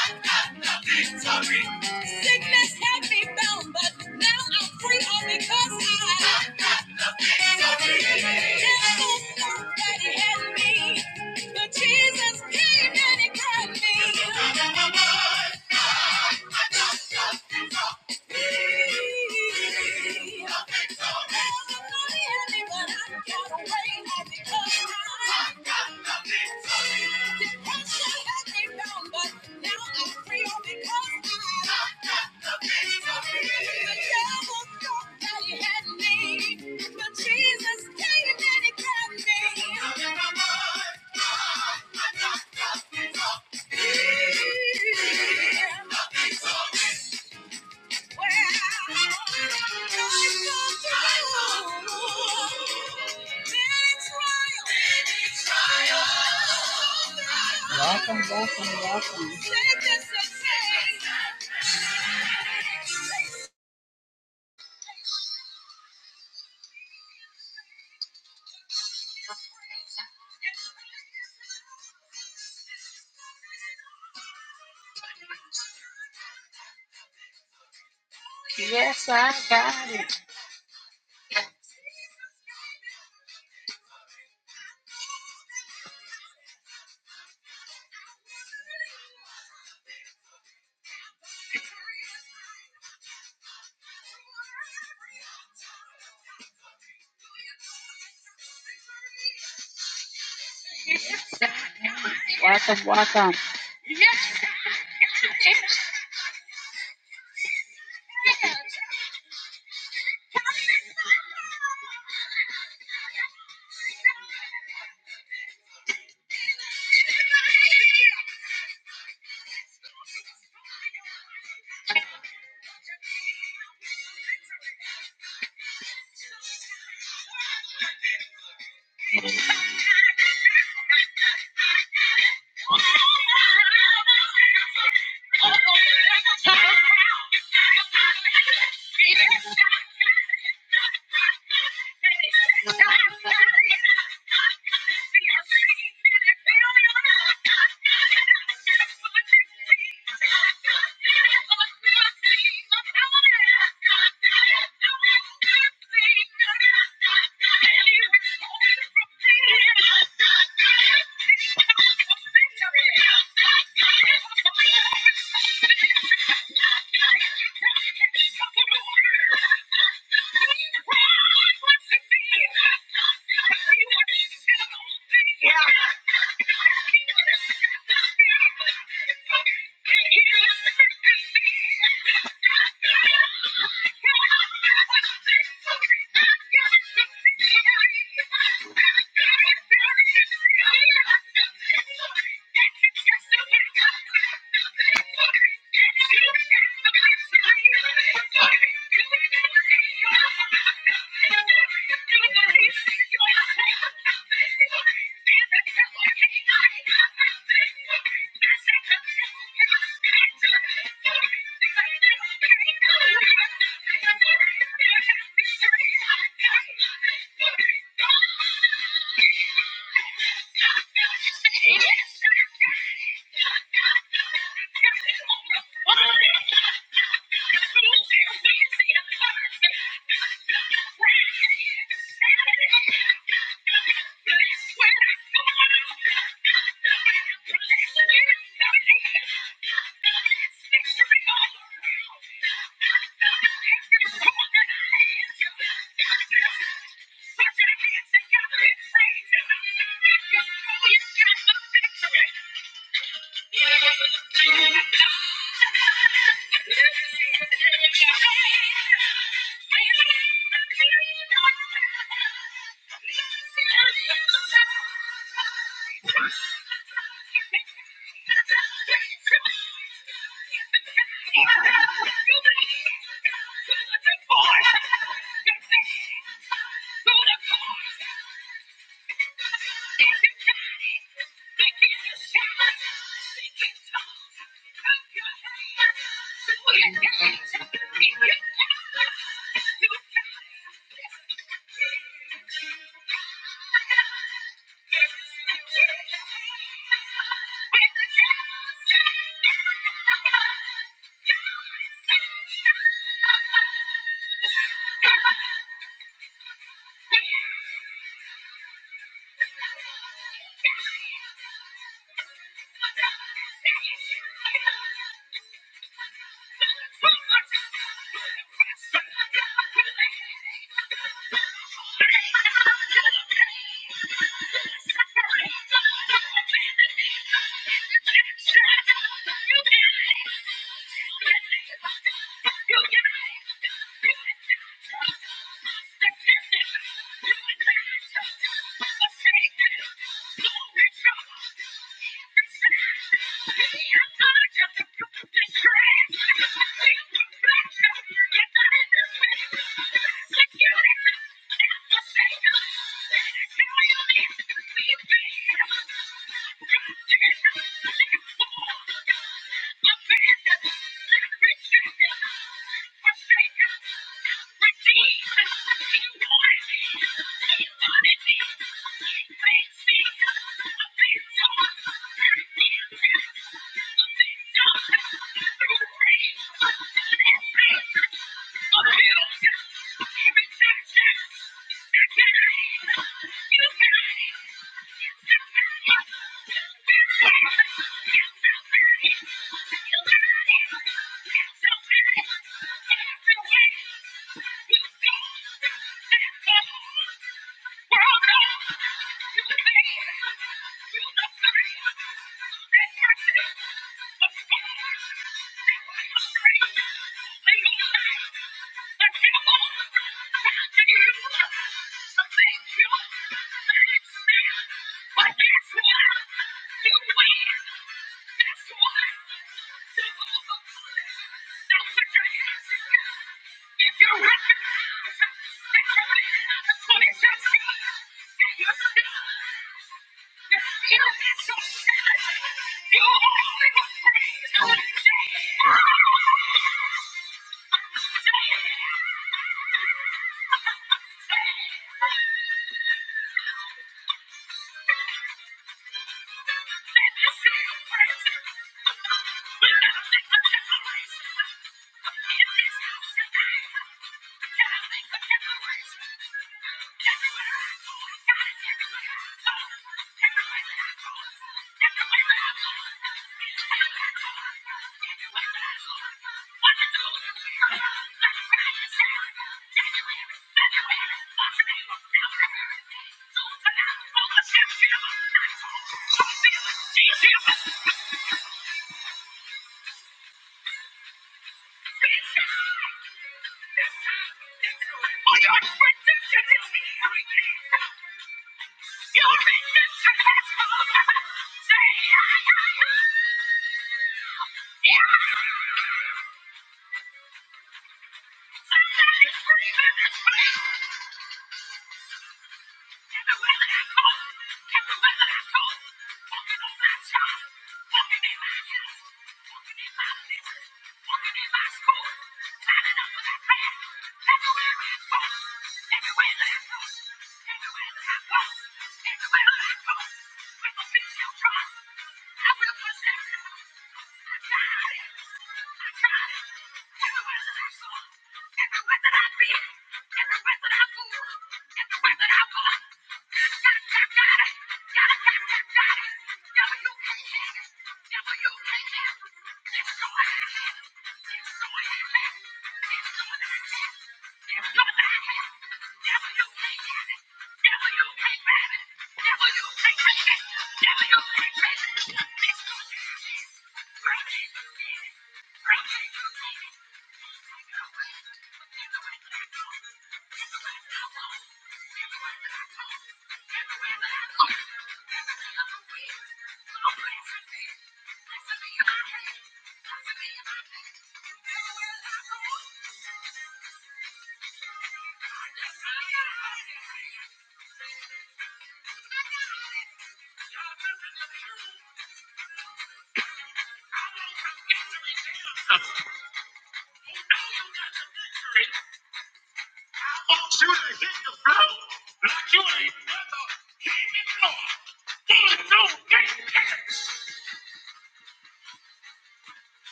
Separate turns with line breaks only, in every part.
Sorry, not nothing. Sorry. I'm in my mind. I got nothing. Nothing. Sorry. Got nothing. I got nothing. Nothing. Yes, I got it. Welcome, welcome.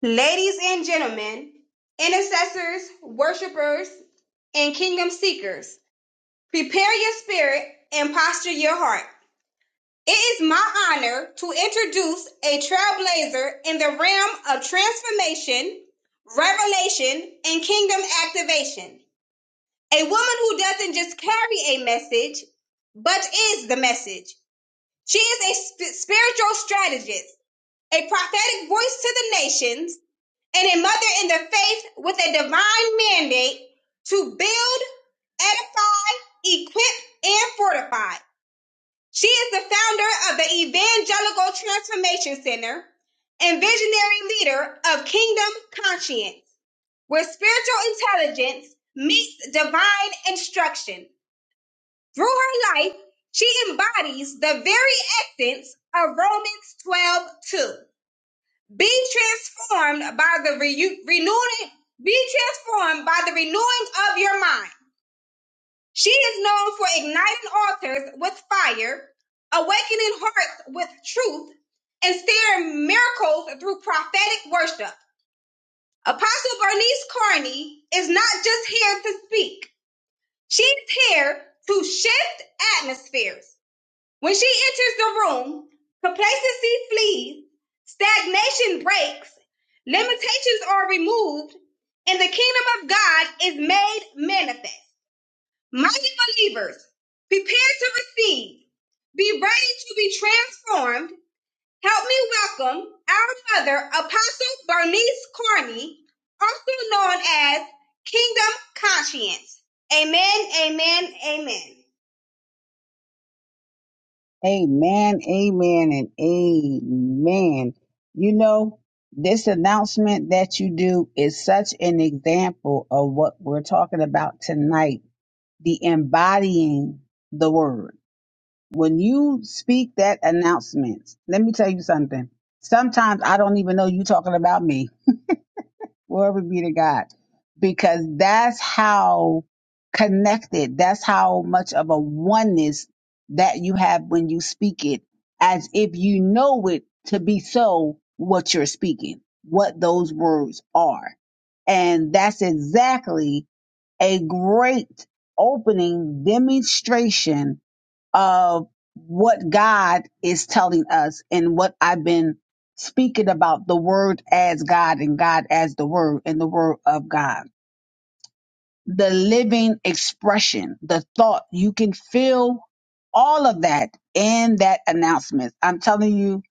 Ladies and gentlemen, intercessors, worshipers, and kingdom seekers, prepare your spirit and posture your heart. It is my honor to introduce a trailblazer in the realm of transformation, revelation, and kingdom activation. A woman who doesn't just carry a message, but is the message. She is a sp- spiritual strategist, a prophetic voice to the nations, and a mother in the faith with a divine mandate to build, edify, equip, and fortify. She is the founder of the Evangelical Transformation Center and visionary leader of Kingdom Conscience, where spiritual intelligence meets divine instruction. Through her life, she embodies the very essence of Romans 12:2 be transformed by the re- renewing, be transformed by the renewing of your mind. She is known for igniting altars with fire, awakening hearts with truth, and stirring miracles through prophetic worship. Apostle Bernice Carney is not just here to speak. She's here to shift atmospheres. When she enters the room, complacency flees, stagnation breaks, limitations are removed, and the kingdom of God is made manifest. Mighty believers, prepare to receive. Be ready to be transformed. Help me welcome our mother, Apostle Bernice Carney, also known as Kingdom Conscience. Amen, amen, amen.
Amen, amen, and amen. You know, this announcement that you do is such an example of what we're talking about tonight the embodying the word. When you speak that announcement, let me tell you something. Sometimes I don't even know you talking about me Glory be to God. Because that's how connected, that's how much of a oneness that you have when you speak it, as if you know it to be so what you're speaking, what those words are. And that's exactly a great opening demonstration of what God is telling us and what I've been speaking about the word as God and God as the word and the word of God the living expression, the thought. You can feel all of that in that announcement. I'm telling you,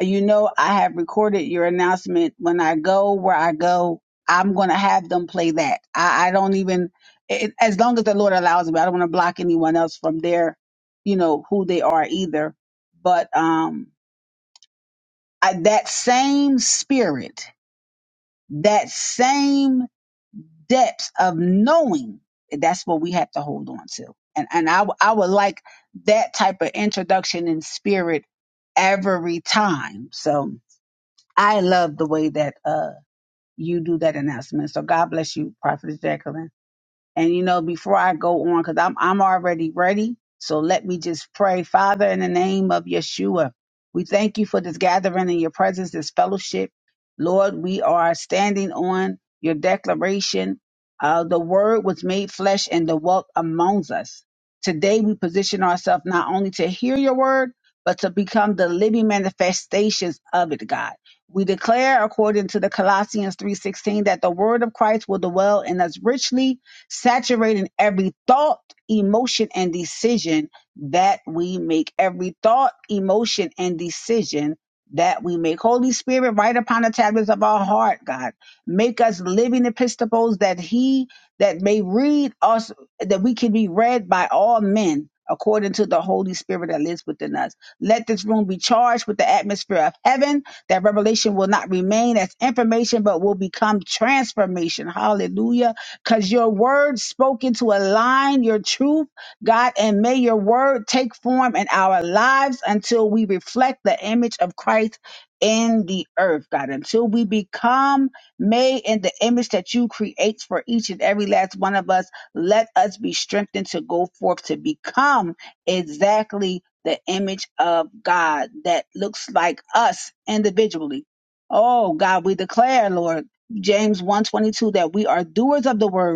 you know, I have recorded your announcement. When I go where I go, I'm going to have them play that. I, I don't even, it, as long as the Lord allows me, I don't want to block anyone else from their, you know, who they are either. But um, I, that same spirit, that same depths of knowing that's what we have to hold on to and and I, w- I would like that type of introduction in spirit every time so i love the way that uh you do that announcement so god bless you Prophetess jacqueline and you know, before I go on, because I'm I'm already ready. So let me just pray. Father, in the name of Yeshua, we thank you for this gathering and your presence, this fellowship. Lord, we are standing on your declaration. Uh, the word was made flesh and the walk amongst us. Today we position ourselves not only to hear your word, but to become the living manifestations of it, God. We declare according to the Colossians 3:16 that the word of Christ will dwell in us richly saturating every thought, emotion, and decision that we make. Every thought, emotion, and decision that we make. Holy Spirit, write upon the tablets of our heart, God. Make us living epistles that He that may read us, that we can be read by all men. According to the Holy Spirit that lives within us. Let this room be charged with the atmosphere of heaven, that revelation will not remain as information, but will become transformation. Hallelujah because your word spoken to align your truth, God, and may your word take form in our lives until we reflect the image of Christ in the earth, God, until we become made in the image that you create for each and every last one of us. Let us be strengthened to go forth to become exactly the image of God that looks like us individually. Oh God, we declare, Lord. James one twenty two that we are doers of the word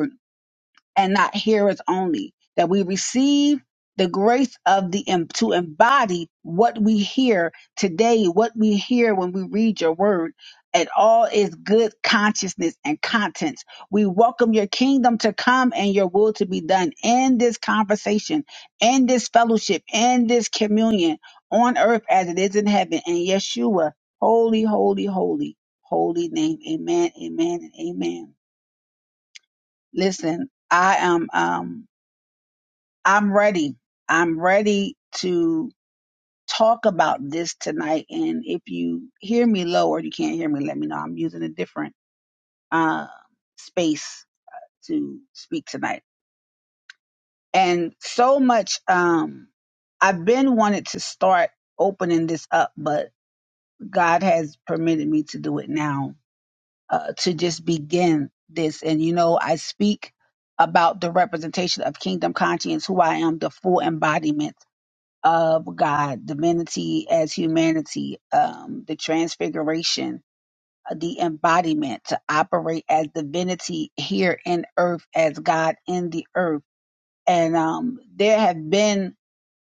and not hearers only, that we receive the grace of the em- to embody what we hear today, what we hear when we read your word. It all is good consciousness and contents. We welcome your kingdom to come and your will to be done in this conversation, in this fellowship, in this communion on earth as it is in heaven. And Yeshua, holy, holy, holy, holy name. Amen, amen, and amen. Listen, I am um I'm ready. I'm ready to talk about this tonight. And if you hear me low or you can't hear me, let me know. I'm using a different uh, space to speak tonight. And so much, um, I've been wanted to start opening this up, but God has permitted me to do it now uh, to just begin this. And you know, I speak about the representation of kingdom conscience, who I am, the full embodiment of God, divinity as humanity, um, the transfiguration, uh, the embodiment to operate as divinity here in earth, as God in the earth. And um, there have been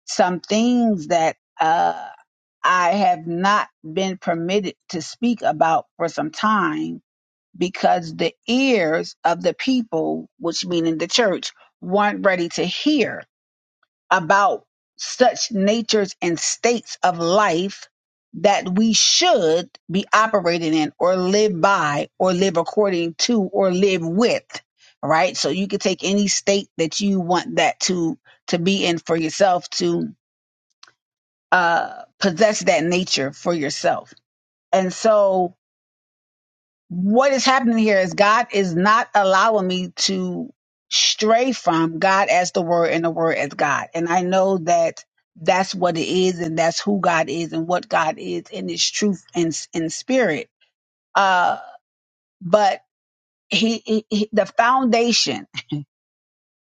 some things that uh, I have not been permitted to speak about for some time because the ears of the people, which meaning the church, weren't ready to hear about such natures and states of life that we should be operating in or live by or live according to or live with right so you can take any state that you want that to to be in for yourself to uh possess that nature for yourself and so what is happening here is God is not allowing me to stray from God as the Word and the Word as God. And I know that that's what it is, and that's who God is, and what God is in His truth and in spirit. Uh, but he, he, he, the foundation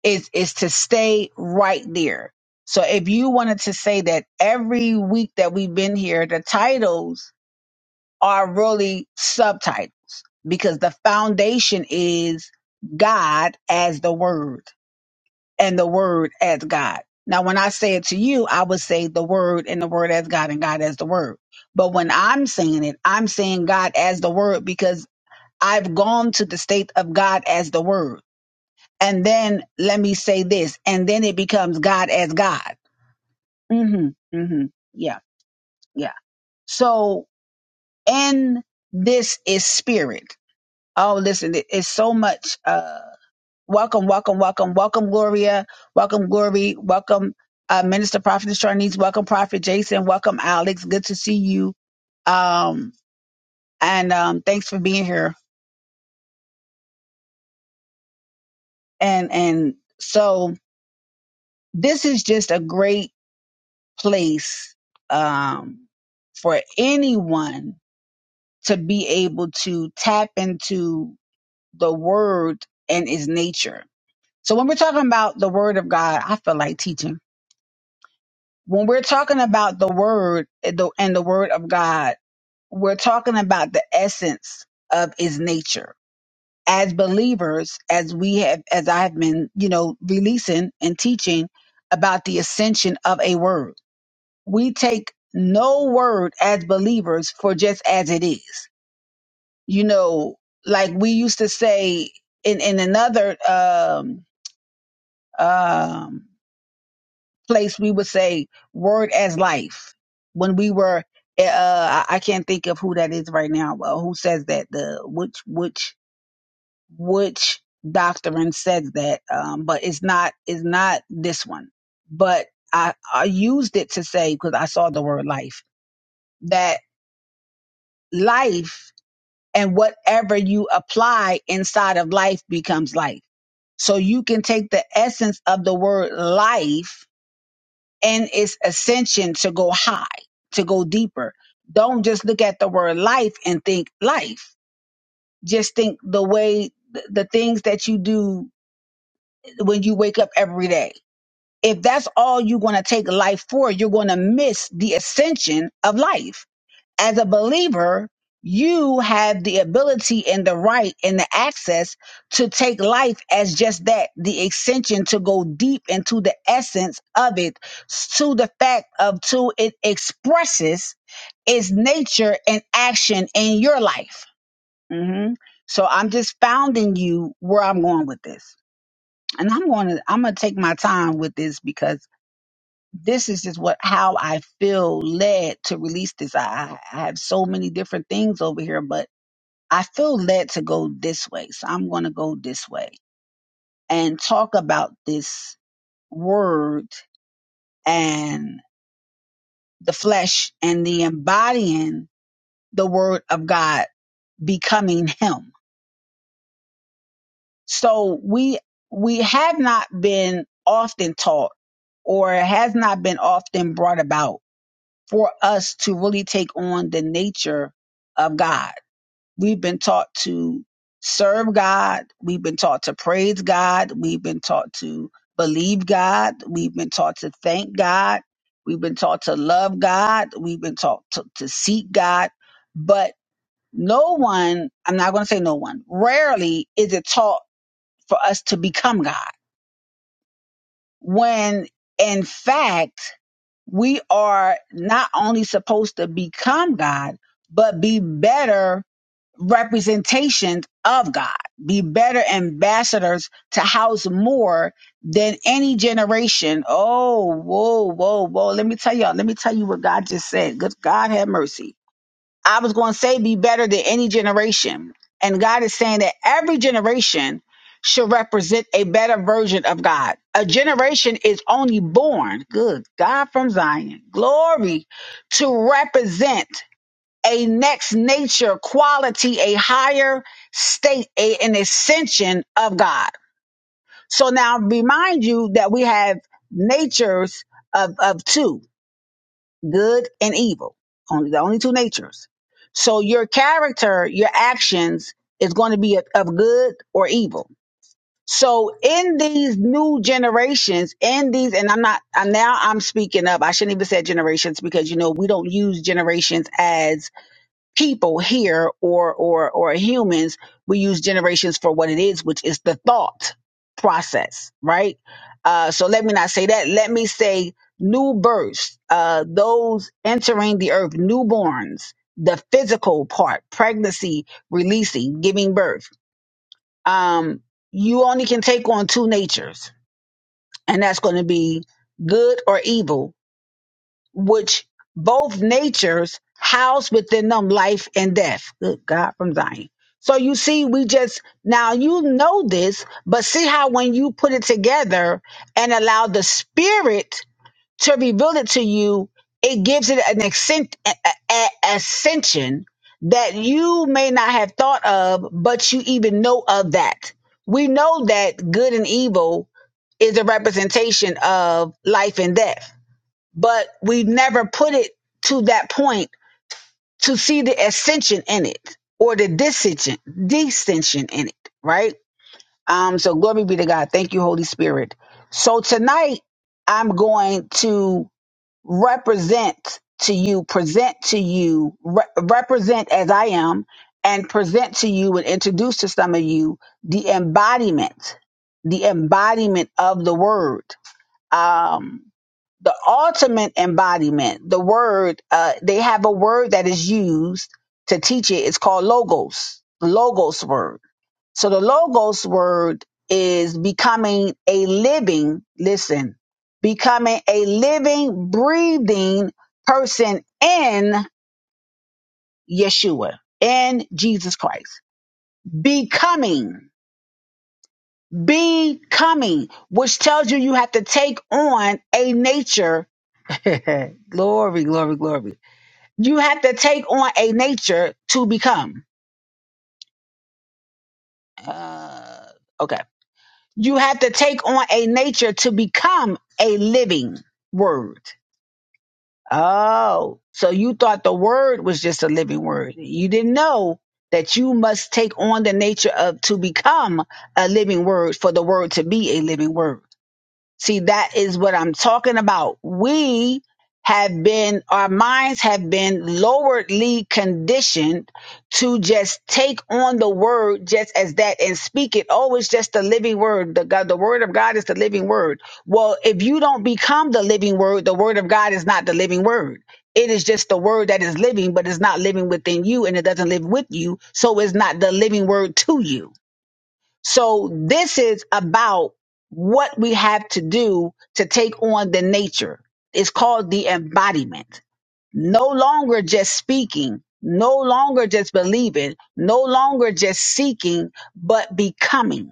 is is to stay right there. So if you wanted to say that every week that we've been here, the titles are really subtitles because the foundation is God as the Word and the Word as God. Now, when I say it to you, I would say the Word and the Word as God and God as the Word. But when I'm saying it, I'm saying God as the Word because I've gone to the state of God as the Word. And then let me say this, and then it becomes God as God. Mm hmm. Mm hmm. Yeah. Yeah. So, and this is spirit. Oh, listen, it- it's so much. Uh, welcome, welcome, welcome, welcome, Gloria. Welcome, Glory. Welcome, uh, Minister Prophetess Charnice. Welcome, Prophet Jason. Welcome, Alex. Good to see you. Um, and um, thanks for being here. And and so this is just a great place um, for anyone to be able to tap into the Word and its nature. So when we're talking about the Word of God, I feel like teaching when we're talking about the word and the and the word of God, we're talking about the essence of his nature. As believers, as we have as I have been, you know, releasing and teaching about the ascension of a word. We take no word as believers for just as it is. You know, like we used to say in, in another um um place we would say word as life when we were eh, uh i I can't think of who that is right now uh, who says that the which which which doctrine says that um but it's not it's not this one but i i used it to say because i saw the word life that life and whatever you apply inside of life becomes life so you can take the essence of the word life and its ascension to go high, to go deeper. Don't just look at the word life and think life. Just think the way the the things that you do when you wake up every day. If that's all you're going to take life for, you're going to miss the ascension of life as a believer, you have the ability and the right and the access to take life as just that the extension to go deep into the essence of it to the fact of to it expresses its nature and action in your life hmm so i'm just founding you where i'm going with this and i'm going to i'm going to take my time with this because this is just what how I feel led to release this. I, I I have so many different things over here, but I feel led to go this way. So I'm going to go this way and talk about this word and the flesh and the embodying the word of God becoming him. So we we have not been often taught or it has not been often brought about for us to really take on the nature of God. We've been taught to serve God. We've been taught to praise God. We've been taught to believe God. We've been taught to thank God. We've been taught to love God. We've been taught to, to seek God. But no one, I'm not going to say no one, rarely is it taught for us to become God. When in fact, we are not only supposed to become God, but be better representations of God, be better ambassadors to house more than any generation. Oh, whoa, whoa, whoa. Let me tell y'all, let me tell you what God just said. Good God have mercy. I was going to say be better than any generation. And God is saying that every generation should represent a better version of God. A generation is only born, good God from Zion, glory, to represent a next nature quality, a higher state, a, an ascension of God. So now remind you that we have natures of, of two good and evil, only the only two natures. So your character, your actions is going to be of of good or evil. So in these new generations, in these, and I'm not, I'm now I'm speaking up. I shouldn't even say generations because you know we don't use generations as people here or or or humans we use generations for what it is which is the thought process right uh so let me not say that let me say new births uh those entering the earth newborns the physical part pregnancy releasing giving birth um you only can take on two natures and that's going to be good or evil which both natures house within them life and death. Good God from Zion. So you see, we just now you know this, but see how when you put it together and allow the spirit to reveal it to you, it gives it an ascent, a, a- a- ascension that you may not have thought of, but you even know of that. We know that good and evil is a representation of life and death but we never put it to that point to see the ascension in it or the dissension, descension in it, right? Um, so glory be to God. Thank you, Holy Spirit. So tonight I'm going to represent to you, present to you, re- represent as I am, and present to you and introduce to some of you the embodiment, the embodiment of the word um, the ultimate embodiment, the word, uh, they have a word that is used to teach it. It's called logos, logos word. So the logos word is becoming a living, listen, becoming a living, breathing person in Yeshua, in Jesus Christ. Becoming, becoming, which tells you you have to take on a nature glory, glory, glory. You have to take on a nature to become. Uh, okay. You have to take on a nature to become a living word. Oh, so you thought the word was just a living word. You didn't know that you must take on the nature of to become a living word for the word to be a living word. See, that is what I'm talking about. We have been, our minds have been loweredly conditioned to just take on the word just as that and speak it. Oh, it's just the living word. The, God, the word of God is the living word. Well, if you don't become the living word, the word of God is not the living word. It is just the word that is living, but it's not living within you and it doesn't live with you. So it's not the living word to you. So this is about what we have to do to take on the nature. It's called the embodiment. No longer just speaking, no longer just believing, no longer just seeking, but becoming.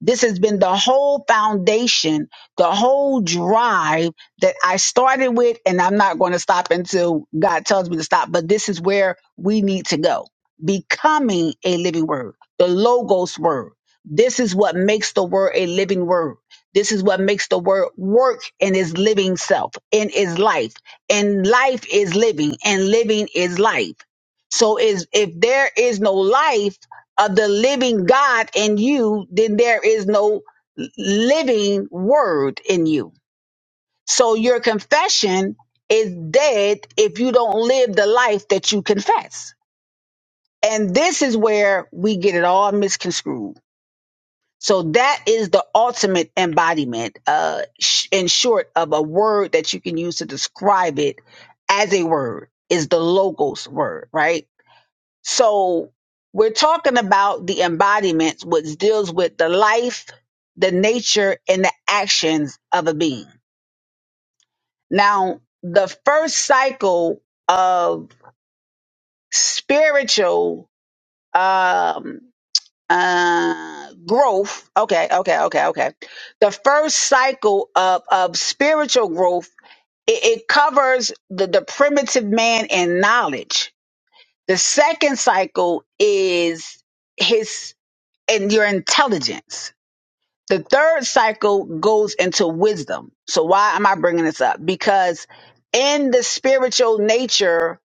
This has been the whole foundation, the whole drive that I started with, and I'm not going to stop until God tells me to stop. But this is where we need to go becoming a living word, the Logos word. This is what makes the word a living word. This is what makes the word work in its living self, in its life. And life is living, and living is life. So is if there is no life, of the living God in you, then there is no living word in you. So your confession is dead if you don't live the life that you confess. And this is where we get it all misconstrued. So that is the ultimate embodiment, uh, sh- in short, of a word that you can use to describe it as a word is the logos word, right? So we're talking about the embodiment, which deals with the life, the nature, and the actions of a being. Now, the first cycle of spiritual um, uh, growth. Okay, okay, okay, okay. The first cycle of of spiritual growth it, it covers the, the primitive man and knowledge. The second cycle is his and your intelligence. The third cycle goes into wisdom. So why am I bringing this up? Because in the spiritual nature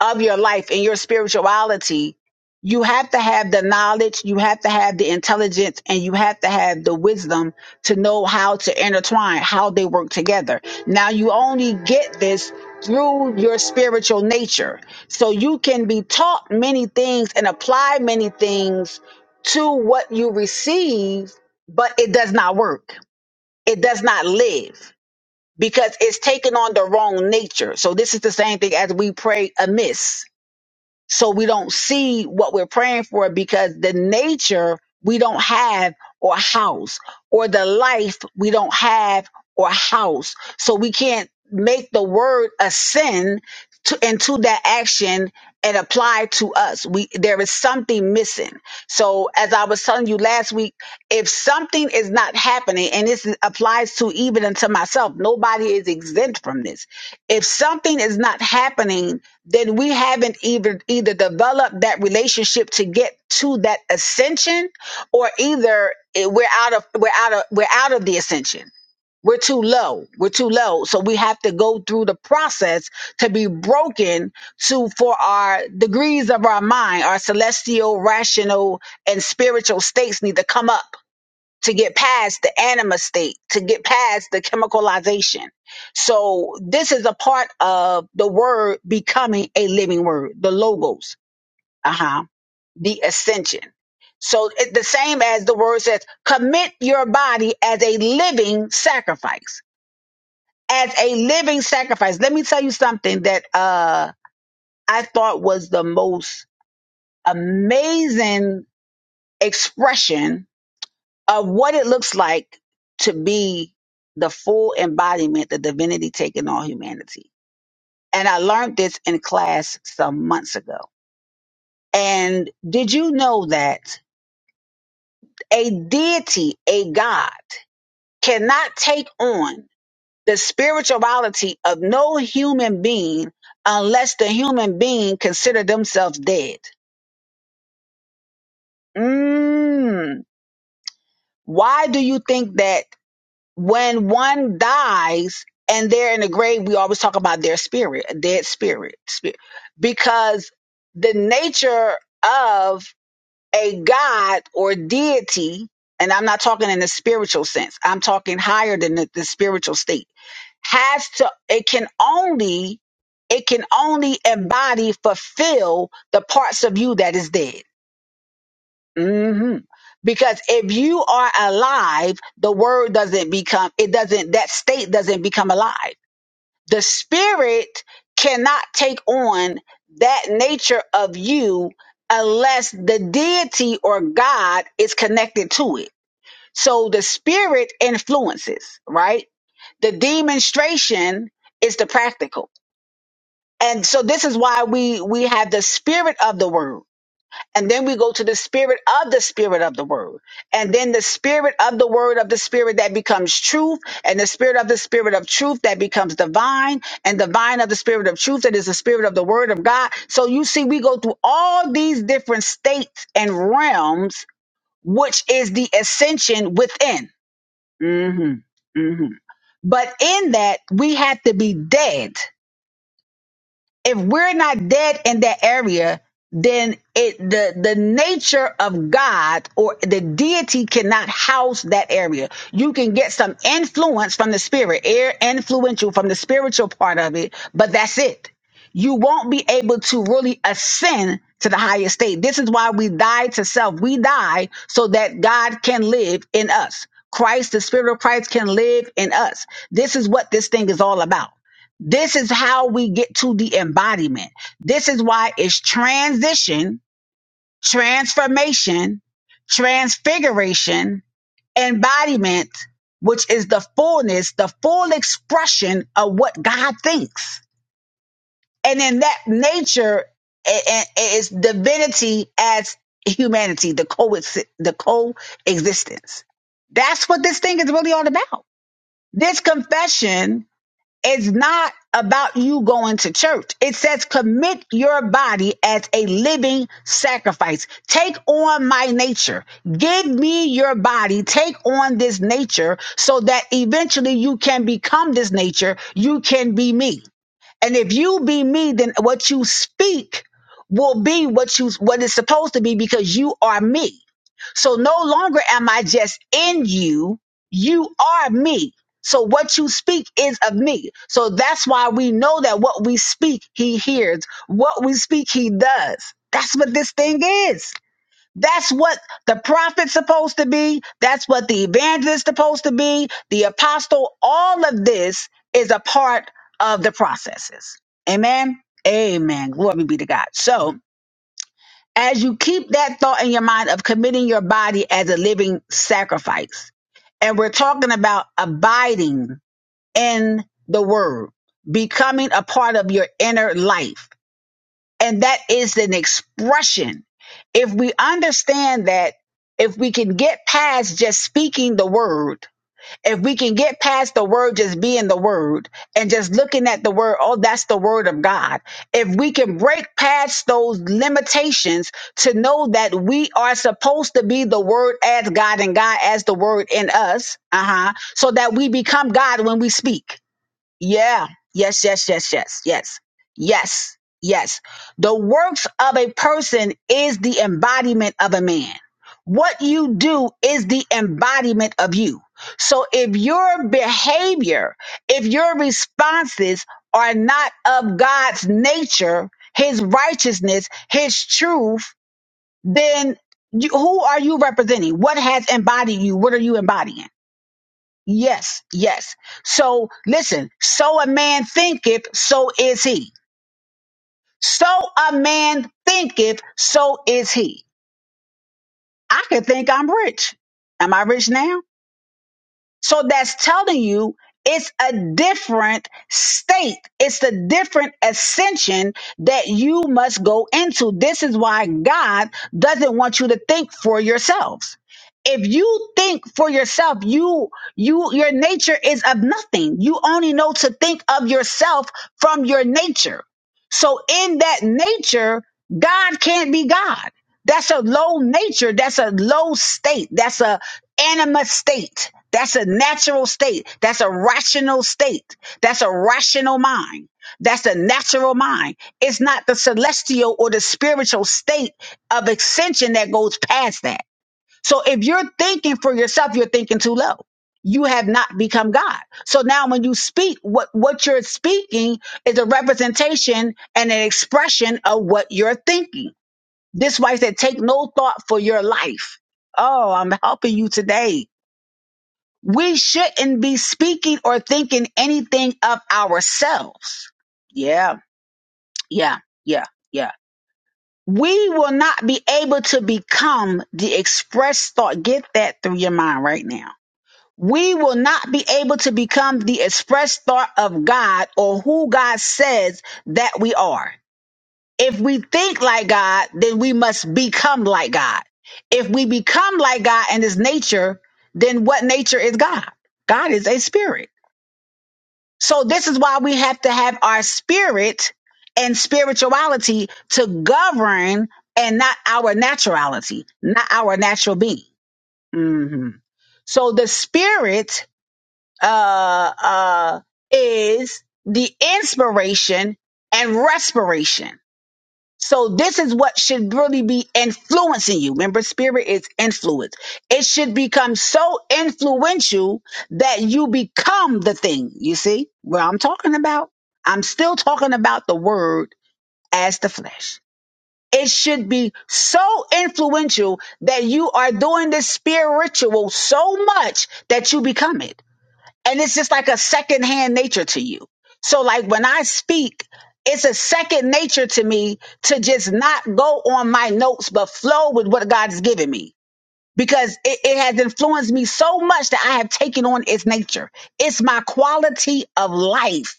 of your life, in your spirituality, you have to have the knowledge, you have to have the intelligence, and you have to have the wisdom to know how to intertwine, how they work together. Now you only get this through your spiritual nature. So you can be taught many things and apply many things to what you receive but it does not work. It does not live because it's taken on the wrong nature. So this is the same thing as we pray amiss so we don't see what we're praying for because the nature we don't have or house or the life we don't have or house so we can't make the word ascend to, into that action and apply to us we there is something missing so as i was telling you last week if something is not happening and this applies to even unto myself nobody is exempt from this if something is not happening then we haven't either either developed that relationship to get to that ascension or either it- we're out of we're out of we're out of the ascension we're too low we're too low so we have to go through the process to be broken to for our degrees of our mind our celestial rational and spiritual states need to come up to get past the anima state, to get past the chemicalization. So this is a part of the word becoming a living word, the logos, uh-huh, the ascension. So it, the same as the word says, commit your body as a living sacrifice, as a living sacrifice. Let me tell you something that uh, I thought was the most amazing expression of what it looks like to be the full embodiment, the divinity taking on humanity. And I learned this in class some months ago. And did you know that a deity, a God, cannot take on the spirituality of no human being unless the human being consider themselves dead? Mm. Why do you think that when one dies and they're in the grave, we always talk about their spirit, a dead spirit, spirit, because the nature of a god or deity, and I'm not talking in the spiritual sense, I'm talking higher than the, the spiritual state, has to, it can only, it can only embody, fulfill the parts of you that is dead hmm Because if you are alive, the word doesn't become, it doesn't, that state doesn't become alive. The spirit cannot take on that nature of you unless the deity or God is connected to it. So the spirit influences, right? The demonstration is the practical. And so this is why we, we have the spirit of the word and then we go to the spirit of the spirit of the word. And then the spirit of the word of the spirit that becomes truth, and the spirit of the spirit of truth that becomes divine, and divine of the spirit of truth that is the spirit of the word of God. So you see, we go through all these different states and realms, which is the ascension within. hmm hmm But in that, we have to be dead if we're not dead in that area, then it the the nature of God or the deity cannot house that area. You can get some influence from the spirit, air influential from the spiritual part of it, but that's it. You won't be able to really ascend to the highest state. This is why we die to self. We die so that God can live in us. Christ, the spirit of Christ can live in us. This is what this thing is all about. This is how we get to the embodiment. This is why it's transition, transformation, transfiguration, embodiment, which is the fullness, the full expression of what God thinks. And in that nature i- i- is divinity as humanity, the coexi- the coexistence. That's what this thing is really all about. This confession it's not about you going to church. It says commit your body as a living sacrifice. Take on my nature. Give me your body. Take on this nature so that eventually you can become this nature. You can be me. And if you be me, then what you speak will be what you what it's supposed to be because you are me. So no longer am I just in you, you are me. So what you speak is of me. So that's why we know that what we speak, he hears. What we speak, he does. That's what this thing is. That's what the prophet's supposed to be. That's what the evangelist's supposed to be. The apostle, all of this is a part of the processes. Amen. Amen. Glory be to God. So, as you keep that thought in your mind of committing your body as a living sacrifice, and we're talking about abiding in the word, becoming a part of your inner life. And that is an expression. If we understand that, if we can get past just speaking the word, if we can get past the word just being the word and just looking at the word, oh, that's the word of God. If we can break past those limitations to know that we are supposed to be the word as God and God as the word in us, uh huh, so that we become God when we speak yeah. Yes, yes, yes, yes, yes, yes, yes. The works of a person is the embodiment of a man. What you do is the embodiment of you. So if your behavior, if your responses are not of God's nature, his righteousness, his truth, then you, who are you representing? What has embodied you? What are you embodying? Yes, yes. So listen, so a man thinketh, so is he. So a man thinketh, so is he. I could think I'm rich. Am I rich now? So that's telling you it's a different state. It's the different ascension that you must go into. This is why God doesn't want you to think for yourselves. If you think for yourself, you you your nature is of nothing. You only know to think of yourself from your nature. So in that nature, God can't be God. That's a low nature. That's a low state. That's a anima state. That's a natural state. That's a rational state. That's a rational mind. That's the natural mind. It's not the celestial or the spiritual state of extension that goes past that. So if you're thinking for yourself, you're thinking too low. You have not become God. So now when you speak, what, what you're speaking is a representation and an expression of what you're thinking. This wife said, take no thought for your life. Oh, I'm helping you today we shouldn't be speaking or thinking anything of ourselves. Yeah, yeah, yeah, yeah. We will not be able to become the express thought. Get that through your mind right now. We will not be able to become the express thought of God or who God says that we are. If we think like God, then we must become like God. If we become like God and his nature, then what nature is God? God is a spirit. So this is why we have to have our spirit and spirituality to govern and not our naturality, not our natural being. hmm So the spirit uh, uh, is the inspiration and respiration. So this is what should really be influencing you. Remember, spirit is influence. It should become so influential that you become the thing. You see what I'm talking about? I'm still talking about the word as the flesh. It should be so influential that you are doing the spiritual so much that you become it and it's just like a secondhand nature to you. So like when I speak, it's a second nature to me to just not go on my notes, but flow with what God has given me because it, it has influenced me so much that I have taken on its nature. It's my quality of life.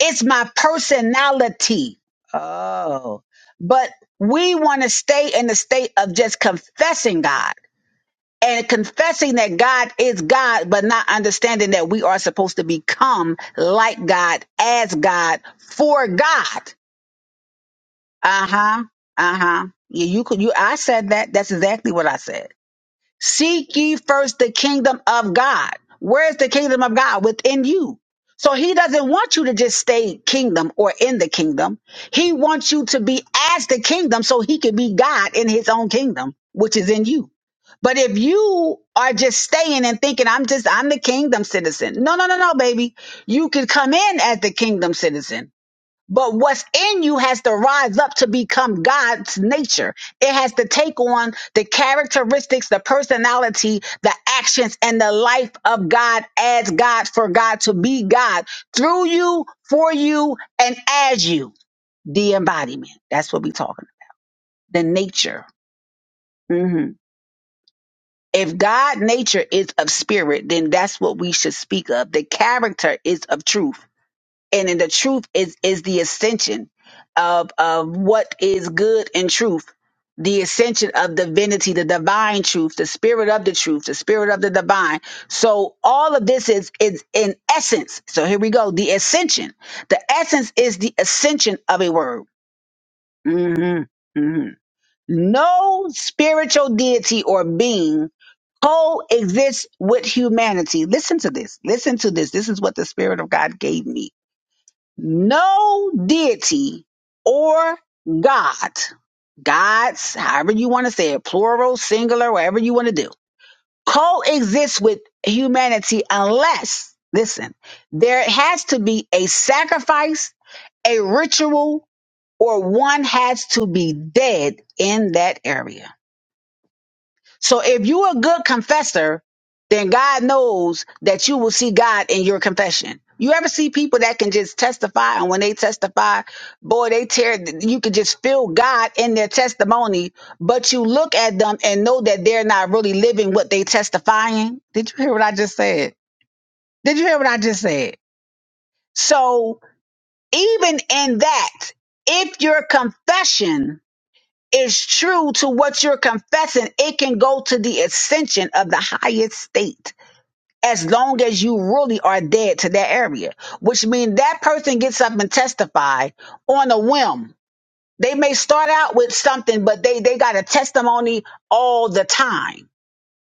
It's my personality. Oh, but we want to stay in the state of just confessing God and confessing that God is God, but not understanding that we are supposed to become like God, as God, for God. Uh huh. Uh huh. Yeah, you could. You. I said that. That's exactly what I said. Seek ye first the kingdom of God. Where's the kingdom of God? Within you. So he doesn't want you to just stay kingdom or in the kingdom. He wants you to be as the kingdom so he can be God in his own kingdom, which is in you. But if you are just staying and thinking, I'm just, I'm the kingdom citizen. No, no, no, no, baby. You can come in as the kingdom citizen but what's in you has to rise up to become God's nature. It has to take on the characteristics, the personality, the actions, and the life of God as God for God to be God through you, for you, and as you. The embodiment. That's what we're talking. about. The nature. hmm If God nature is of spirit, then that's what we should speak of. The character is of truth and then the truth is is the ascension of of what is good and truth the ascension of divinity the divine truth the spirit of the truth the spirit of the divine so all of this is is in essence so here we go the ascension the essence is the ascension of a word hmm hmm no spiritual deity or being coexists with humanity listen to this listen to this this is what the spirit of god gave me no deity or God, gods, however you want to say it, plural, singular, whatever you want to do, coexists with humanity unless, listen, there has to be a sacrifice, a ritual, or one has to be dead in that area. So if you're a good confessor, then God knows that you will see God in your confession. You ever see people that can just testify and when they testify, boy, they tear, you can just feel God in their testimony, but you look at them and know that they're not really living what they testifying. Did you hear what I just said? Did you hear what I just said? So even in that, if your confession is true to what you're confessing, it can go to the ascension of the highest state as long as you really are dead to that area, which means that person gets up and testify on a whim. They may start out with something, but they, they got a testimony all the time,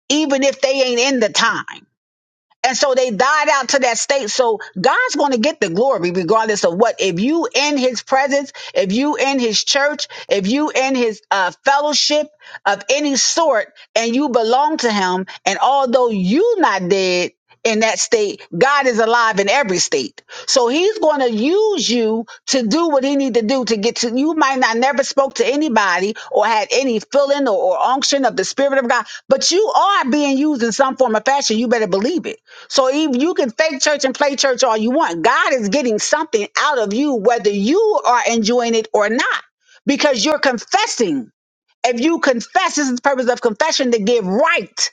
even if they ain't in the time. And so they died out to that state. So God's going to get the glory regardless of what. If you in his presence, if you in his church, if you in his uh, fellowship of any sort and you belong to him, and although you not dead in that state, God is alive in every state. So he's going to use you to do what he need to do to get to you might not never spoke to anybody or had any feeling or, or unction of the spirit of god but you are being used in some form or fashion you better believe it so even you can fake church and play church all you want god is getting something out of you whether you are enjoying it or not because you're confessing if you confess this is the purpose of confession to give right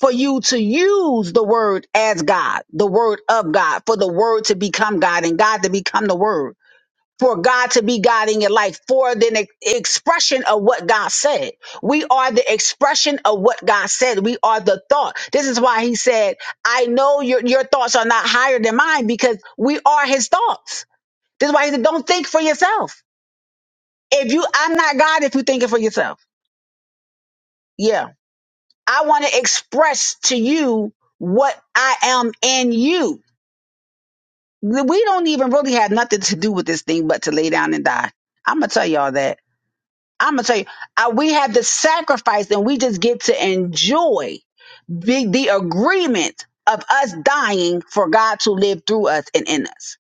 for you to use the word as God, the word of God, for the word to become God and God to become the word, for God to be God in your life, for the ex- expression of what God said. We are the expression of what God said. We are the thought. This is why he said, I know your, your thoughts are not higher than mine because we are his thoughts. This is why he said, don't think for yourself. If you, I'm not God if you think it for yourself. Yeah. I want to express to you what I am in you we don't even really have nothing to do with this thing but to lay down and die. I'm gonna tell y'all that. I'm gonna tell you, uh, we have the sacrifice, and we just get to enjoy the, the agreement of us dying for God to live through us and in us.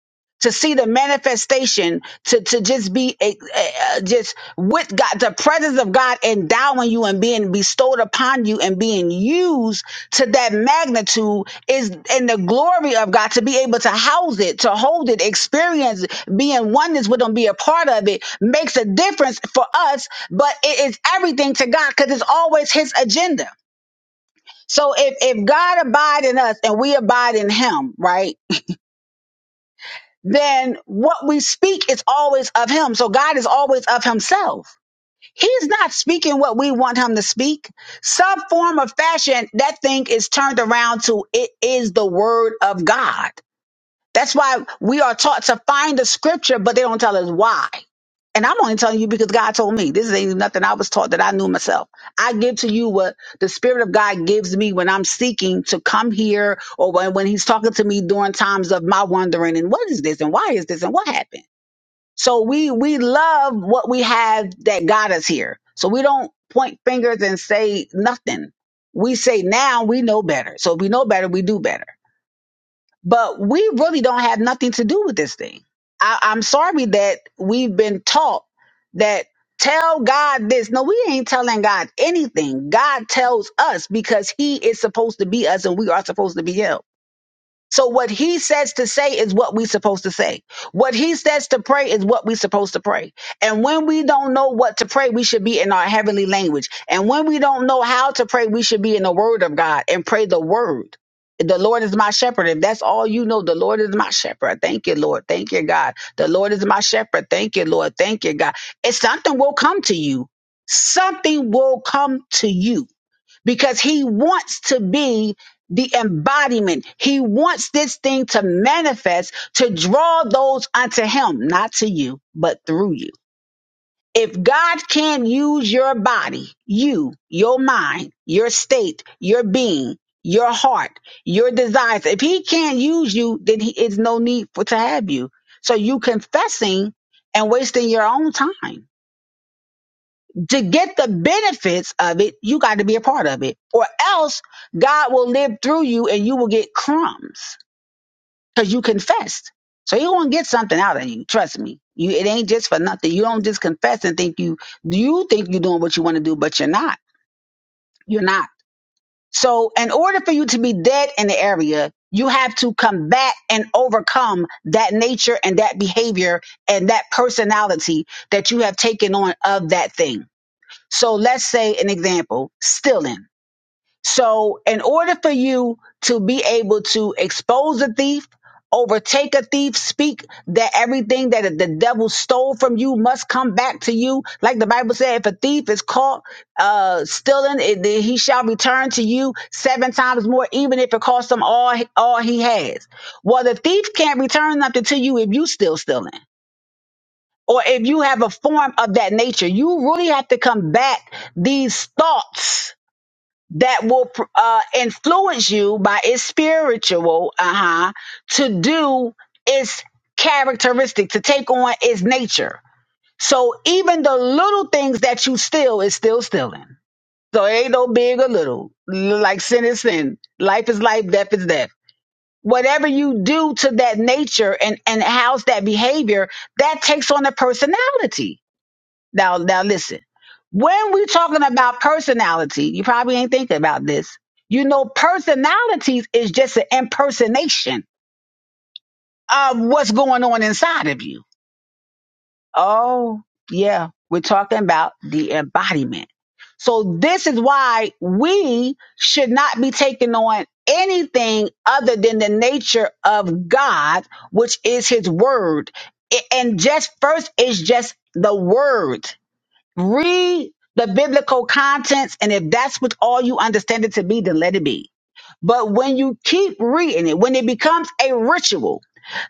To see the manifestation, to, to just be a, a- a- just with God, the presence of God endowing you and being bestowed upon you and being used to that magnitude is in the glory of God to be able to house it, to hold it, experience it, be in oneness with Him, be a part of it makes a difference for us, but it is everything to God because it's always His agenda. So if, if God abide in us and we abide in him, right? Then what we speak is always of him. So God is always of himself. He's not speaking what we want him to speak. Some form of fashion, that thing is turned around to it is the word of God. That's why we are taught to find the scripture, but they don't tell us why. And I'm only telling you because God told me. This ain't nothing I was taught that I knew myself. I give to you what the Spirit of God gives me when I'm seeking to come here or when, when He's talking to me during times of my wondering and what is this and why is this and what happened. So we we love what we have that got us here. So we don't point fingers and say nothing. We say now we know better. So if we know better, we do better but we really don't have nothing to do with this thing. I, I'm sorry that we've been taught that tell God this. No, we ain't telling God anything. God tells us because He is supposed to be us and we are supposed to be Him. So what he says to say is what we supposed to say. What he says to pray is what we supposed to pray. And when we don't know what to pray, we should be in our heavenly language. And when we don't know how to pray, we should be in the word of God and pray the word. The Lord is my shepherd. If that's all you know, the Lord is my shepherd. Thank you, Lord. Thank you, God. The Lord is my shepherd. Thank you, Lord. Thank you, God. It's something will come to you. Something will come to you because he wants to be the embodiment. He wants this thing to manifest to draw those unto him, not to you, but through you. If God can use your body, you, your mind, your state, your being, your heart, your desires, if he can't use you, then he is no need for to have you. So you confessing and wasting your own time to get the benefits of it, you got to be a part of it, or else God will live through you and you will get crumbs because you confessed. So you're gonna get something out of you. Trust me. You, it ain't just for nothing. You don't just confess and think you you think you're doing what you want to do, but you're not. You're not. So in order for you to be dead in the area, you have to combat and overcome that nature and that behavior and that personality that you have taken on of that thing so let's say an example, stealing. So in order for you to be able to expose a thief, overtake a thief, speak that everything that the devil stole from you must come back to you. Like the Bible said, if a thief is caught uh, stealing, it, then he shall return to you seven times more, even if it costs him all, all he has. Well, the thief can't return nothing to you if you still stealing or if you have a form of that nature, you really have to combat these thoughts that will uh, influence you by its spiritual, uh huh, to do its characteristic, to take on its nature. So even the little things that you steal is still stealing. So it ain't no big or little. Like sin is sin. Life is life, death is death. Whatever you do to that nature and, and house that behavior, that takes on a personality now, now listen. When we talking about personality, you probably ain't thinking about this. You know, personalities is just an impersonation of what's going on inside of you. Oh, yeah. We're talking about the embodiment. So this is why we should not be taking on anything other than the nature of God, which is his word. A- And just first is just the word read the biblical contents and if that's what all you understand it to be then let it be but when you keep reading it when it becomes a ritual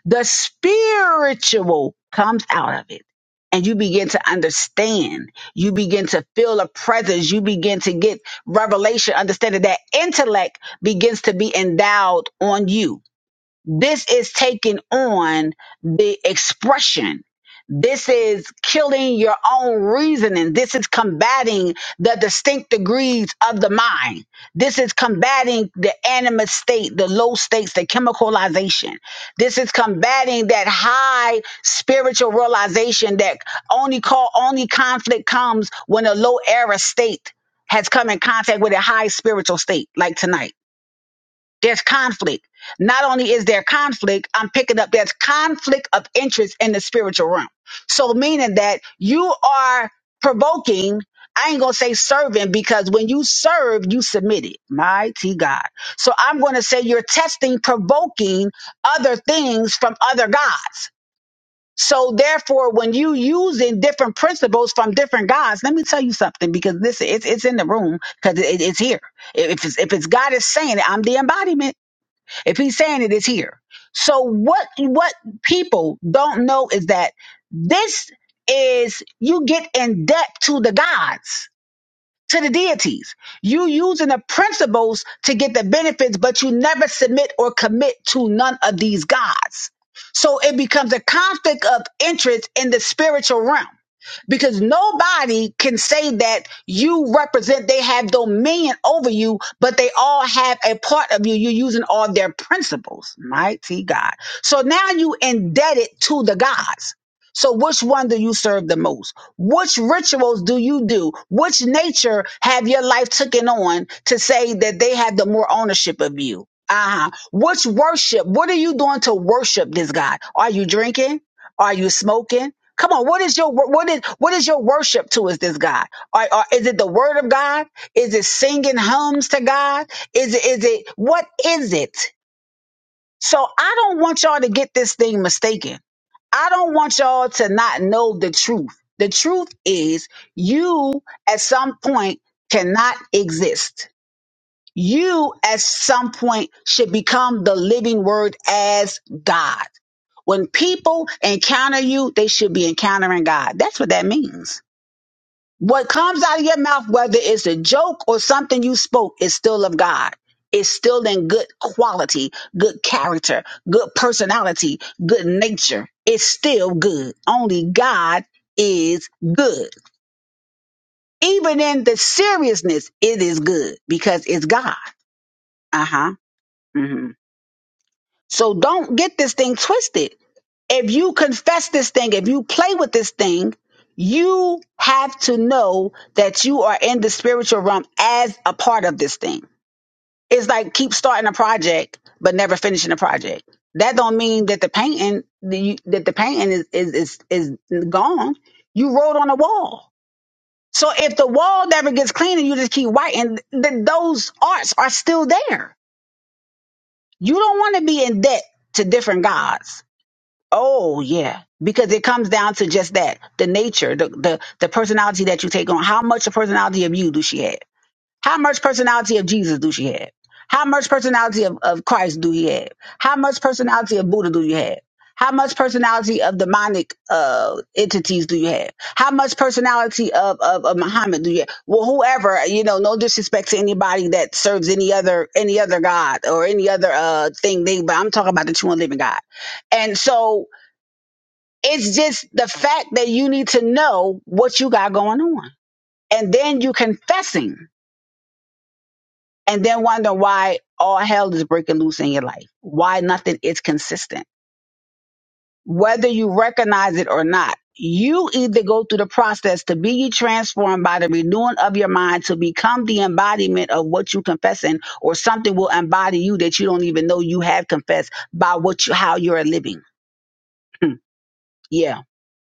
the spiritual comes out of it and you begin to understand you begin to feel a presence you begin to get revelation understanding that intellect begins to be endowed on you this is taking on the expression. This is killing your own reasoning. This is combating the distinct degrees of the mind. This is combating the animus state, the low states, the chemicalization. This is combating that high spiritual realization that only call only conflict comes when a low era state has come in contact with a high spiritual state, like tonight. There's conflict. Not only is there conflict, I'm picking up there's conflict of interest in the spiritual realm. So meaning that you are provoking, I ain't gonna say serving because when you serve, you submit it. Mighty God. So I'm gonna say you're testing, provoking other things from other gods. So therefore, when you using different principles from different gods, let me tell you something because this it's it's in the room because it, it's here. If it's if it's God is saying it, I'm the embodiment. If he's saying it, it's here. So what what people don't know is that this is you get in debt to the gods to the deities. You using the principles to get the benefits, but you never submit or commit to none of these gods. So it becomes a conflict of interest in the spiritual realm because nobody can say that you represent, they have dominion over you, but they all have a part of you. You're using all their principles. Mighty God. So now you indebted to the gods. So which one do you serve the most? Which rituals do you do? Which nature have your life taken on to say that they have the more ownership of you? Uh-huh. Which worship? What are you doing to worship this God? Are you drinking? Are you smoking? Come on, what is your wor- what is what is your worship to is this God? Or are, is it the word of God? Is it singing hymns to God? Is it is it what is it? So I don't want y'all to get this thing mistaken. I don't want y'all to not know the truth. The truth is, you at some point cannot exist. You at some point should become the living word as God. When people encounter you, they should be encountering God. That's what that means. What comes out of your mouth, whether it's a joke or something you spoke, is still of God. It's still in good quality, good character, good personality, good nature. It's still good. Only God is good. Even in the seriousness, it is good because it's God. Uh huh. hmm So don't get this thing twisted. if you confess this thing, if you play with this thing, you have to know that you are in the spiritual realm as a part of this thing. It's like keep starting a project but never finishing a project. That don't mean that the painting that, you, that the painting is, is is is gone. You wrote on a wall. So if the wall never gets clean and you just keep whiting, then those arts are still there. You don't want to be in debt to different gods Oh yeah, because it comes down to just that the nature, the the the personality that you take on. How much of personality of you do she have? How much personality of Jesus do she have? How much personality of, of Christ do you have? How much personality of Buddha do you have? How much personality of demonic uh, entities do you have? How much personality of, of, of Muhammad do you have? Well, whoever, you know, no disrespect to anybody that serves any other any other God or any other uh, thing. They, but I'm talking about the true and living God. And so it's just the fact that you need to know what you got going on. And then you confessing and then wonder why all hell is breaking loose in your life, why nothing is consistent. Whether you recognize it or not, you either go through the process to be ye transformed by the renewing of your mind to become the embodiment of what you confessing, or something will embody you that you don't even know you have confessed by what you how you're living. Hmm. Yeah.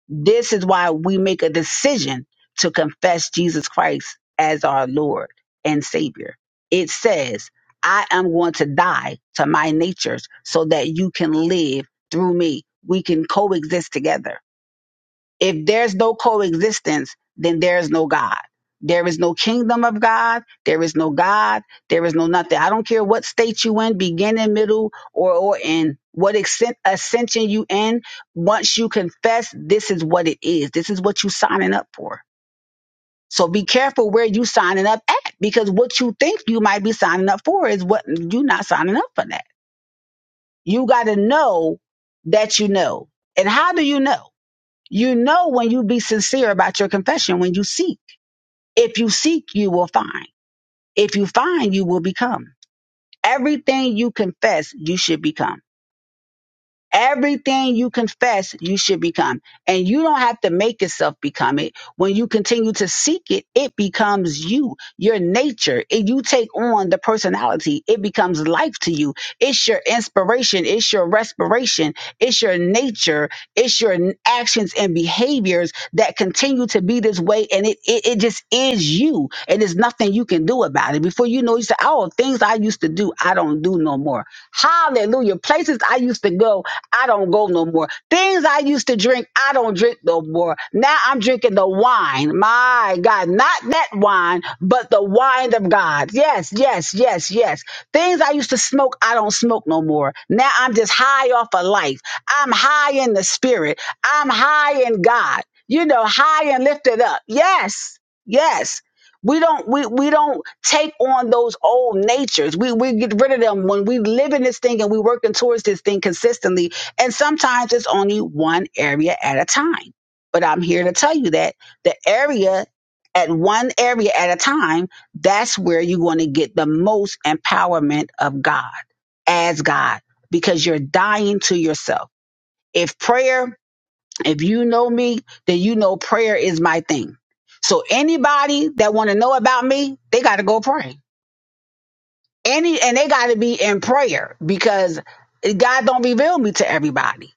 This is why we make a decision to confess Jesus Christ as our Lord and Savior. It says, I am going to die to my natures so that you can live through me. We can coexist together. If there's no coexistence, then there is no God. There is no kingdom of God. There is no God. There is no nothing. I don't care what state you in, beginning, middle, or or in what extent ascension you in. Once you confess, this is what it is. This is what you signing up for. So be careful where you signing up at, because what you think you might be signing up for is what you're not signing up for. That you got to know that you know. And how do you know? You know when you be sincere about your confession, when you seek. If you seek, you will find. If you find, you will become. Everything you confess, you should become. Everything you confess, you should become. And you don't have to make yourself become it. When you continue to seek it, it becomes you, your nature. If you take on the personality, it becomes life to you. It's your inspiration. It's your respiration. It's your nature. It's your n- actions and behaviors that continue to be this way. And it, it, it just is you. And there's nothing you can do about it. Before you know, you say, oh, things I used to do, I don't do no more. Hallelujah. Places I used to go I don't go no more. Things I used to drink, I don't drink no more. Now I'm drinking the wine. My God, not that wine, but the wine of God. Yes, yes, yes, yes. Things I used to smoke, I don't smoke no more. Now I'm just high off of life. I'm high in the spirit. I'm high in God. You know, high and lifted up. Yes, yes. We don't we we don't take on those old natures. We we get rid of them when we live in this thing and we working towards this thing consistently and sometimes it's only one area at a time. But I'm here to tell you that the area at one area at a time, that's where you're going to get the most empowerment of God as God because you're dying to yourself. If prayer, if you know me, then you know prayer is my thing. So anybody that want to know about me, they got to go pray. Any and they got to be in prayer because God don't reveal me to everybody.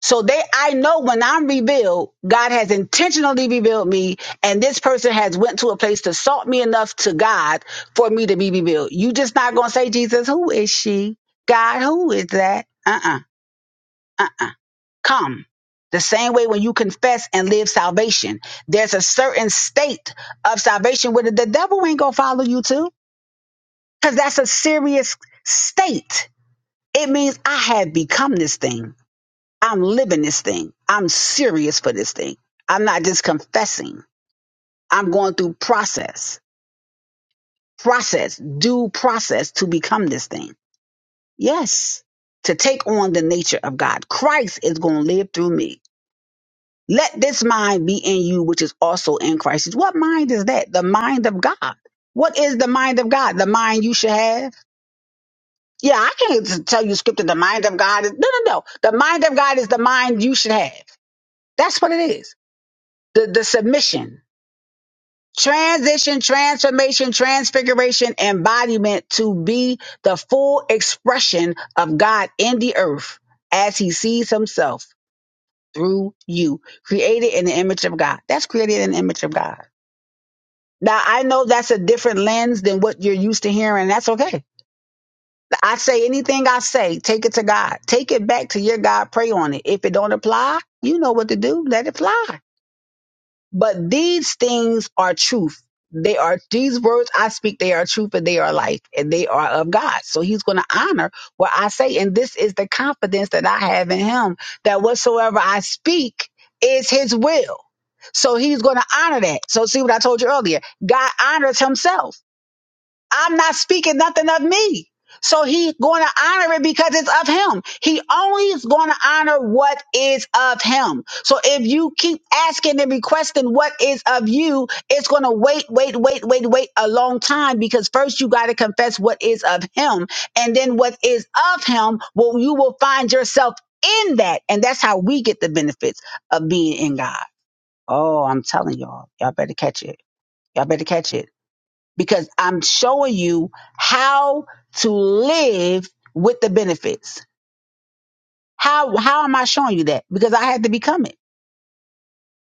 So they, I know when I'm revealed, God has intentionally revealed me, and this person has went to a place to salt me enough to God for me to be revealed. You just not gonna say, Jesus, who is she? God, who is that? Uh-uh, uh-uh. Come. The same way when you confess and live salvation, there's a certain state of salvation where the the devil ain't gonna follow you to, because that's a serious state. It means I have become this thing. I'm living this thing. I'm serious for this thing. I'm not just confessing. I'm going through process, process, due process to become this thing. Yes, to take on the nature of God. Christ is going to live through me. Let this mind be in you, which is also in Christ. What mind is that? The mind of God. What is the mind of God? The mind you should have? Yeah, I can't just tell you scripture. The mind of God is no, no, no. The mind of God is the mind you should have. That's what it is. The the submission, transition, transformation, transfiguration, embodiment to be the full expression of God in the earth as he sees himself through you, created in the image of God. That's created in the image of God. Now, I know that's a different lens than what you're used to hearing. That's okay. I say anything I say, take it to God. Take it back to your God. Pray on it. If it don't apply, you know what to do. Let it fly. But these things are truth. They are these words I speak, they are truth and they are life and they are of God. So he's going to honor what I say. And this is the confidence that I have in him that whatsoever I speak is his will. So he's going to honor that. So see what I told you earlier. God honors himself. I'm not speaking nothing of me. So he's going to honor it because it's of him. He only is going to honor what is of him. So if you keep asking and requesting what is of you, it's going to wait, wait, wait, wait, wait a long time because first you got to confess what is of him. And then what is of him, well, you will find yourself in that. And that's how we get the benefits of being in God. Oh, I'm telling y'all, y'all better catch it. Y'all better catch it because I'm showing you how to live with the benefits. How how am I showing you that? Because I had to become it.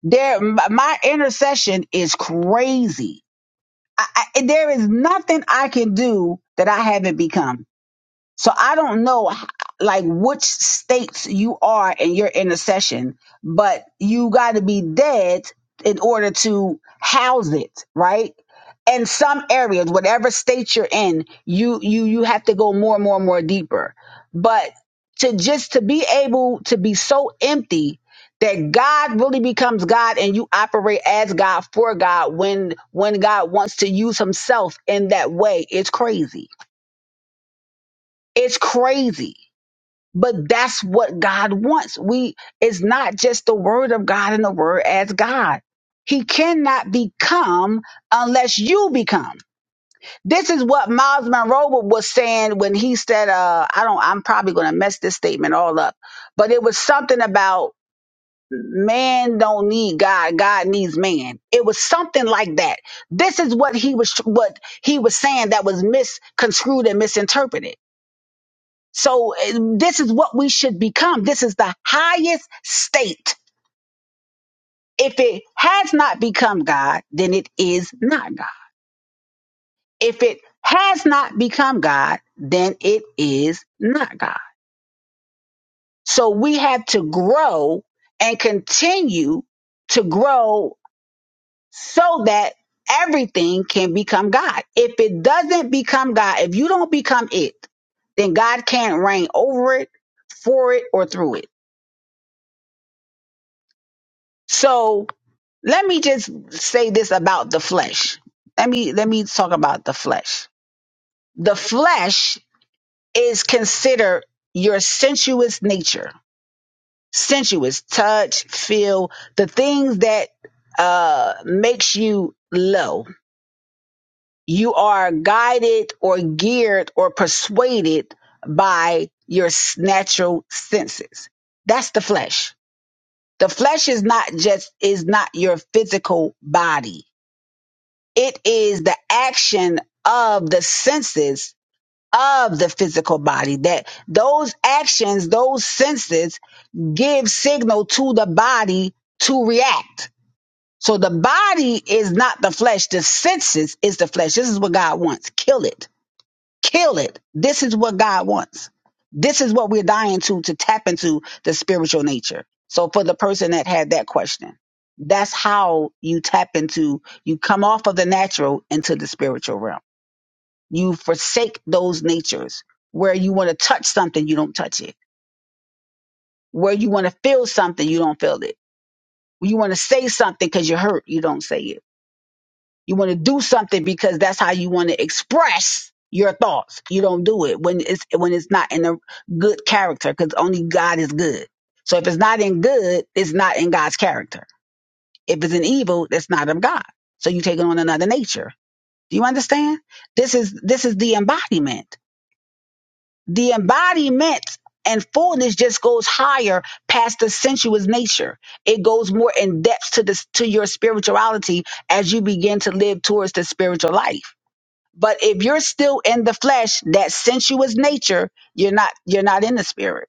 There, m- my intercession is crazy. I, I, there is nothing I can do that I haven't become. So I don't know h- like which states you are in your intercession, but you got to be dead in order to house it, right? In some areas, whatever state you're in, you you you have to go more and more and more deeper. But to just to be able to be so empty that God really becomes God and you operate as God for God when when God wants to use himself in that way, it's crazy. It's crazy but that's what God wants. We it's not just the word of God and the word as God. He cannot become unless you become. This is what Miles Monroe was saying when he said, uh, I don't I'm probably gonna mess this statement all up, but it was something about man don't need God, God needs man. It was something like that. This is what he was what he was saying that was misconstrued and misinterpreted so eh, this is what we should become. This is the highest state. If it has not become God, then it is not God. If it has not become God, then it is not God. So we have to grow and continue to grow so that everything can become God. If it doesn't become God, if you don't become it, then God can't reign over it, for it, or through it. So let me just say this about the flesh. Let me let me talk about the flesh. The flesh is considered your sensuous nature, sensuous touch, feel, the things that uh makes you low. You are guided or geared or persuaded by your s- natural senses. That's the flesh. The flesh is not just is not your physical body It is the action of the senses of the physical body that those actions, those senses give signal to the body to react. So the body is not the flesh. The senses is the flesh. This is what God wants. Kill it Kill it. This is what God wants. This is what we're dying to to tap into the spiritual nature. So for the person that had that question, that's how you tap into you come off of the natural into the spiritual realm. You forsake those natures where you want to touch something, you don't touch it. Where you want to feel something, you don't feel it. You want to say something because you're hurt, you don't say it You want to do something because that's how you want to express your thoughts. You don't do it when it's when it's not in a good character because only God is good. So if it's not in good, it's not in God's character. If it's in evil, that's not of God. So you take on another nature. Do you understand? This is this is the embodiment. The embodiment and fullness just goes higher past the sensuous nature. It goes more in depth to this to your spirituality as you begin to live towards the spiritual life. But if you're still in the flesh, that sensuous nature, you're not you're not in the spirit.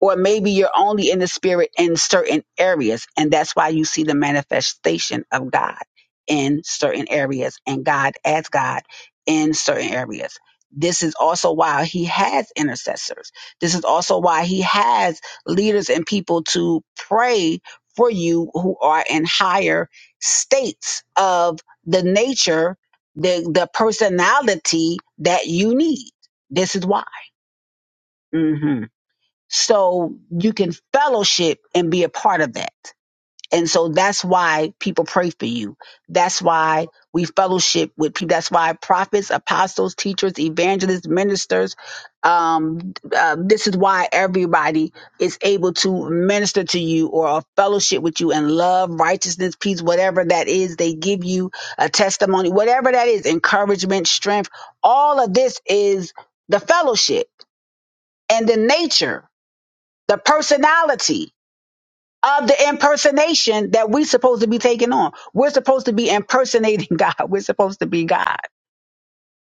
Or maybe you're only in the spirit in certain areas. And that's why you see the manifestation of God in certain areas and God as God in certain areas. This is also why he has intercessors. This is also why he has leaders and people to pray for you who are in higher states of the nature, the, the personality that you need. This is why. Mhm so you can fellowship and be a part of that. And so that's why people pray for you. That's why we fellowship with people. That's why prophets, apostles, teachers, evangelists, ministers. Um, uh, this is why everybody is able to minister to you or fellowship with you in love, righteousness, peace, whatever that is. They give you a testimony, whatever that is, encouragement, strength. All of this is the fellowship and the nature the personality of the impersonation that we're supposed to be taking on. We're supposed to be impersonating God. We're supposed to be God.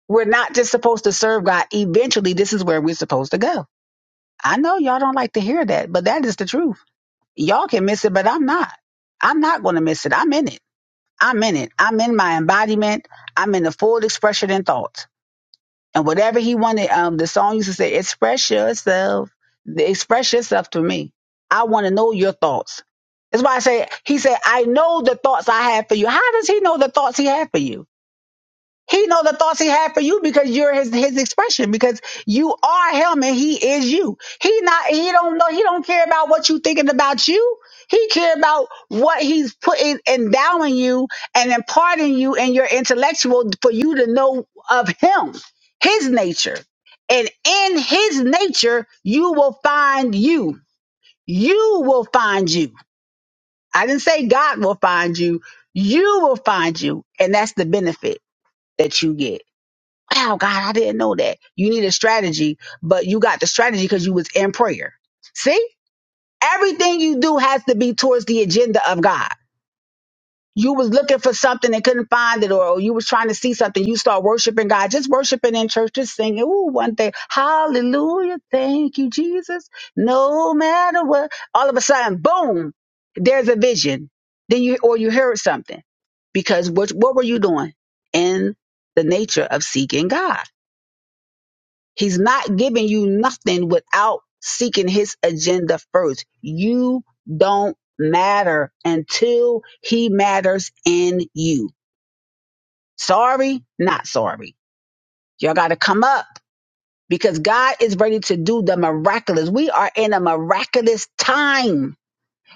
We're not just supposed to serve God. Eventually, this is where we're supposed to go. I know y'all don't like to hear that, but that is the truth. Y'all can miss it, but I'm not. I'm not going to miss it. I'm in it. I'm in it. I'm in my embodiment. I'm in the full expression and thought. and whatever he wanted. Um, the song used to say, "Express yourself, express yourself to me. I want to know your thoughts." That's why I say he said, "I know the thoughts I have for you." How does he know the thoughts he had for you? He know the thoughts he had for you because you're his his expression because you are him and he is you. He not he don't know he don't care about what you thinking about you. He care about what he's putting endowing you and imparting you and your intellectual for you to know of him, his nature. And in his nature, you will find you. You will find you. I didn't say God will find you. You will find you. And that's the benefit that you get wow, God, I didn't know that. You need a strategy, but you got the strategy because you was in prayer. See, everything you do has to be towards the agenda of God. You was looking for something and couldn't find it, or you was trying to see something. You start worshiping God, just worshiping in church, just singing. Ooh, one day, Hallelujah, thank you, Jesus. No matter what, all of a sudden, boom, there's a vision. Then you or you heard something because what what were you doing in the nature of seeking God? He's not giving you nothing without seeking his agenda first. You don't matter until he matters in you. Sorry, not sorry. Y'all got to come up because God is ready to do the miraculous. We are in a miraculous time.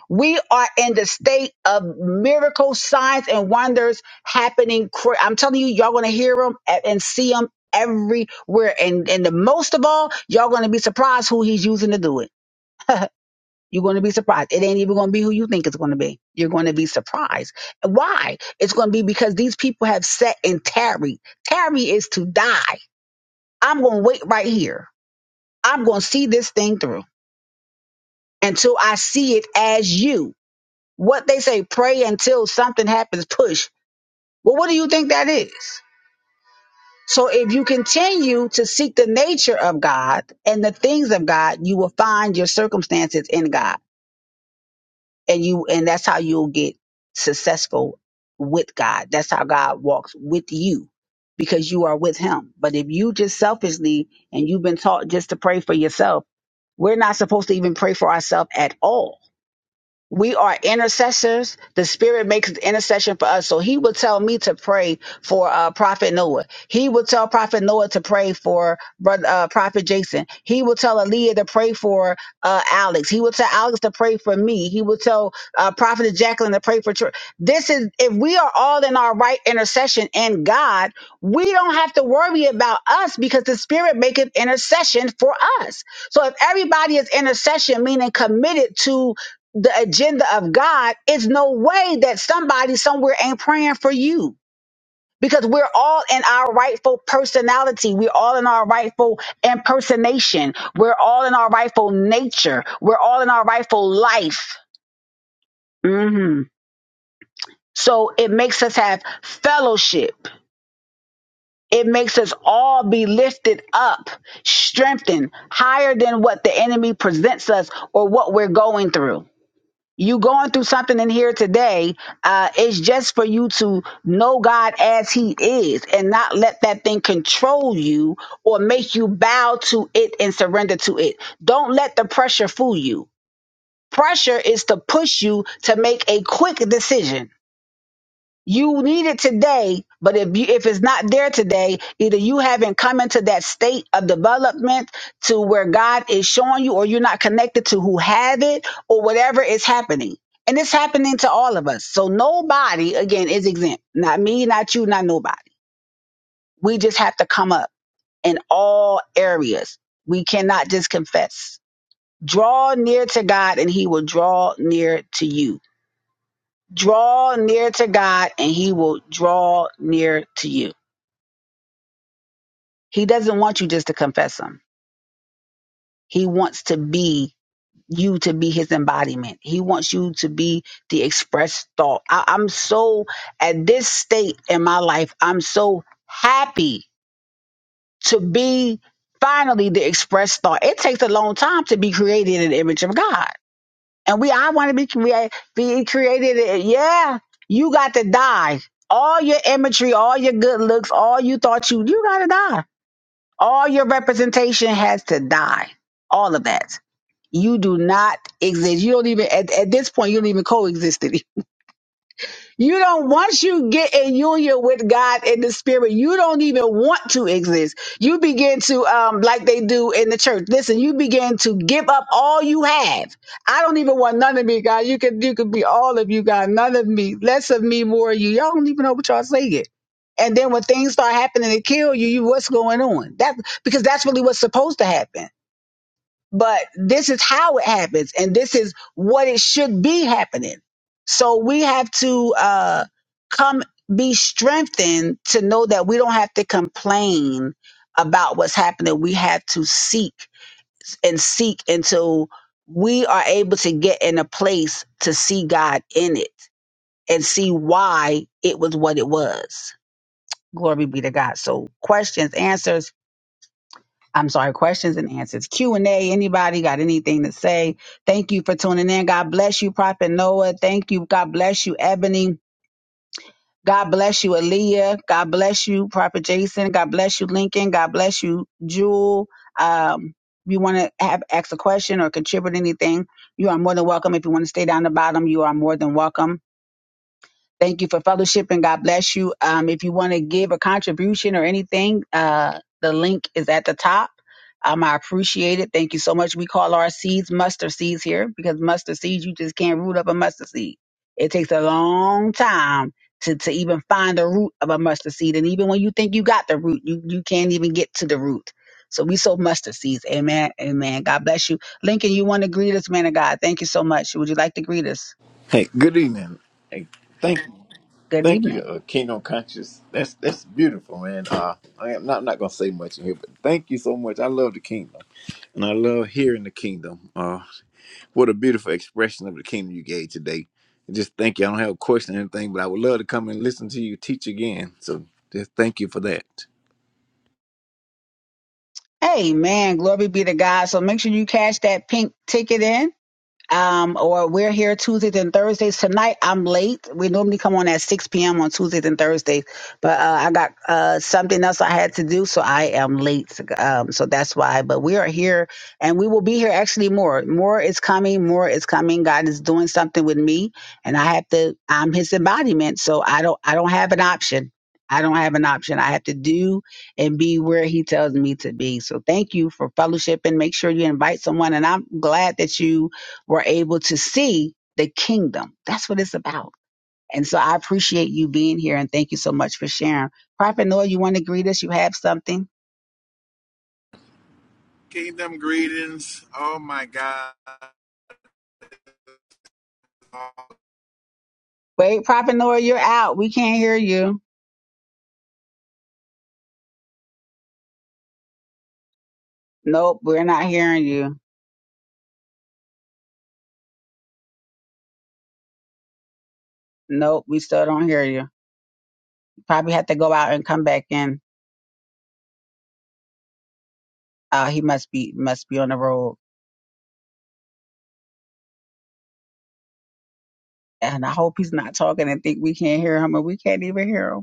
We are in the state of miracles, signs, and wonders happening. cra- I'm telling you, y'all going to hear them and see them everywhere. And, and the most of all, y'all going to be surprised who he's using to do it. You're going to be surprised. It ain't even going to be who you think it's going to be. You're going to be surprised. Why? It's going to be because these people have sat and tarried. Tarry is to die. I'm going to wait right here. I'm going to see this thing through until I see it as you. What they say, pray until something happens, push. Well, what do you think that is? So if you continue to seek the nature of God and the things of God, you will find your circumstances in God. And you and that's how you'll get successful with God. That's how God walks with you because you are with him. But if you just selfishly and you've been taught just to pray for yourself, we're not supposed to even pray for ourselves at all we are intercessors. The Spirit makes intercession for us. So He will tell me to pray for uh, Prophet Noah. He will tell Prophet Noah to pray for brother uh, Prophet Jason. He will tell Aaliyah to pray for uh, Alex. He will tell Alex to pray for me. He will tell uh, Prophet Jacqueline to pray for. Tr- this is if we are all in our right intercession and God, we don't have to worry about us because the Spirit maketh intercession for us. So if everybody is intercession, meaning committed to the agenda of God, it's no way that somebody somewhere ain't praying for you because we're all in our rightful personality. We're all in our rightful impersonation. We're all in our rightful nature. We're all in our rightful life. hmm So it makes us have fellowship. It makes us all be lifted up, strengthened, higher than what the enemy presents us or what we're going through. you going through something in here today uh it's just for you to know god as he is and not let that thing control you or make you bow to it and surrender to it don't let the pressure fool you pressure is to push you to make a quick decision you need it today, but if you if it's not there today, either you haven't come into that state of development to where God is showing you, or you're not connected to who have it, or whatever is happening. And it's happening to all of us. So nobody, again, is exempt. Not me, not you, not nobody. We just have to come up in all areas. We cannot just confess. Draw near to God and he will draw near to you. Draw near to God and he will draw near to you. He doesn't want you just to confess him. He wants to be you to be his embodiment. He wants you to be the expressed thought. I, I'm so at this state in my life, I'm so happy to be finally the expressed thought. It takes a long time to be created in the image of God. And we I want to be create be created. in- Yeah, you got to die. All your imagery, all your good looks, all you thought you you gotta die All your representation has to die. All of that. You do not exist. You don't even at, at this point. You don't even coexist you don't, once you get in union with God in the spirit, you don't even want to exist. You begin to, um, like they do in the church. Listen, you begin to give up all you have. I don't even want none of me, God. You can, you can be all of you, God. None of me, less of me, more of you. Y'all don't even know what y'all saying. And then when things start happening to kill you, you what's going on? That because that's really what's supposed to happen but this is how it happens and this is what it should be happening so we have to uh come be strengthened to know that we don't have to complain about what's happening we have to seek and seek until we are able to get in a place to see god in it and see why it was what it was glory be to god so questions answers I'm sorry, questions and answers. Q&A, anybody got anything to say? Thank you for tuning in. God bless you, Prophet Noah. Thank you. God bless you, Ebony. God bless you, Aaliyah. God bless you, Prophet Jason. God bless you, Lincoln. God bless you, Jewel. Um, if you want to have ask a question or contribute anything, you are more than welcome. If you want to stay down the bottom, you are more than welcome. Thank you for fellowship and God bless you. Um, if you want to give a contribution or anything, uh, the link is at the top. Um, I appreciate it. Thank you so much. We call our seeds mustard seeds here because mustard seeds, you just can't root up a mustard seed. It takes a long time to, to even find the root of a mustard seed. And even when you think you got the root, you, you can't even get to the root. So we sow mustard seeds. Amen. Amen. God bless you. Lincoln, you want to greet us, man of God. Thank you so much. Would you like to greet us?
Hey, good evening. Hey, thank
Good
thank you,
evening.
uh, Kingdom Conscious. That's that's beautiful, man. Uh, I am not not gonna say much in here, but thank you so much. I love the kingdom, and I love hearing the kingdom. Uh, what a beautiful expression of the kingdom you gave today. And just thank you. I don't have a question or anything, but I would love to come and listen to you teach again. So just thank you for that.
Amen. Glory be to God. So make sure you cash that pink ticket in um, or we're here Tuesdays and Thursdays. Tonight I'm late. We normally come on at 6 p.m. on Tuesdays and Thursdays, but uh, I got uh, something else I had to do, so I am late. Um, so that's why. But we are here, and we will be here actually more. More is coming. More is coming. God is doing something with me, and I have to. I'm His embodiment, so I don't. I don't have an option. I don't have an option. I have to do and be where he tells me to be. So thank you for fellowship and make sure you invite someone. And I'm glad that you were able to see the kingdom. That's what it's about. And so I appreciate you being here and thank you so much for sharing. Prophet Noah, you want to greet us? You have something?
Kingdom greetings. Oh my God.
Wait, Prophet Noah, you're out. We can't hear you. Nope, we're not hearing you. Nope, we still don't hear you. Probably have to go out and come back in. Uh, he must be must be on the road. And I hope he's not talking and think we can't hear him and we can't even hear him.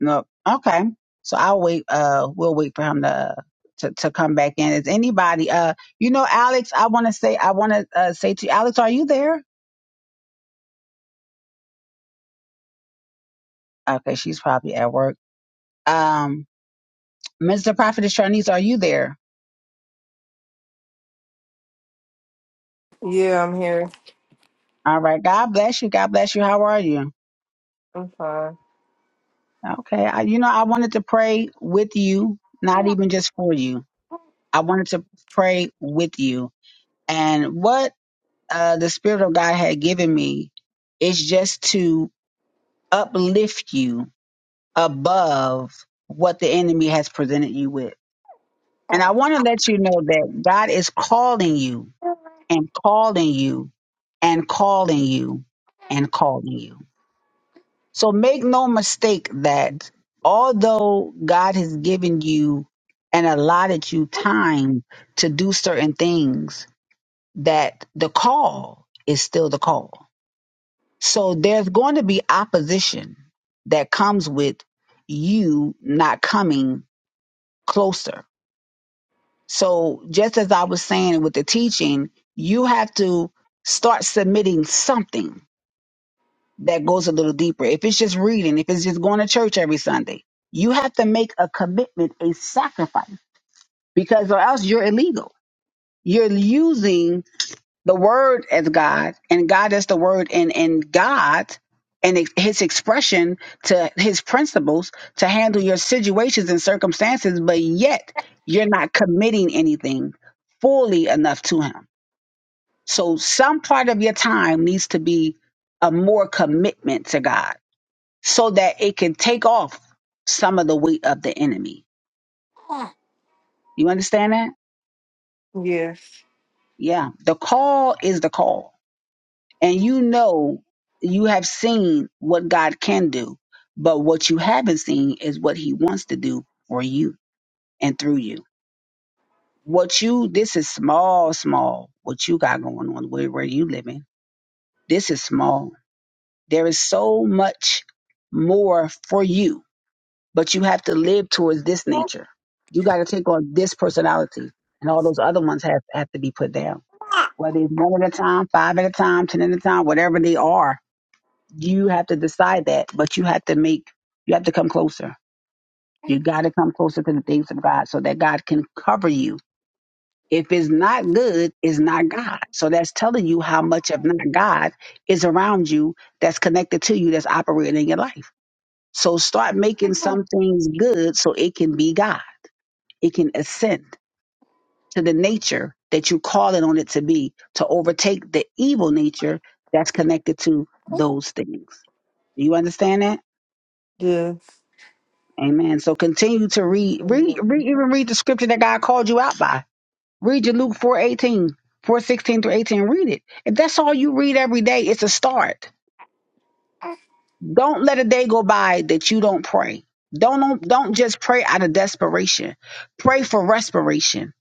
No. Okay. So I'll wait. Uh, we'll wait for him to to, to come back in. Is anybody? Uh, you know, Alex. I want to say. I want to uh, say to you, Alex. Are you there? Okay, she's probably at work. Um, Mr. Prophet Charnice, are you there?
Yeah, I'm here.
All right. God bless you. God bless you. How are you?
I'm fine.
Okay. I, you know, I wanted to pray with you, not even just for you. I wanted to pray with you. And what uh, the Spirit of God had given me is just to uplift you above what the enemy has presented you with. And I want to let you know that God is calling you and calling you and calling you and calling you. So make no mistake that although God has given you and allotted you time to do certain things, that the call is still the call. So there's going to be opposition that comes with you not coming closer. So just as I was saying with the teaching, you have to start submitting something that goes a little deeper. If it's just reading, if it's just going to church every Sunday, you have to make a commitment, a sacrifice, because or else you're illegal. You're using the word as God, and God is the word, and and God and ex- His expression to His principles to handle your situations and circumstances, but yet you're not committing anything fully enough to Him. So some part of your time needs to be a more commitment to God, so that it can take off some of the weight of the enemy. You understand that?
Yes.
Yeah, the call is the call and you know you have seen what God can do, but what you haven't seen is what He wants to do for you and through you. What you this is small, small. What you got going on where where you living? This is small. There is so much more for you, but you have to live towards this nature. You got to take on this personality, and all those other ones have have to be put down. Whether it's one at a time, five at a time, ten at a time, whatever they are, you have to decide that, but you have to make, you have to come closer. You got to come closer to the things of God so that God can cover you. If it's not good, it's not God. So that's telling you how much of not God is around you that's connected to you, that's operating in your life. So start making some things good so it can be God. It can ascend to the nature that you're calling on it to be to overtake the evil nature that's connected to those things. Do you understand that?
Yes.
Amen. So continue to read, read, read, even read the scripture that God called you out by. Read your Luke 4 18, 4 16 through 18. Read it. If that's all you read every day, it's a start. Don't let a day go by that you don't pray. Don't, don't, don't just pray out of desperation. Pray for respiration,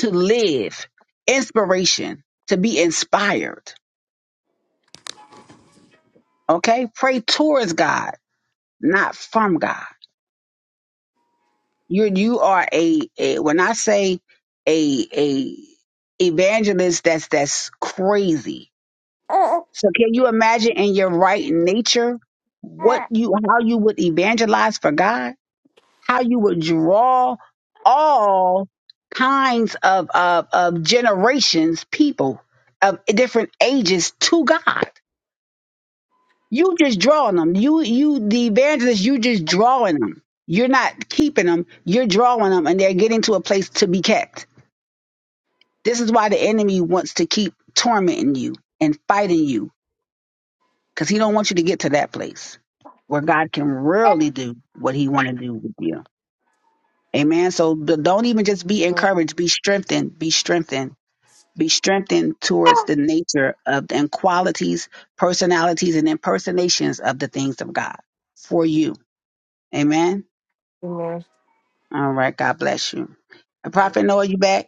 to live, inspiration, to be inspired. Okay? Pray towards God, not from God. you you are a, a when I say a a evangelist that's that's crazy. So can you imagine in your right nature what you how you would evangelize for God? How you would draw all kinds of of, of generations, people of different ages to God. You just drawing them. You you the evangelist. You just drawing them. You're not keeping them. You're drawing them, and they're getting to a place to be kept. This is why the enemy wants to keep tormenting you and fighting you, because he don't want you to get to that place where God can really do what He want to do with you. Amen. So d- don't even just be encouraged. Be strengthened. Be strengthened. Be strengthened towards the nature of and qualities, personalities, and impersonations of the things of God for you Amen.
Amen.
All right. God bless you. Prophet Noah, you back?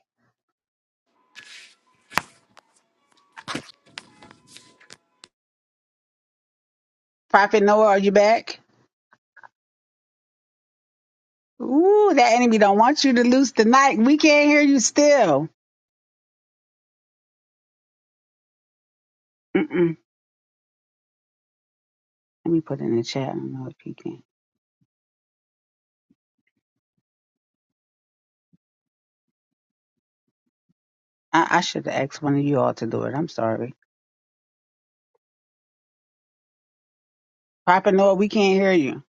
Prophet Noah, are you back? Ooh, that enemy don't want you to lose tonight. We can't hear you still. Mm-mm. Let me put it in the chat. I don't know if he can. I, I should have asked one of you all to do it. I'm sorry. Prophet Noah, we can't hear you.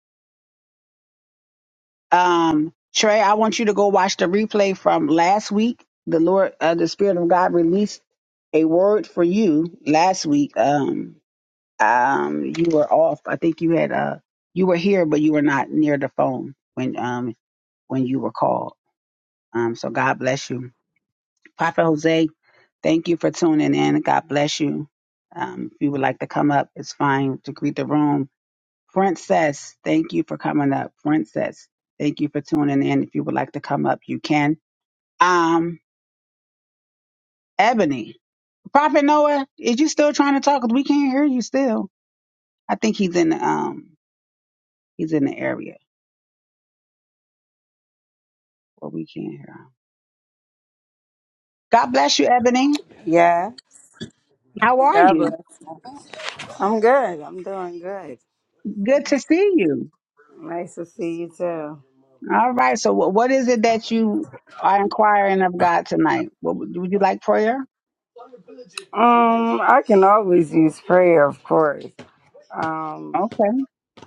Um, Trey, I want you to go watch the replay from last week. The Lord, uh, the Spirit of God released a word for you last week. Um, um you were off. I think you had uh you were here but you were not near the phone when um when you were called. Um so God bless you. Prophet Jose, thank you for tuning in. God bless you. Um if you would like to come up, it's fine to greet the room. Princess, thank you for coming up. Princess, thank you for tuning in. If you would like to come up, you can. Um Ebony, Prophet Noah, is you still trying to talk? 'Cause We can't hear you still. I think he's in um he's in the area where we can't hear him. God bless you, Ebony.
Yeah,
How are
God
you?
bless. I'm good. I'm doing good.
Good to see you.
Nice to see you too.
All right. So, wh- what is it that you are inquiring of God tonight? What, would would you like prayer?
Um, I can always use prayer, of course. Um,
Okay.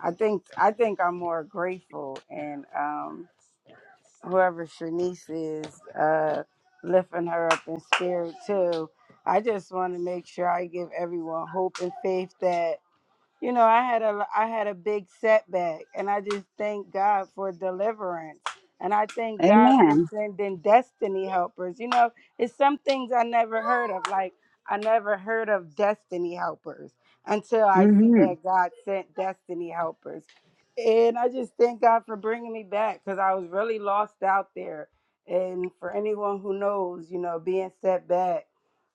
I think I think I'm more grateful, and um, whoever Shanice is, uh, lifting her up in spirit too. I just want to make sure I give everyone hope and faith that. you know, I had a I had a big setback, and I just thank God for deliverance, and I thank God for
Amen.
sending destiny helpers. You know, it's some things I never heard of, like I never heard of destiny helpers until I see
Mhm.
that God sent destiny helpers, and I just thank God for bringing me back because I was really lost out there. And for anyone who knows, you know, being setback.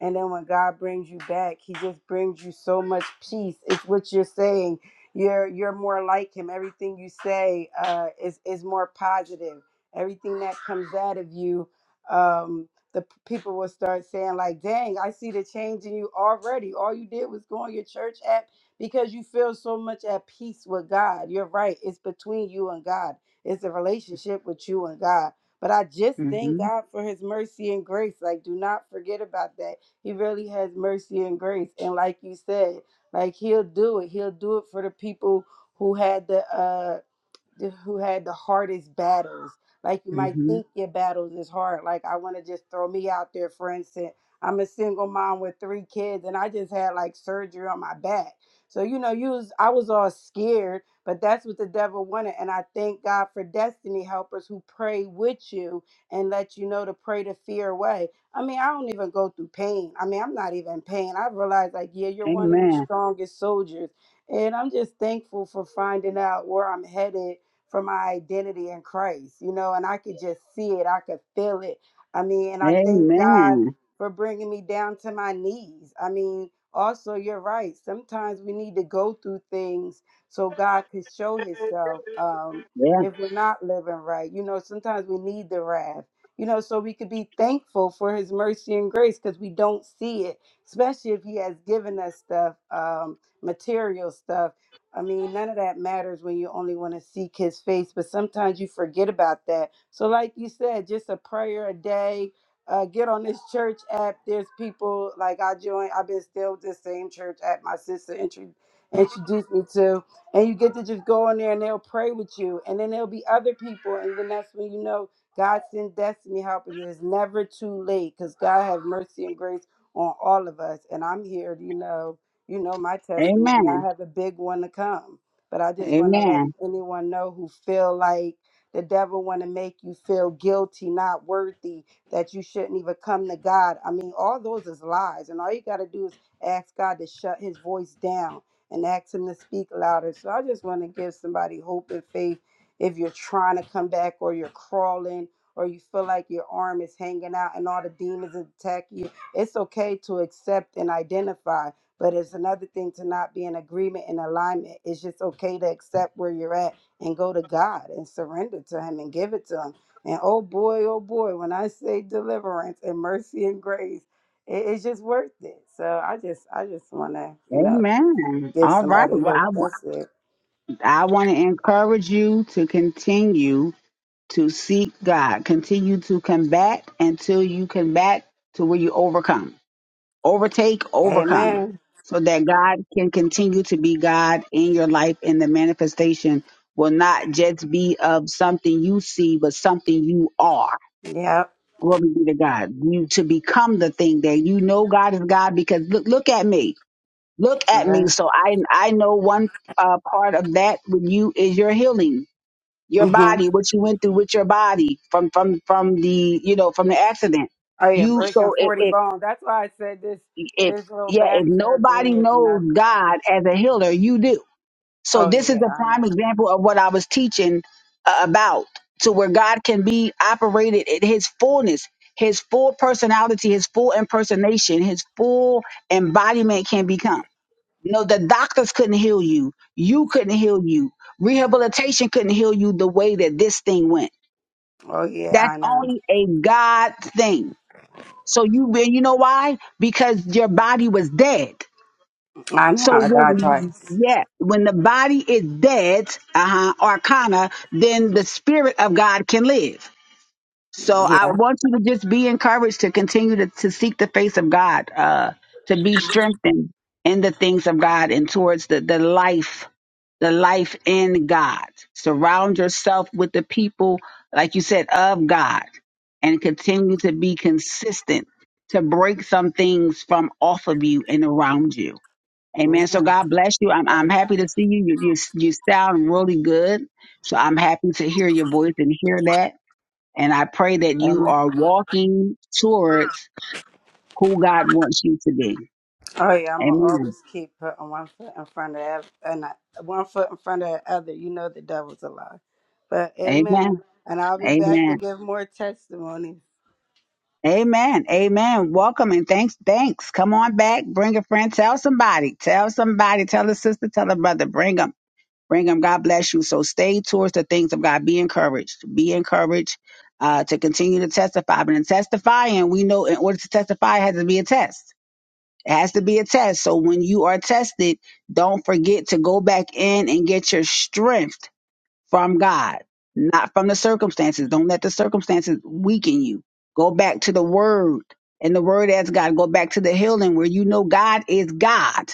And then when God brings you back, he just brings you so much peace. It's what you're saying. You're you're more like him. Everything you say uh, is is more positive. Everything that comes out of you, um, the p- people will start saying like, "Dang, I see the change in you already. All you did was go on your church app because you feel so much at peace with God." You're right. It's between you and God. It's a relationship with you and God. But I just thank
Mhm.
God for His mercy and grace. Like, do not forget about that he really has mercy and grace. And like you said, like he'll do it. He'll do it for the people who had the uh th- who had the hardest battles. Like you might
Mhm.
think your battles is hard. Like I want to just throw me out there, for instance. I'm a single mom with three kids, and I just had like surgery on my back. So you know, you was I was all scared, but that's what the devil wanted. And I thank God for destiny helpers who pray with you and let you know to pray the fear away. I mean, I don't even go through pain. I mean, I'm not even in pain. I realize like, yeah, you're one of the
Amen.
strongest soldiers. And I'm just thankful for finding out where I'm headed for my identity in Christ, you know, and I could just see it, I could feel it. I mean, and I thank God
Amen.
for bringing me down to my knees. I mean, also, you're right. Sometimes we need to go through things so God could show Himself. Um,
Yeah.
if we're not living right, you know, sometimes we need the wrath, you know, so we could be thankful for His mercy and grace because we don't see it, especially if He has given us stuff, um, material stuff I mean, none of that matters when you only want to seek his face, but sometimes you forget about that. So, like you said, just a prayer a day. Uh, get on this church app. There's people like I joined, I've been still with this same church app my sister intro- introduced me to. And you get to just go on there and they'll pray with you. And then there'll be other people. And then that's when you know God sent destiny helpers. It's never too late because God have mercy and grace on all of us. And I'm here, you know you know my testimony. I
Amen.
have a big one to come, but I just want to let
Amen.
anyone know who feel like the devil want to make you feel guilty, not worthy, that you shouldn't even come to God. I mean, all those is lies, and all you got to do is ask God to shut His voice down and ask Him to speak louder. So I just want to give somebody hope and faith if you're trying to come back or you're crawling. Or you feel like your arm is hanging out and all the demons attack you, it's okay to accept and identify but it's another thing to not be in agreement and alignment. It's just okay to accept where you're at and go to God and surrender to Him and give it to Him. And oh boy, oh boy, when I say deliverance and mercy and grace, it, it's just worth it. So I just, I just want to, you know,
Amen.
give
All right.
somebody
Well,
hope.
I, wa-
That's it.
I want to encourage you to continue to seek God. Continue to combat until you combat to where you overcome. overtake, overcome,
Amen.
so that God can continue to be God in your life and the manifestation will not just be of something you see, but something you are.
Yep.
Glory be to God. You to become the thing that you know God is God because look look at me. Look at me.
Right.
So I I know one uh, part of that with you is your healing, your
hmm
body, what you went through with your body from from from the you know from the accident.
Oh yeah,
You
breaking
so it,
forty
it
bones. That's why I said this.
if
This little
yeah, if
back surgery
nobody
is
knows
nothing.
God as a healer, you do. So
Oh
this is
yeah,
a
I
prime
know.
example of what I was teaching uh, about, to where God can be operated in His fullness, His full personality, His full impersonation, His full embodiment can become. No, the doctors couldn't heal you. You couldn't heal you. Rehabilitation couldn't heal you the way that this thing went.
Oh yeah,
That's
I know.
only a God thing. So you, and you know why? Because your body was dead
I know,
so
I died
when
twice.
yeah, when the body is dead, uh-huh, arcana, then the spirit of God can live. So I
Yeah.
want you to just be encouraged to continue to, to seek the face of God, uh, to be strengthened in the things of God and towards the, the life, the life in God. Surround yourself with the people, like you said, of God and continue to be consistent to break some things from off of you and around you Amen. So
yeah.
God bless you. I'm I'm happy to see you. You you you sound really good. So I'm happy to hear your voice and hear that. And I pray that you
Amen.
are walking towards who God wants you to be.
Oh yeah, I'ma
Amen.
always keep putting one foot in front of ev- and I- one foot in front of the other. You know the devil's a lie. But amen.
Amen.
And I'll be back to
Amen.
give more testimonies.
Amen. Amen. Welcome and thanks. Thanks. Come on back. Bring a friend. Tell somebody. Tell somebody. Tell a sister. Tell a brother. Bring 'em. Brigham, God bless you. So stay towards the things of God. Be encouraged. Be encouraged uh, to continue to testify. But in testifying, we know in order to testify, it has to be a test. It has to be a test. So when you are tested, don't forget to go back in and get your strength from God, not from the circumstances. Don't let the circumstances weaken you. Go back to the Word and the Word as God. Go back to the healing where you know God is God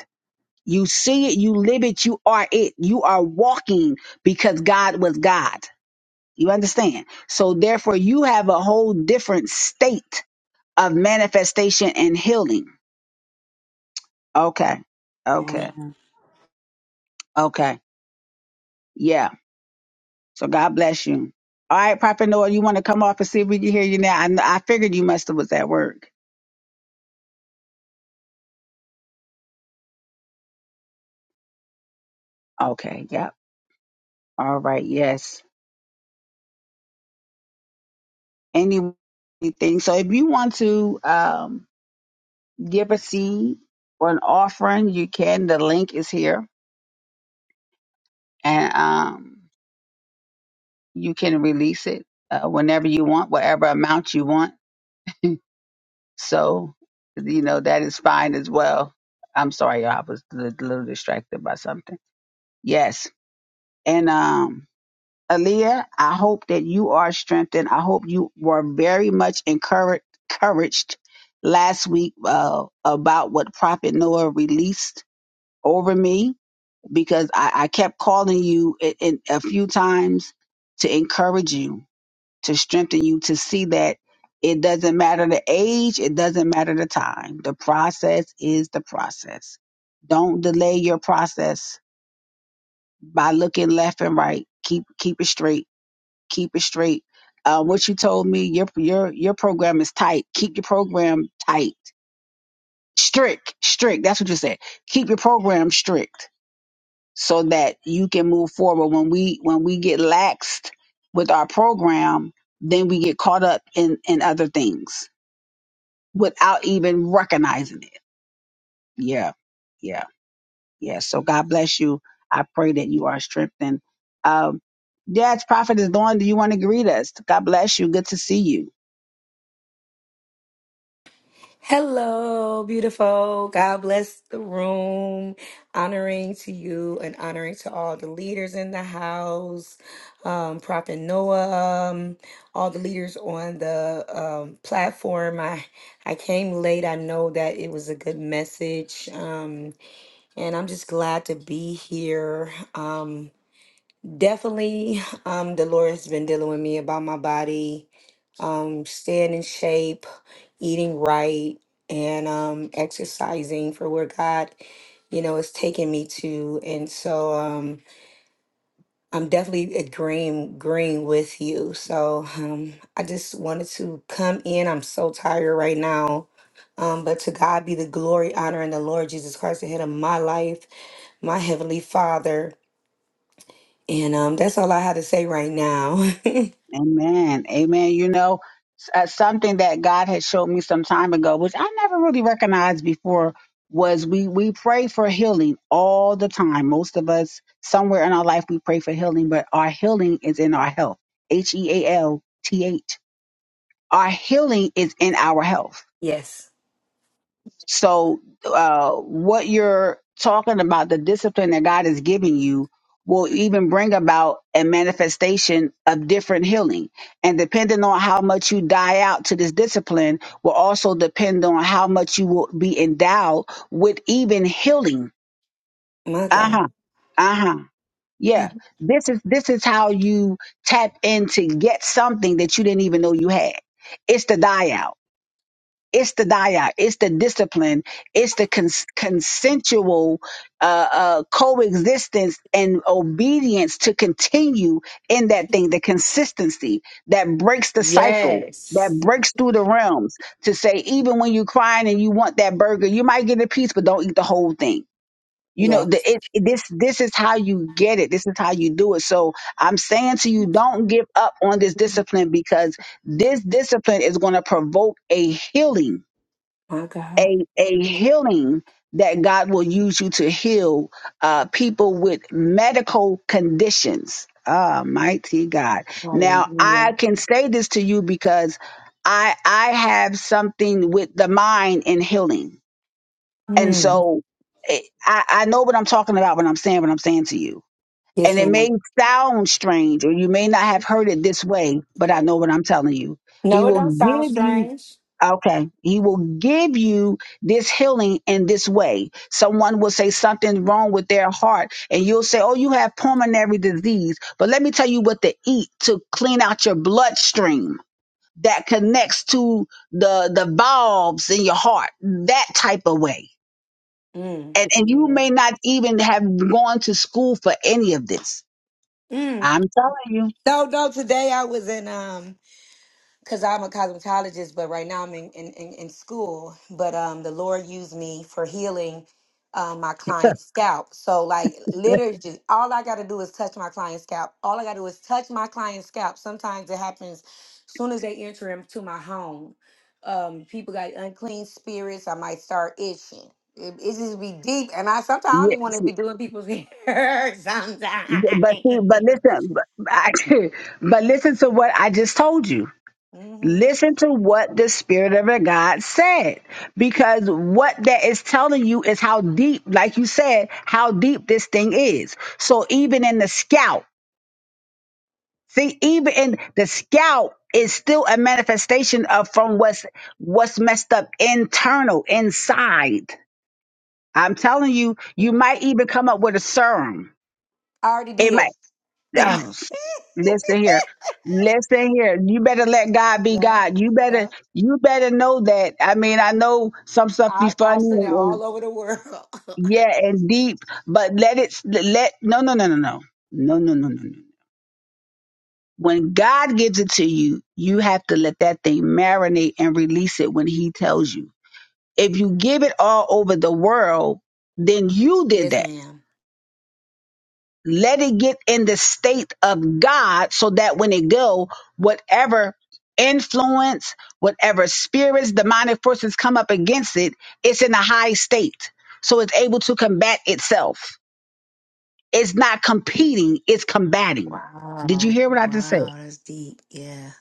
you see it, you live it, you are it. You are walking because God was God. You understand? So therefore you have a whole different state of manifestation and healing. Okay. Okay.
Amen.
Okay. Yeah. So God bless you. All right, Prophet Noah, you want to come off and see if we can hear you now? I, kn- I figured you must have was at work. Okay. Yep. All right. Yes. Any- Anything. So if you want to, um, give a seed or an offering, you can. The link is here, and um, you can release it uh, whenever you want, whatever amount you want. So, you know that is fine as well. I'm sorry, y'all. I was a little, little distracted by something. Yes, and um, Aaliyah, I hope that you are strengthened. I hope you were very much encouraged. Encouraged last week uh, about what Prophet Noah released over me because I, I kept calling you i- in a few times to encourage you, to strengthen you, to see that it doesn't matter the age, it doesn't matter the time. The process is the process. Don't delay your process by looking left and right. Keep keep it straight. Keep it straight. Uh, what you told me, your your your program is tight. Keep your program tight, strict, strict. That's what you said. Keep your program strict so that you can move forward when we when we get laxed with our program then we get caught up in in other things without even recognizing it yeah yeah yeah so god bless you i pray that you are strengthened um yes prophet is doing do you want to greet us god bless you good to see you
Hello, beautiful. God bless the room. Honoring to you and honoring to all the leaders in the house, um, Prophet Noah, um, all the leaders on the um, platform. I I came late. I know that it was a good message, um, and I'm just glad to be here. Um, Definitely, um, the Lord has been dealing with me about my body, um, staying in shape, eating right, and um, exercising for where God, you know, is taking me to. And so, um, I'm definitely agreeing, agreeing with you. So, um, I just wanted to come in. I'm so tired right now. Um, but to God be the glory, honor, and the Lord Jesus Christ ahead of my life, my heavenly Father. And um, that's all I had to say right now.
Amen. Amen. You know, s- uh, something that God had showed me some time ago, which I never really recognized before, was we we pray for healing all the time. Most of us, somewhere in our life, we pray for healing, but our healing is in our health. H E A L T H. Our healing is in our health
Yes.
so, uh, what you're talking about, the discipline that God is giving you, will even bring about a manifestation of different healing. And depending on how much you die out to this discipline, will also depend on how much you will be endowed with even healing.
My
Uh
God.
huh. Uh huh. Yeah. This is this is how you tap in to get something that you didn't even know you had. It's the die out. It's the dia, it's the discipline, it's the cons- consensual uh, uh, coexistence and obedience to continue in that thing, the consistency that breaks the cycle, that
Yes.
breaks through the realms to say, even when you're crying and you want that burger, you might get a piece, but don't eat the whole thing. You know,
Yeah.
the, it, it- this this is how you get it. This is how you do it. So I'm saying to you, don't give up on this discipline because this discipline is going to provoke a healing
My God.
a a healing that God will use you to heal uh, people with medical conditions. Ah, mighty God! Now
Hallelujah.
I can say this to you because I I have something with the mind in healing, and
Mm.
so eh, I I know what I'm talking about when I'm saying what I'm saying to you. And
Yes,
it may
ma'am.
sound strange, or you may not have heard it this way, but I know what I'm telling you. He
No, it
will
don't sound
give you
strange.
Okay. He will give you this healing in this way. Someone will say something wrong with their heart and you'll say, Oh, you have pulmonary disease. But let me tell you what to eat to clean out your bloodstream that connects to the, the valves in your heart, that type of way.
Mm.
And, and you
Amen.
may not even have gone to school for any of this.
Mm.
I'm telling you.
No, no. Today I was in um because I'm a cosmetologist, but right now I'm in, in, in, in school. But um, the Lord used me for healing um, my client's scalp. So, like, literally, just- all I got to do is touch my client's scalp. All I got to do is touch my client's scalp. Sometimes it happens soon as they enter into my home. Um, people got unclean spirits. I might start itching. It, it just be deep, and I sometimes I don't even want to
Yes,
be doing people's hair. Sometimes,
but see, but listen, but, but listen to what I just told you
hmm
Listen to what the Spirit of God said, because what that is telling you is how deep, like you said, how deep this thing is. So even in the scout, see, even in the scout is still a manifestation of from what's what's messed up internal inside. I'm telling you,
yeah,
you might even come up with a serum.
I already did.
Oh, listen here. Listen here. You better let God be
yeah.
God. You better
yeah.
you better know that. I mean, I know some stuff be
I, I
funny
said
and,
it
and
all over the world.
yeah, and deep, but let it let no no no no no. No no no no no. When God gives it to you, you have to let that thing marinate and release it when he tells you. If you give it all over the world, then you did
Yes,
that
ma'am.
let it get in the state of God so that when it go, whatever influence, whatever spirits, demonic forces come up against it, it's in a high state. So it's able to combat itself. It's not competing, it's combating. Did you
wow.
hear what I just said?
Wow, that's deep. Yeah.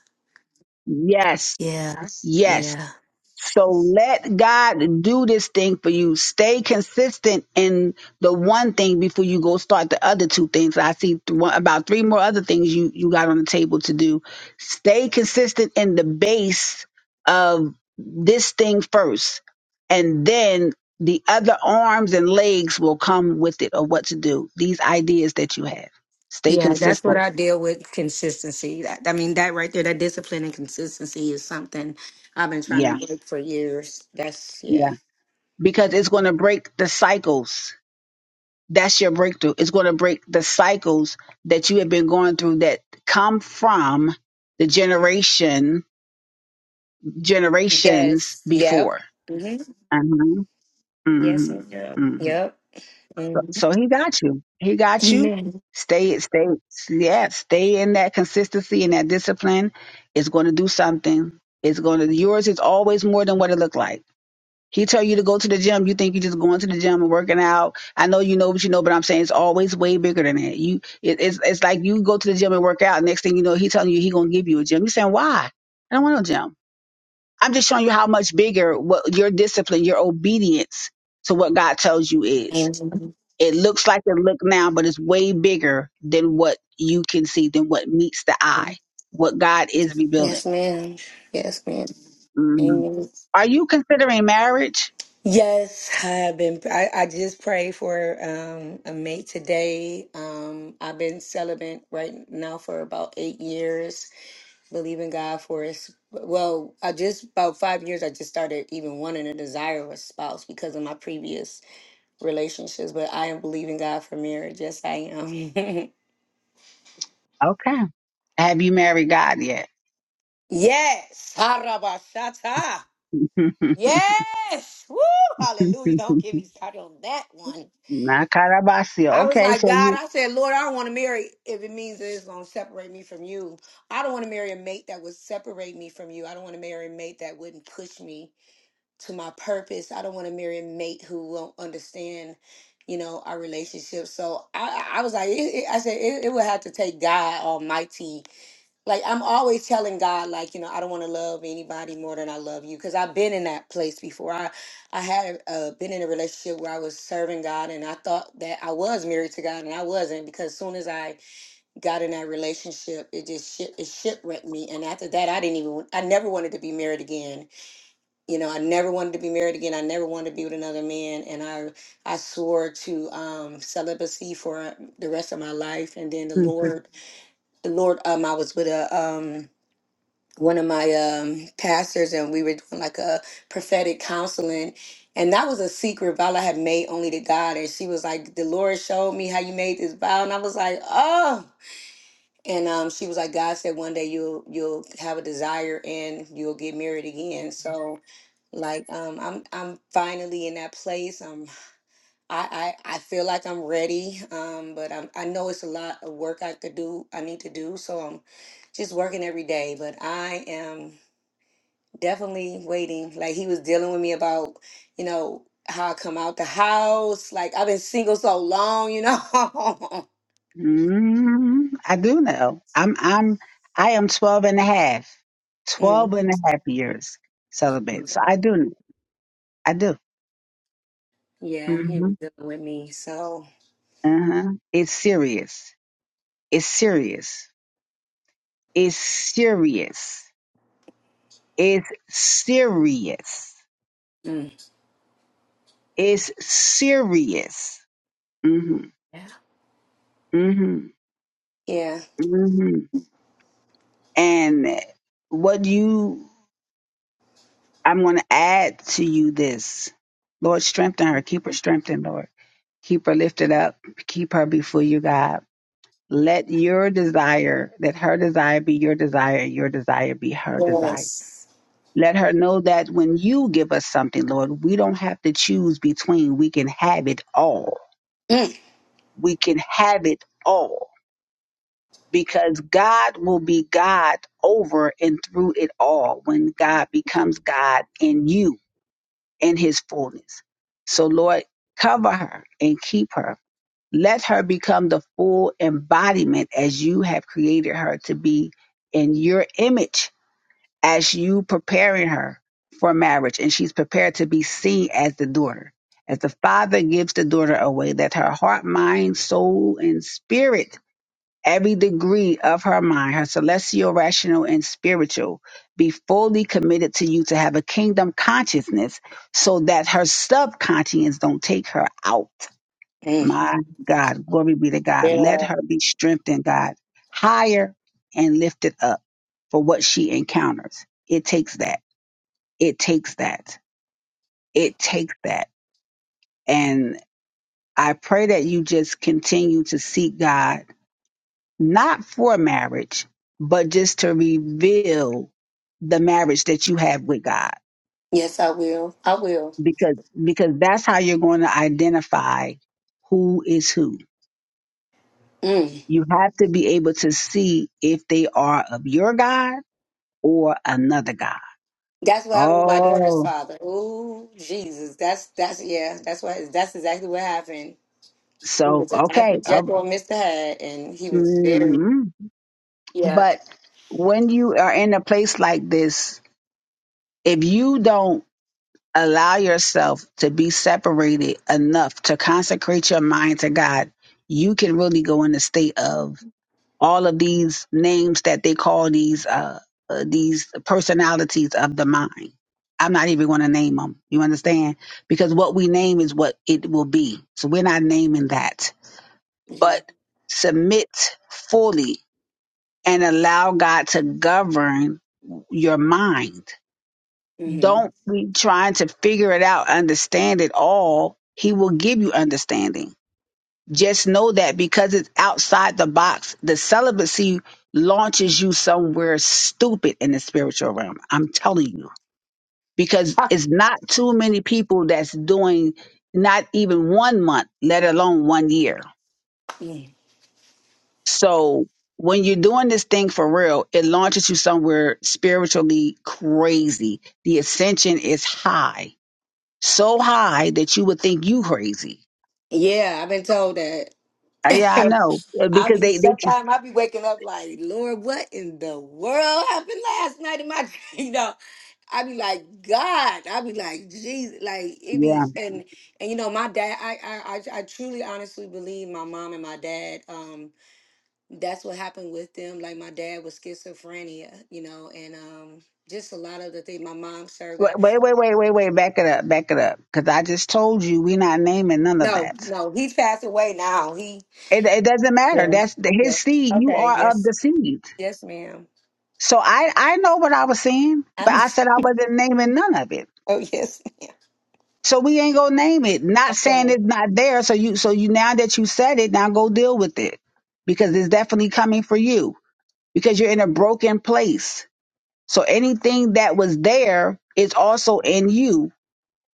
Yes.
Yeah. That's-
Yes.
Yeah.
So let God do this thing for you. Stay consistent in the one thing before you go start the other two things. I see th- one- about three more other things you, you got on the table to do. Stay consistent in the base of this thing first, and then the other arms and legs will come with it or what to do. These ideas that you have. Stay
Yeah, that's what
consistent.
I deal with consistency. That, I mean, that right there, that discipline and consistency is something I've been trying
Yeah.
to break for years. That's, yeah.
Yeah. Because it's going to break the cycles That's your breakthrough. It's going to break the cycles that you have been going through that come from the generation, generations
Yes. Yep.
before.
hmm
uh
Yes,
hmm
ma'am.
hmm
Yep.
So
Mhm.
so he got you. He got you.
Amen.
Stay, stay, yeah, stay in that consistency and that discipline. It's going to do something. It's going to, yours is always more than what it looked like. He tell you to go to the gym. You think you just going to the gym and working out. I know you know what you know, but I'm saying it's always way bigger than that. You, it, it's it's like you go to the gym and work out. Next thing you know, he telling you he gonna give you a gym. You saying why? I don't want no gym. I'm just showing you how much bigger what your discipline, your obedience to what God tells you is.
Amen.
It looks like it look now, but it's way bigger than what you can see, than what meets the eye, what God is revealing.
Yes, ma'am. Yes, ma'am.
Mhm.
Amen.
Are you considering marriage?
Yes, I've been. I, I just prayed for um, a mate today. Um, I've been celibate right now for about eight years, believing God for his. Well, I just about five years. I just started even wanting a desire of a spouse because of my previous relationships. But I am believing God for marriage. Yes, I am.
Okay. Have you married God yet?
yes, Harabashata. Yes. Woo! Hallelujah! Don't get me started on that one.
Nakarabasia.
I was
Okay,
like,
so
God,
you.
I said, Lord, I don't want to marry if it means that it's going to separate me from you. I don't want to marry a mate that would separate me from you. I don't want to marry a mate that wouldn't push me to my purpose. I don't want to marry a mate who won't understand, you know, our relationship. So I, I was like, it, it- I said, it, it would have to take God Almighty like I'm always telling God, like, you know, I don't want to love anybody more than I love you because I've been in that place before. I I had uh, been in a relationship where I was serving God and I thought that I was married to God and I wasn't because as soon as I got in that relationship, it just shit, it shipwrecked me. And after that, I didn't even I never wanted to be married again. You know, I never wanted to be married again. I never wanted to be with another man. And I I swore to um, celibacy for the rest of my life. And then the
Mhm.
Lord, the Lord, um, I was with a um one of my um, pastors and we were doing like a prophetic counseling and that was a secret vow I had made only to God and she was like the Lord showed me how you made this vow and I was like oh and um, she was like God said one day you'll you'll have a desire and you'll get married again so like um i'm i'm finally in that place um i i, I feel like i'm ready um but I'm, i know it's a lot of work i could do i need to do so i'm just working every day but i am definitely waiting. Like he was dealing with me about, you know, how I come out the house. Like I've been single so long, you know.
mm I do know. I'm. I'm. I am twelve and a half twelve
Mhm.
and a half years celibate. So I do. know. I do.
Yeah, he
Mm-hmm.
was dealing with me. So
Uh-huh. It's serious. It's serious. It's serious. It's serious.
mm,
It's serious. Mm-hmm.
yeah,
Mm-hmm.
yes,
Mm-hmm. And what you I'm going to add to you this. Lord, strengthen her. Keep her strengthened, Lord. Keep her lifted up. Keep her before you, God. Let your desire, let her desire be your desire, and your desire be her
Mm,
desire. Let her know that when you give us something, Lord, we don't have to choose between. We can have it all. We can have it all because God will be God over and through it all when God becomes God in you in his fullness. So, Lord, cover her and keep her. Let her become the full embodiment as you have created her to be in your image as you preparing her for marriage. And she's prepared to be seen as the daughter. As the father gives the daughter away, that her heart, mind, soul, and spirit every degree of her mind, her celestial, rational, and spiritual, be fully committed to you to have a kingdom consciousness so that her subconscious don't take her out.
mm.
My God, glory be to God. Let
yeah,
her be strengthened, God, higher and lifted up for what she encounters. It takes that. It takes that. It takes that. And I pray that you just continue to seek God not for marriage, but just to reveal the marriage that you have with God.
yes, I will. I will.
Because because that's how you're going to identify who is who.
Mm.
You have to be able to see if they are of your God or another God.
That's what happened with my daughter's
Oh,
father. Oh Jesus, that's that's yeah, that's what that's exactly what happened. He
so
was a Dr.
okay. all
Jekyll and Mr. Hyde, and he was
mm
very
mm.
yeah.
But when you are in a place like this, if you don't Allow yourself to be separated enough to consecrate your mind to God. You can really go in a state of all of these names that they call these uh, uh these personalities of the mind. I'm not even going to name them. You understand? Because what we name is what it will be. So we're not naming that.
Yeah.
But submit fully and allow God to govern your mind
hmm
don't be trying to figure it out, understand it all. He will give you understanding. Just know that because it's outside the box, the celibacy launches you somewhere stupid in the spiritual realm. I'm telling you. Because it's not too many people that's doing not even one month, let alone one year.
Yeah,
So when you're doing this thing for real, it launches you somewhere spiritually crazy. The ascension is high so high that you would think you crazy.
Yeah, I've been told that.
Uh, yeah, I know Uh,
I
because
mean,
they they tr-
sometimes I be waking up like, Lord, what in the world happened last night in my dream? You know, I be like, God, I be like, Jesus, like it
yeah.
be, and and you know, my dad, I I I I truly, honestly believe my mom and my dad, um, that's what happened with them. Like my dad was schizophrenia, you know, and um, just a lot of the things. My mom served
Wait,
God.
wait, wait, wait, wait. wait. Back it up, back it up. Because I just told you we're not naming none of
No,
that.
no, he's passed away now. He.
It, it doesn't matter.
Yeah.
That's the,
Yeah.
his seed. You
Okay.
are of
Yes.
the seed.
Yes, ma'am.
So I I know what I was saying, but
I'm.
I said I wasn't naming none of it.
Oh, yes.
So we ain't gonna name it. Not saying
Okay.
it's not there. So you so you now that you said it, now go deal with it because it's definitely coming for you because you're in a broken place So anything that was there is also in you.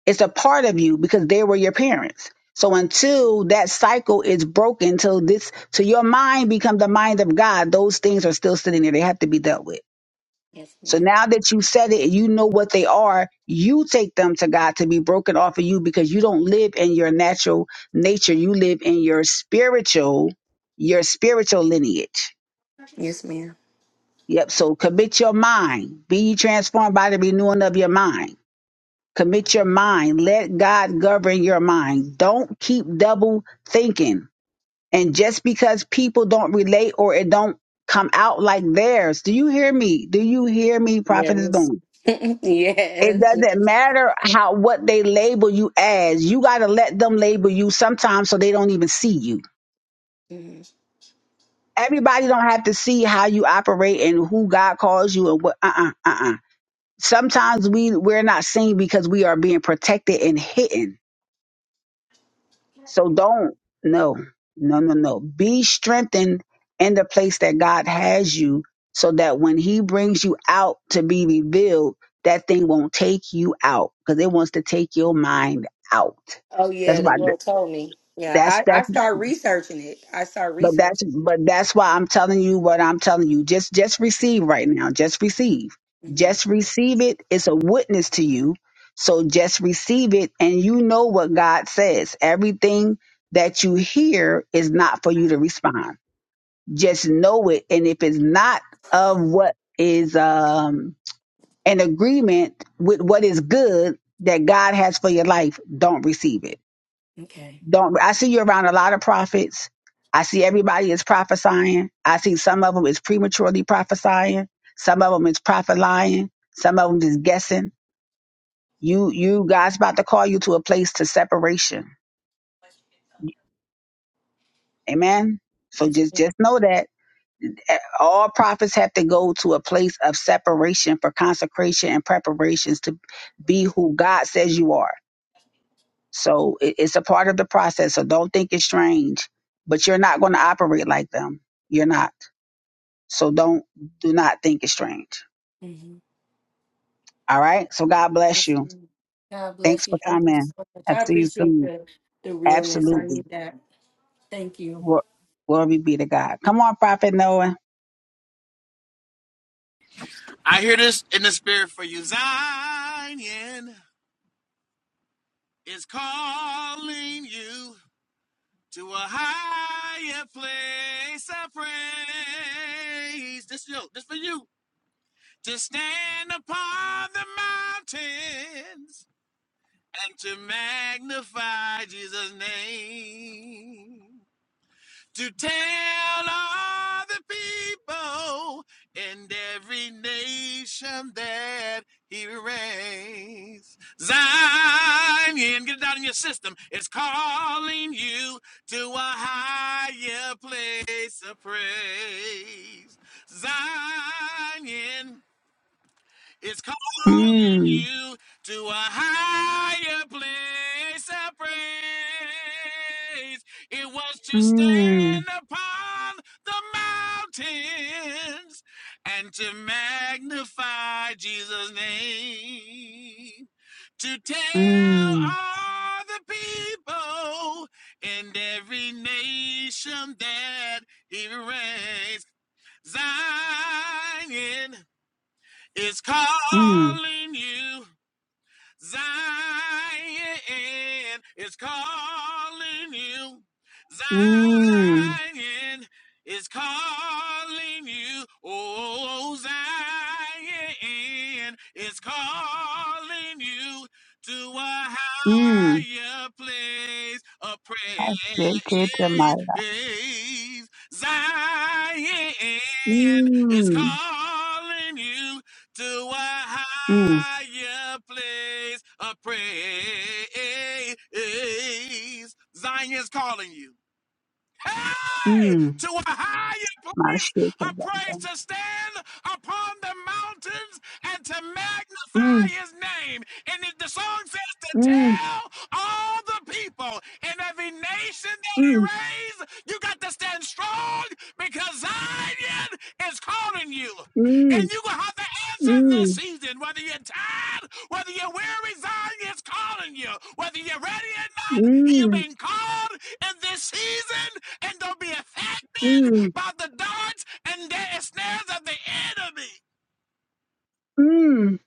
It's a part of you because they were your parents. So until that cycle is broken, till this, till your mind become the mind of God, those things are still sitting there. They have to be dealt with.
Yes,
So
ma'am.
now that you said it, and you know what they are. You take them to God to be broken off of you because you don't live in your natural nature. You live in your spiritual, your spiritual lineage.
Yes, ma'am.
Yep. So commit your mind. Be ye transformed by the renewing of your mind Commit your mind. Let God govern your mind. Don't keep double thinking. And just because people don't relate or it don't come out like theirs, do you hear me? Do you hear me, Prophet is
Yes.
It
yes.
doesn't matter how what they label you as. You gotta let them label you sometimes so they don't even see you.
Mhm.
Everybody don't have to see how you operate and who God calls you and what uh uh uh uh. Sometimes we we're not seen because we are being protected and hidden So don't, no, no, no, no. Be strengthened in the place that God has you so that when He brings you out to be revealed, that thing won't take you out because it wants to take your mind out.
Oh,
That's
yeah. The
why,
Lord told me. Yeah.
that's,
I
that's
I start researching it. I start
but that's
researching.
but that's why I'm telling you what I'm telling you. Just just receive right now. Just receive.
hmm
Just receive it. It's a witness to you. So just receive it and you know what God says. Everything that you hear is not for you to respond. Just know it and if it's not of what is um an agreement with what is good that God has for your life, don't receive it.
Okay.
Don't I see you around a lot of prophets. I see everybody is prophesying. I see some of them is prematurely prophesying. Some of them is prophet lying. Some of them is guessing. You you God's about to call you to a place to separation. Amen. So
Yes.
just
ma'am.
just know that eh, all prophets have to go to a place of separation for consecration and preparations to be who God says you are. So it, it's a part of the process. So don't think it's strange, but you're not going to operate like them. You're not. So don't do not think it's strange.
Mhm.
All right. So God bless
Yes,
you.
ma'am. God
Thanks
bless
for
you. Thank you
coming.
so much.
I'll
I
see you
appreciate
soon.
the the realness. I need
Absolutely.
that. Thank you.
Glo- Glory be to God. Come on, Prophet Noah.
I hear this in the spirit for you. Zion is calling you to a higher place of praise. This, yo, this for you. To stand upon the mountains and to magnify Jesus' name. to tell all the people in every nation that he reigns. Zion, get it out in your system. It's calling you to a higher place of praise. Zion. It's calling you to a higher place of praise. It was to
Mm,
stand upon the mountains and to magnify Jesus' name. To tell
mm,
all the people in every nation that he reigns. Zion is
mm,
calling you. Zion is calling you.
mm,
Zion is calling you. Oh, Zion is calling you to a
mm.
higher place of
I should get to my
praise. Zion is
mm,
calling you to a
mm,
higher place of praise. Zion's calling you. Hey!
mm.
To a higher
My
place
shit. Mm,
of praise to stand upon the mountains and to magnify
mm,
his name. And if the song says to tell all the people in every nation that he
mm,
raised, you got to stand strong because Zion is calling you. And
mm,
you're going to have to answer in this
mm,
season, whether you're tired, whether you're weary, Zion is calling you. Whether you're ready or not, you've
mm,
been called in this season, and don't be affected
mm,
by the darts and the snares of the enemy.
mm.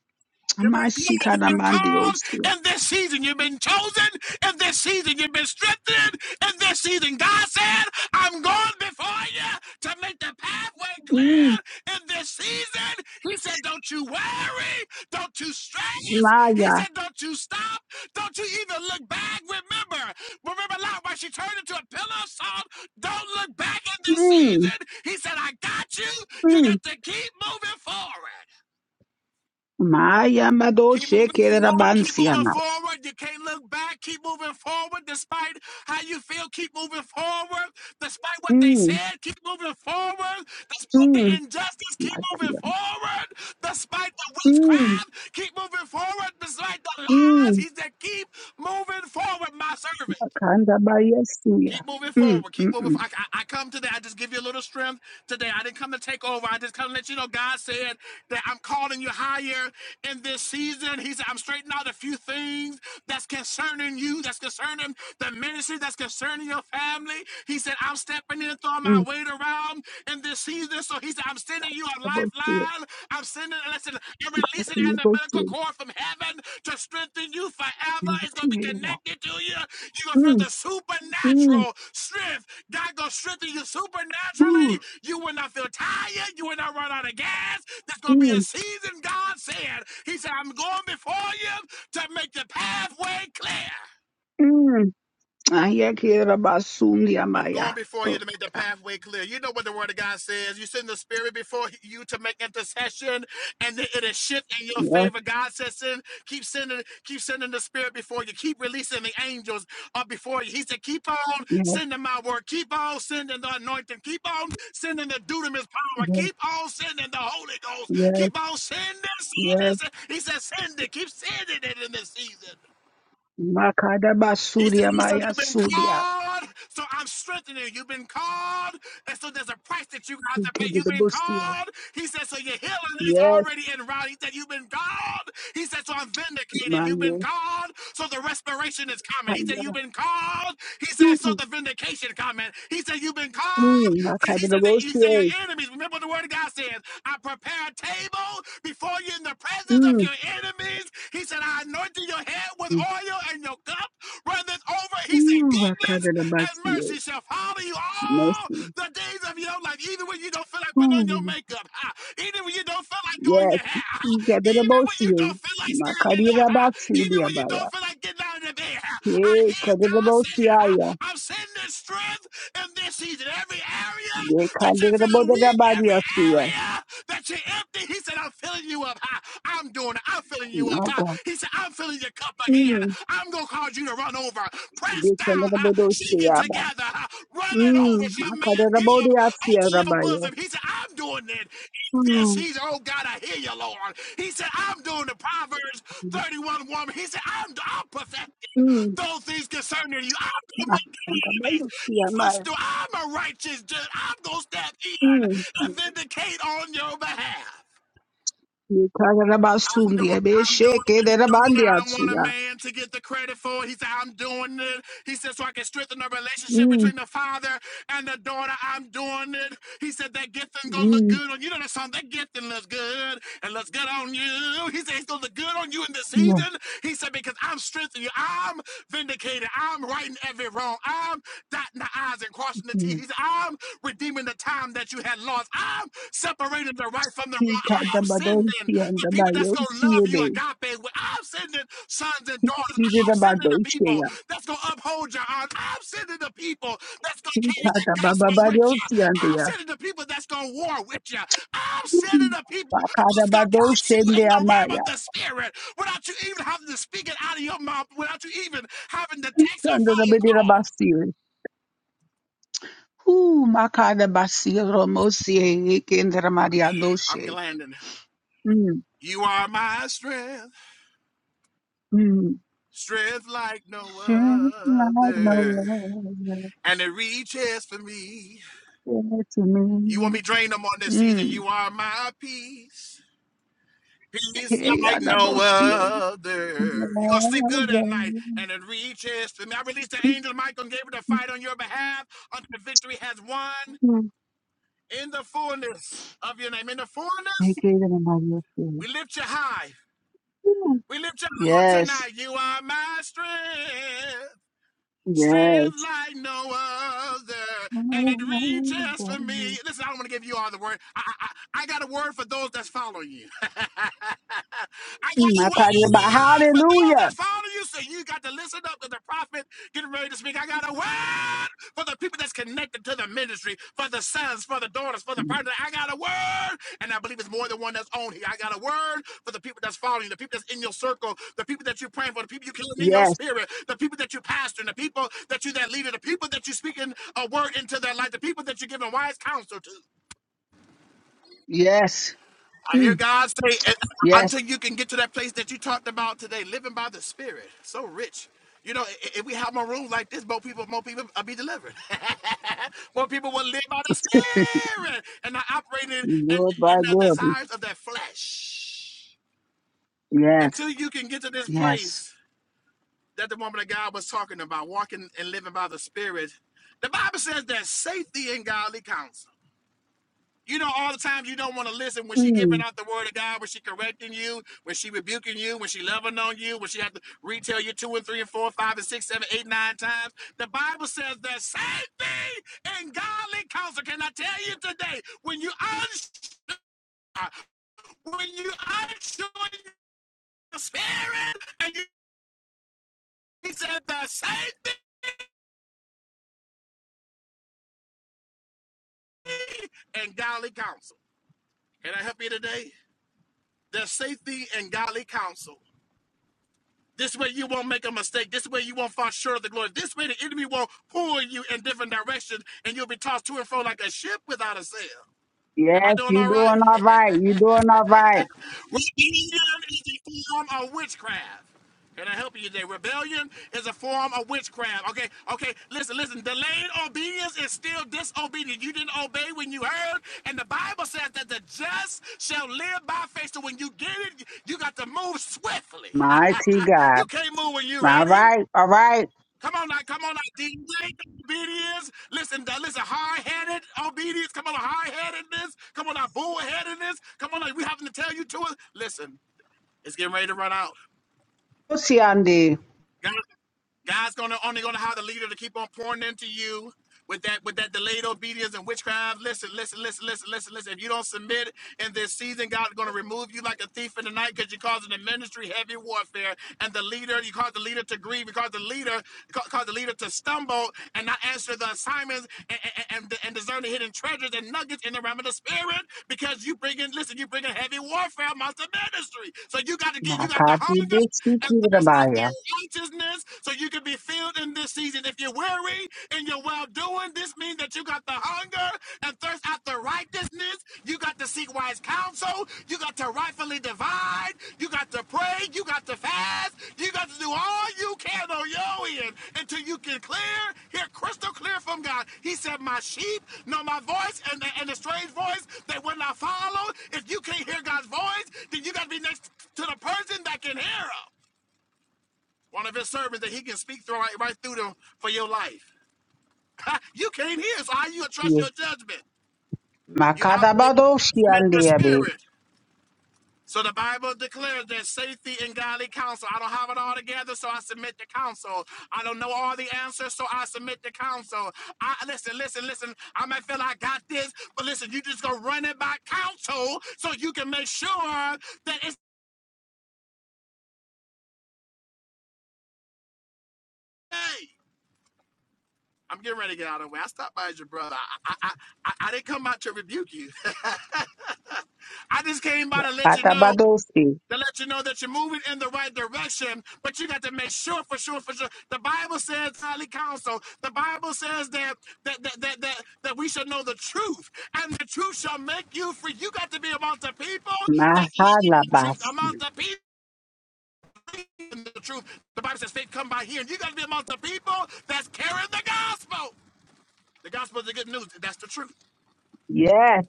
You've been
My
called. You've been called
shit.
in this season. You've been chosen in this season. You've been strengthened in this season. God said, I'm going before you to make the pathway clear in this season. He said, Don't you worry. Don't you stress. He
Maya.
said, Don't you stop. Don't you even look back. Remember, remember Lot when she turned into a pillar of salt. Don't look back in this
Mm,
season. He said, I got you. You
mm.
got to keep moving forward.
Maya
Keep
madoshe
moving
kerera
forward. Keep
bansia
moving
ma.
forward. You can't look back. Keep moving forward despite how you feel. Keep moving forward despite what they
Mm,
said. Keep moving forward despite the
mm.
injustice. Keep moving
Matia.
forward despite the
Mm,
witchcraft. Keep moving forward despite the lies.
mm.
He said, keep moving forward, my servant.
Makanda bayesuya.
Keep moving
Mm,
forward. Keep
mm,
moving.
mm.
For- I, I, I come today. I just give you a little strength today. I didn't come to take over. I just come to let you know God said that I'm calling you higher in this season. He said, I'm straightening out a few things that's concerning you, that's concerning the ministry, that's concerning your family. He said, I'm stepping in and throwing my
Mm.
weight around in this season. So he said, I'm sending you a
Abosia.
lifeline down. I'm sending, listen, I'm releasing
Matia
an umbilical
bosia.
cord from heaven to strengthen you forever. It's going to be
Matia.
connected to you. You're going to feel
Mm,
the
mm.
supernatural strength. God going to strengthen you supernaturally.
Ooh.
You will not feel tired. You will not run out of gas. There's going to be a
Mm,
season, God said. He said, I'm going before you to make the pathway clear.
mm. Aya kerera basundia
I'm
maya.
going before you
Oh,
to make the
God.
pathway clear. You know what the word of God says. You send the spirit before you to make intercession, and it- it'll shift in your
Yes,
favor. God says, send, keep sending, keep sending the spirit before you, keep releasing the angels up before you. He said, keep on
yes,
sending my word, keep on sending the anointing, keep on sending the dunamis power,
yes,
keep on sending the Holy Ghost,
yes,
keep on sending, sending.
yes.
sending." He said, send it, keep sending it in this season.
Makada
He said,
basuria
he said,
maya
you've been
sudia.
called, so I'm strengthening you. You've been called, and so there's a price that you have to pay. You've been called. He said, so your healing is
Yes,
already in route. He said, you've been called. He said, so I'm vindicated. You've been
man.
called, so the restoration is coming. He said, you've been called. He said, so
Mm,
the vindication coming. He said, you've been called.
mm,
He said, that, he said, your
Makadarabosie.
enemies, remember what the word of God says, I prepare a table before you in the presence of
Mm, Akadabosye. mm,
your enemies. He said, I anointed your head with oil and your cup runneth over. He said,
mm,
Goodness and
Makadarabasie.
mercy shall follow you all
Mercy.
the days of your life, even when you don't feel like putting on your
Mm,
makeup, ha. even when you don't feel like doing
Yes,
your hair, ha. even when you don't
Ikadarabosie.
feel like standing up, ha. even when you
Makadirabatsudiabaya.
don't feel like getting out of the bed. ha. I
Hey,
hear God. God's saying, I,
Kadabosya.
I'm sending strength in this season. Every area
They
that
can't
you're
get about
feeling
the
weak, every
Kadarabosiaya.
area that you're empty, he said, I'm filling you up. I, I'm doing it. I'm filling
Ye Kadarabodarabadia.
you up. I,
Naga.
he said, I'm filling your cup again.
Mm,
I'm going to cause you to run over. Press
Ye
down, uh, shaking
Kadarabodosiaba.
together, uh, running over.
Mm,
Shall man give
Makadarabodia
ATL your
Rabaya.
bosom. He said, I'm doing it. In this,
Mm,
he's, oh God, I hear you, Lord. He said, I'm doing the Proverbs 31 woman. He said, I'm, I'm perfecting
mm,
those things concerning you. I'm going to make your enemies your
Makadarabosia.
footstool. I'm a righteous judge. I'm going to step in and vindicate on your behalf. I'm
Yekararabasundia,
doing, I'm doing, I'm doing it. I don't want a
beshekererabandiatsuya.
man to get the credit for it. He said, I'm doing it. He said, so I can strengthen the relationship
Mm,
between the father and the daughter. I'm doing it. He said, that gifting gonna look
mm,
good on you. You know that song, that gifting looks good and looks good on you. He said, it's gonna look good on you in this
mm,
season. He said, because I'm strengthening you. I'm vindicated. I'm righting every wrong. I'm dotting the I's and crossing the T's. He
mm.
said, I'm redeeming the time that you had lost. I'm separating the right from the wrong. I'm sending
Chikadabadonsia,
the people that's going to love you
ndabayosiebe.
agape. I'm sending sons and daughters. I'm sending the people
Chidabadoncheya.
that's going to uphold your arms. I'm sending the people that's going to carry the gospel with you.
Chikadabababadosia,
I'm
ndeya.
sending the people that's going to war with you. I'm
Mm.
sending the people that's going to catch you in the realm
Bakadabadoshendeamaya.
of the spirit without you even having to speak it out of your mouth, without you even having to text or phone call
Chikandadabederabasie. Ooh, makadabasie, romosie,
I'm
yekenderamariadoshe.
landing.
Mm,
You are my strength,
mm.
strength like no
Shine like no
other, and it reaches for me.
light to
You want
me.
me drain them on this season.
Mm.
You are my peace, peace
Hey,
like
I'm
no
Adabosia.
other. You gonna sleep good at night, and it reaches for me. I released the angel Michael and Gabriel to fight on your behalf until victory has won in the fullness of your name. In the fullness, we lift you high. We lift you high
Yes.
tonight. You are my strength. strength
Yes.
like no other, and it
Mm,
reaches for me. Listen, I don't want to give you all the word. I, I, I I got a word for those that's following you. I got a
I thought about
word for those
hallelujah.
that's following you. So you got to listen up to the prophet getting ready to speak. I got a word for the people that's connected to the ministry, for the sons, for the daughters, for the partner. I got a word, and I believe it's more than one that's on here. I got a word for the people that's following, the people that's in your circle, the people that you're praying for, the people you're killing in your
Yes.
spirit, the people that you're pastoring, the people that you're that leader, the people that you're speaking a word into their life, the people that you're giving wise counsel to.
Yes.
I hear
Mm,
God say, "And
yes.
until you can get to that place that you talked about today, living by the Spirit, so rich. You know, i- if we have more rooms like this, more people, more people will be delivered. more people will live by the Spirit and not operating in,
Lord by
in the
God.
desires of their flesh.
Yes.
Until you can get to this
Yes.
place that the woman of God was talking about, walking and living by the Spirit, the Bible says there's safety in godly counsel. You know, all the times you don't want to listen when she giving
Mm,
out the word of God, when she correcting you, when she rebuking you, when she loving on you, when she have to retell you two and three and four, five and six, seven, eight, nine times. The Bible says the same thing in godly counsel. Can I tell you today? When you unsure, when you unsure your spirit, and you he said the same thing in godly counsel. Can I help you today? There's safety in godly counsel. This way you won't make a mistake. This way you won't fall short of the glory. This way the enemy won't pull you in different directions and you'll be tossed to and fro like a ship without a sail. Am I
yes,
doing
you
all right?
doing all right. You doing all right.
Rebellion is a form of witchcraft. Can I help you today? Rebellion is a form of witchcraft. Okay, okay, listen, listen. Delayed obedience is still disobedience. You didn't obey when you heard, and the Bible says that the just shall live by faith. So when you get it, you got to move swiftly.
Mighty God.
you can't move when you're
All
ready.
right. All right.
Come on now, come on now. DJ obedience. Listen, that listen, high-headed obedience. Come on, high-headedness. Come on now, bull-headedness. Come on now, we having to tell you to it. Listen, it's getting ready to run out.
Siande.
God, God's gonna only gonna have the leader to keep on pouring into you with that with that delayed obedience and witchcraft. Listen, listen, listen, listen, listen, listen. If you don't submit in this season, God's gonna remove you like a thief in the night because you're causing the ministry heavy warfare. And the leader, you cause the leader to grieve, you cause the leader ca- cause the leader to stumble and not answer the assignments and and, and, and discern the hidden treasures and nuggets in the realm of the spirit because you bring in listen, you bring in heavy warfare amongst the ministry. So you got to get you got the
Makati
hunger and thirst out
besikirabaya.
there righteousness so you can be filled in this season. If you're weary and you're well doing, this means that you got the hunger and thirst after righteousness. You got to seek wise counsel. You got to rightfully divide. You got to pray. You got to fast. You got to do all you can on your end until you can clear, hear crystal clear from God. He said, My sheep know my voice and the, and the strange voice they will not follow. If you can't hear God's voice, then you got to be next to the person that can hear him one of his servants that he can speak through right, right through them for your life. you can't hear, so how you trust your judgment? You operate
Makatabadoshi
in your
andiabe.
spirit. So the Bible declares that safety and godly counsel. I don't have it all together, so I submit to counsel. I don't know all the answers, so I submit to counsel. I listen, listen, listen. I might feel like I got this, but listen, you just gonna run it by counsel so you can make sure that it's hey. I'm getting ready to get out of the way. I stopped by as your brother. I I, I I didn't come out to rebuke you. I just came by to let you know
Katabadoshi.
to let you know that you're moving in the right direction, but you got to make sure for sure for sure. The Bible says highly counsel. The Bible says that that that that that, that we should know the truth, and the truth shall make you free. You got to be among the people that live in the truth, Among
Mahalabasi.
the people. In the truth, the Bible says faith come by hearing. You got to be among the people that's carrying the gospel. The gospel is the good news. That's the truth.
Yes.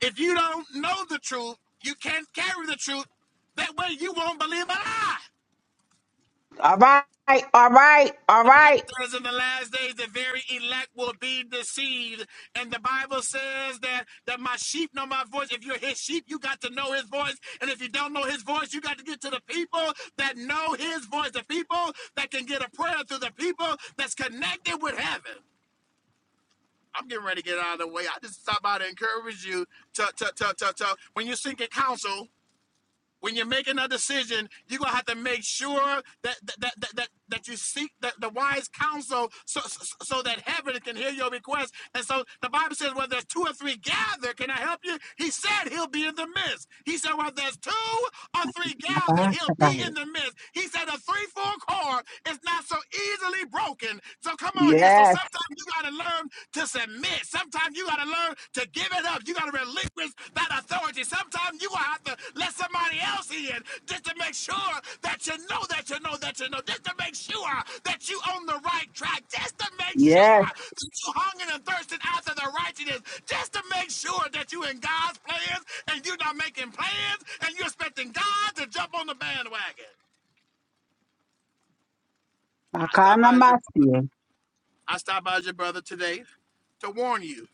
If you don't know the truth, you can't carry the truth. That way you won't believe a lie.
All right. All right. All
The Bible
right.
says in the last days the very elect will be deceived. And the Bible says that, that my sheep know my voice. If you're his sheep, you got to know his voice. And if you don't know his voice, you got to get to the people that know his voice, the people that can get a prayer through the people that's connected with heaven. I'm getting ready to get out of the way. I just stop by to encourage you to, to, to, to, to when you seek counsel, when you're making a decision, you're gonna have to make sure that that that that, that, you seek the, the wise counsel so, so so that heaven can hear your request. And so the Bible says, well, there's two or three gather, can I help you? He said he'll be in the midst. He said, well, there's two or three gather, he'll be in
Makatabai.
the midst. He said a three-fold cord is not so easily broken. So come on here. So
Yes.
sometimes you gotta learn to to submit. Sometimes you got to learn to give it up. You got to relinquish that authority. Sometimes you going to have to let somebody else in just to make sure that you know that you know that you know, just to make sure that you on the right track, just to make
Yes.
sure that you hungering and thirsting after the righteousness, just to make sure that you in God's plans and you're not making plans and you're expecting God to jump on the bandwagon. I stopped
Makana
by as your brother.
masi.
I stopped by as your brother today to warn you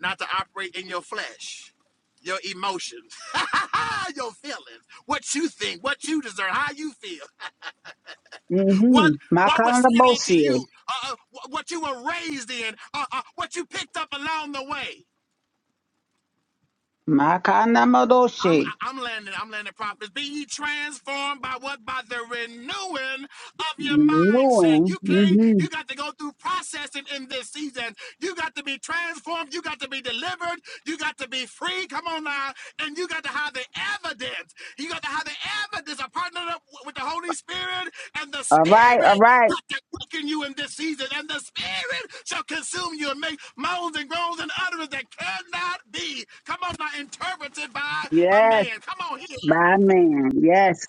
not to operate in your flesh, your emotions, your feelings, what you think, what you deserve, how you feel, what
Mm-hmm.
what was
Makana
said unto
bosi.
you, uh, uh, what you were raised in, uh, uh, what you picked up along the way.
Makana
I'm
madoshi.
I'm landing. I'm landing prophets. Be ye transformed by what? By the renewing of your mindset.
Doing.
You can't.
Mm-hmm.
You got to go through processing in this season. You got to be transformed. You got to be delivered. You got to be free. Come on now. And you got to have the evidence. You got to have the evidence. I partnered up with the Holy Spirit, and the
All right. All
Spirit
right.
got to quicken you in this season, and the Spirit shall consume you and make moans and groans and utterance that cannot be. Come on, not interpreted by a
Yes.
man. Come on here.
By man. Yes.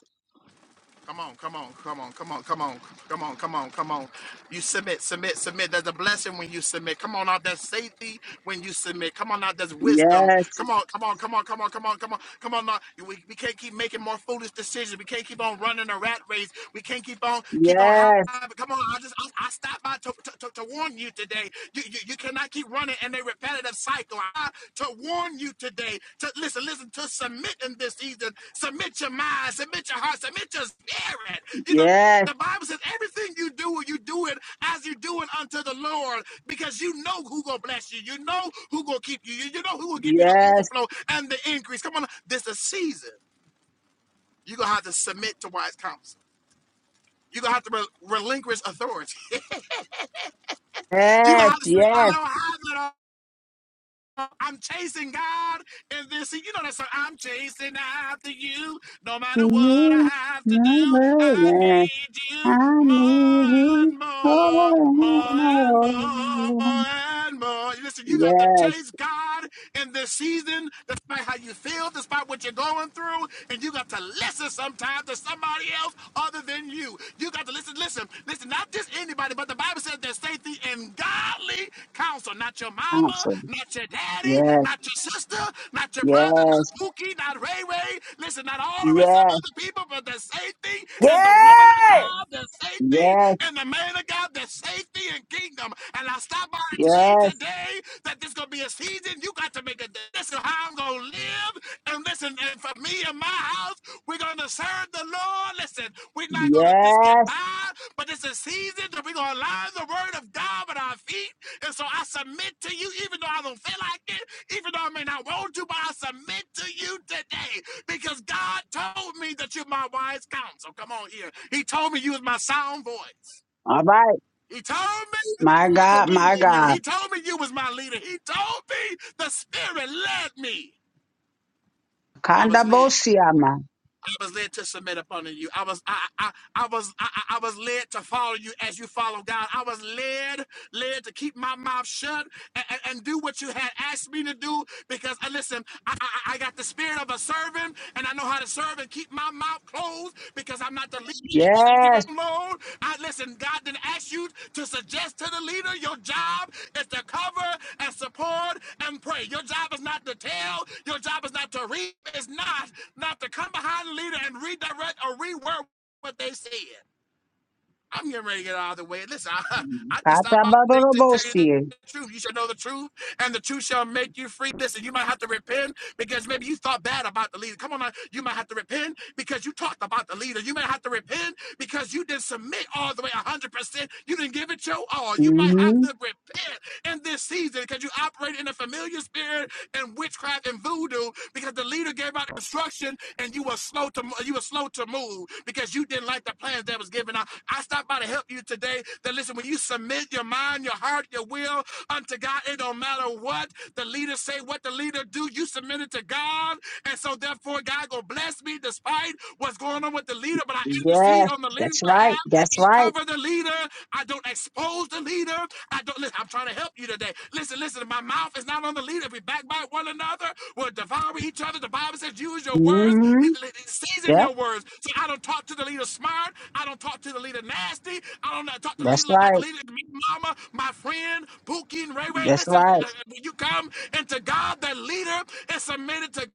Come on, come on, come on, come on, come on, come on, come on, come on. You submit, submit, submit. There's a blessing when you submit. Come on out, there's safety when you submit. Come on out, there's wisdom.
Yes.
Come on, come on, come on, come on, come on, come on, come on. Now. We, we can't keep making more foolish decisions. We can't keep on running a rat race. We can't keep on keep on
Yes.
having. Come on, I just I, I stopped by to, to, to, to warn you today. You you. You cannot keep running in a repetitive cycle. I to warn you today to listen, listen, to submit in this season. Submit your mind, submit your heart, submit your spirit. You know,
Yes.
the Bible says everything you do, you do it as you do it unto the Lord, because you know who gonna bless you, you know who gonna keep you, you know who will give you the
Yes,
overflow and the increase. Come on, this is a season. You're gonna have to submit to wise counsel. You're gonna have to re- relinquish authority. You're gonna
yes,
have to say, I
yes.
don't have it all. I'm chasing God in this. You know that song. I'm chasing after you. No
To
matter what I
you,
have to do,
mother,
I need
yes.
you
I need
more
you
and more,
more
more
and
and more
more.
and more. Listen, you got to
Yes,
chase God in this season, despite how you feel, despite what you're going through, and you got to listen sometimes to somebody else other than you. You got to listen, listen, listen, not just anybody, but the Bible says there's safety in godly counsel. Not your mama,
answer.
not your daddy,
Yes,
not your sister, not your brother, not
yes,
Pookie, not Ray Ray. Listen, not all the rest of them
yes,
other people, but there's safety in the woman of
Yay!
God, there's safety
yes,
in the man of God, there's safety in kingdom. And I stop by and tell you
yes,
today that this going to be a season you got to make a decision to how I'm gonna live. And listen, and for me and my house, we're gonna serve the Lord. Listen, we're not gonna just get
yes.
by, but it's a season that we're gonna allow the word of God at our feet. And so I submit to you, even though I don't feel like it, even though I may not want to, but I submit to you today because God told me that you're my wise counsel. Come on here. He told me you was my sound voice.
All right.
He told me I
My
am
God,
lean
my
in you.
God.
He told me you was my leader. He told me the Spirit led me. I was led.
Kandabosiama.
I was led to submit upon you. I was I I, I was I, I I was led to follow you as you follow God. I was led led to keep my mouth shut and, and, and do what you had asked me to do because uh, listen, I, I I got the spirit of a servant and I know how to serve and keep my mouth closed because I'm not the leader I and give
Yes.
a load. I listen. God didn't ask you to suggest to the leader your job is to cover and I support and pray. Your job is not to tell. Your job is not to read. It's not not to come behind the leader and redirect or reword what they said. I'm getting ready to get out of the way. Listen, I, I just stopped by today to tell you the
Patabadorobosie.
truth. You shall know the truth, and the truth shall make you free. Listen, you might have to repent because maybe you thought bad about the leader. Come on, now. you might have to repent because you talked about the leader. You might have to repent because you didn't submit all the way 100%. You didn't give it your all. You might have
Mm-hmm.
to repent in this season because you operate in a familiar spirit and witchcraft and voodoo voodoo because the leader gave out instruction and you were slow to you were slow to move because you didn't like the plans that was given out. I stopped by to help you today. That listen, when you submit your mind, your heart, your will unto God, it don't matter what the leader say, what the leader do. You submit it to God, and so therefore God gonna bless me despite what's going on with the leader. But I intercede
Yes.
on the leader's
That's right.
behalf.
That's
You
right.
cover the leader. I don't expose the leader. I don't listen. I'm trying to help you today. Listen, listen. My mouth is not on the leader. If we backbite one another, we'll devour each other. The Bible says, use your words,
Mm-hmm. Yes.
season your words. So I don't talk to the leader smart. I don't talk to the leader nasty. I don't uh, talk to the
That's
leader like, like the
right.
leader, me, mama, my friend, Pookie and Ray Ray.
That's
Listen, when
right.
uh, when you come into God, the leader is submitted to